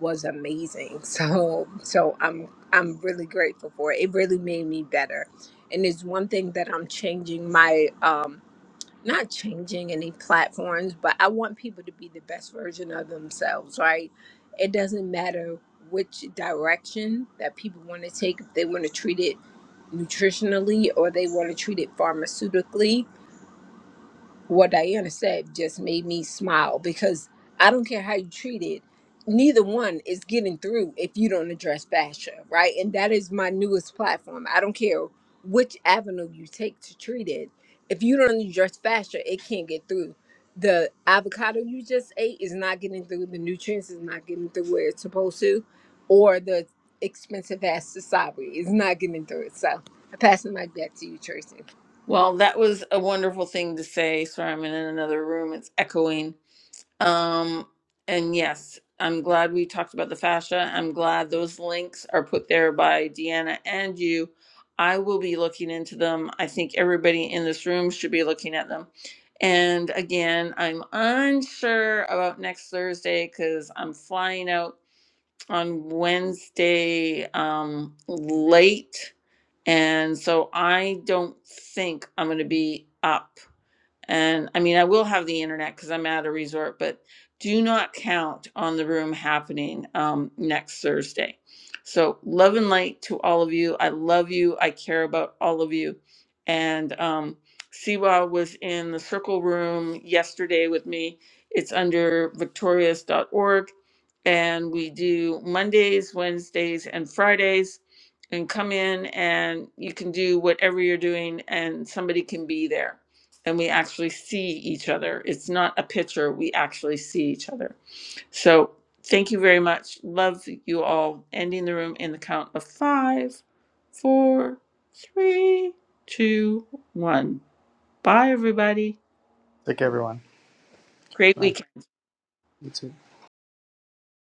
was amazing. So, so I'm, I'm really grateful for it. It really made me better. And it's one thing that I'm changing my, um, not changing any platforms, but I want people to be the best version of themselves, right? It doesn't matter which direction that people want to take, if they want to treat it nutritionally or they want to treat it pharmaceutically what Diana said just made me smile because I don't care how you treat it, neither one is getting through if you don't address fascia, right? And that is my newest platform. I don't care which avenue you take to treat it. If you don't address fascia, it can't get through. The avocado you just ate is not getting through, the nutrients is not getting through where it's supposed to, or the expensive ass wasabi is not getting through it. So I pass the mic back to you, Tracy. Well, that was a wonderful thing to say. Sorry, I'm in another room. It's echoing. Um, and yes, I'm glad we talked about the fascia. I'm glad those links are put there by Deanna and you. I will be looking into them. I think everybody in this room should be looking at them. And again, I'm unsure about next Thursday because I'm flying out on Wednesday um, late. And so I don't think I'm going to be up. And I mean, I will have the internet because I'm at a resort, but do not count on the room happening um, next Thursday. So, love and light to all of you. I love you. I care about all of you. And um, Siwa was in the circle room yesterday with me. It's under victorious.org. And we do Mondays, Wednesdays, and Fridays. And come in and you can do whatever you're doing, and somebody can be there and we actually see each other. It's not a picture, we actually see each other. So thank you very much. Love you all. Ending the room in the count of five, four, three, two, one. Bye, everybody. Take care, everyone. Great Bye. weekend. You too.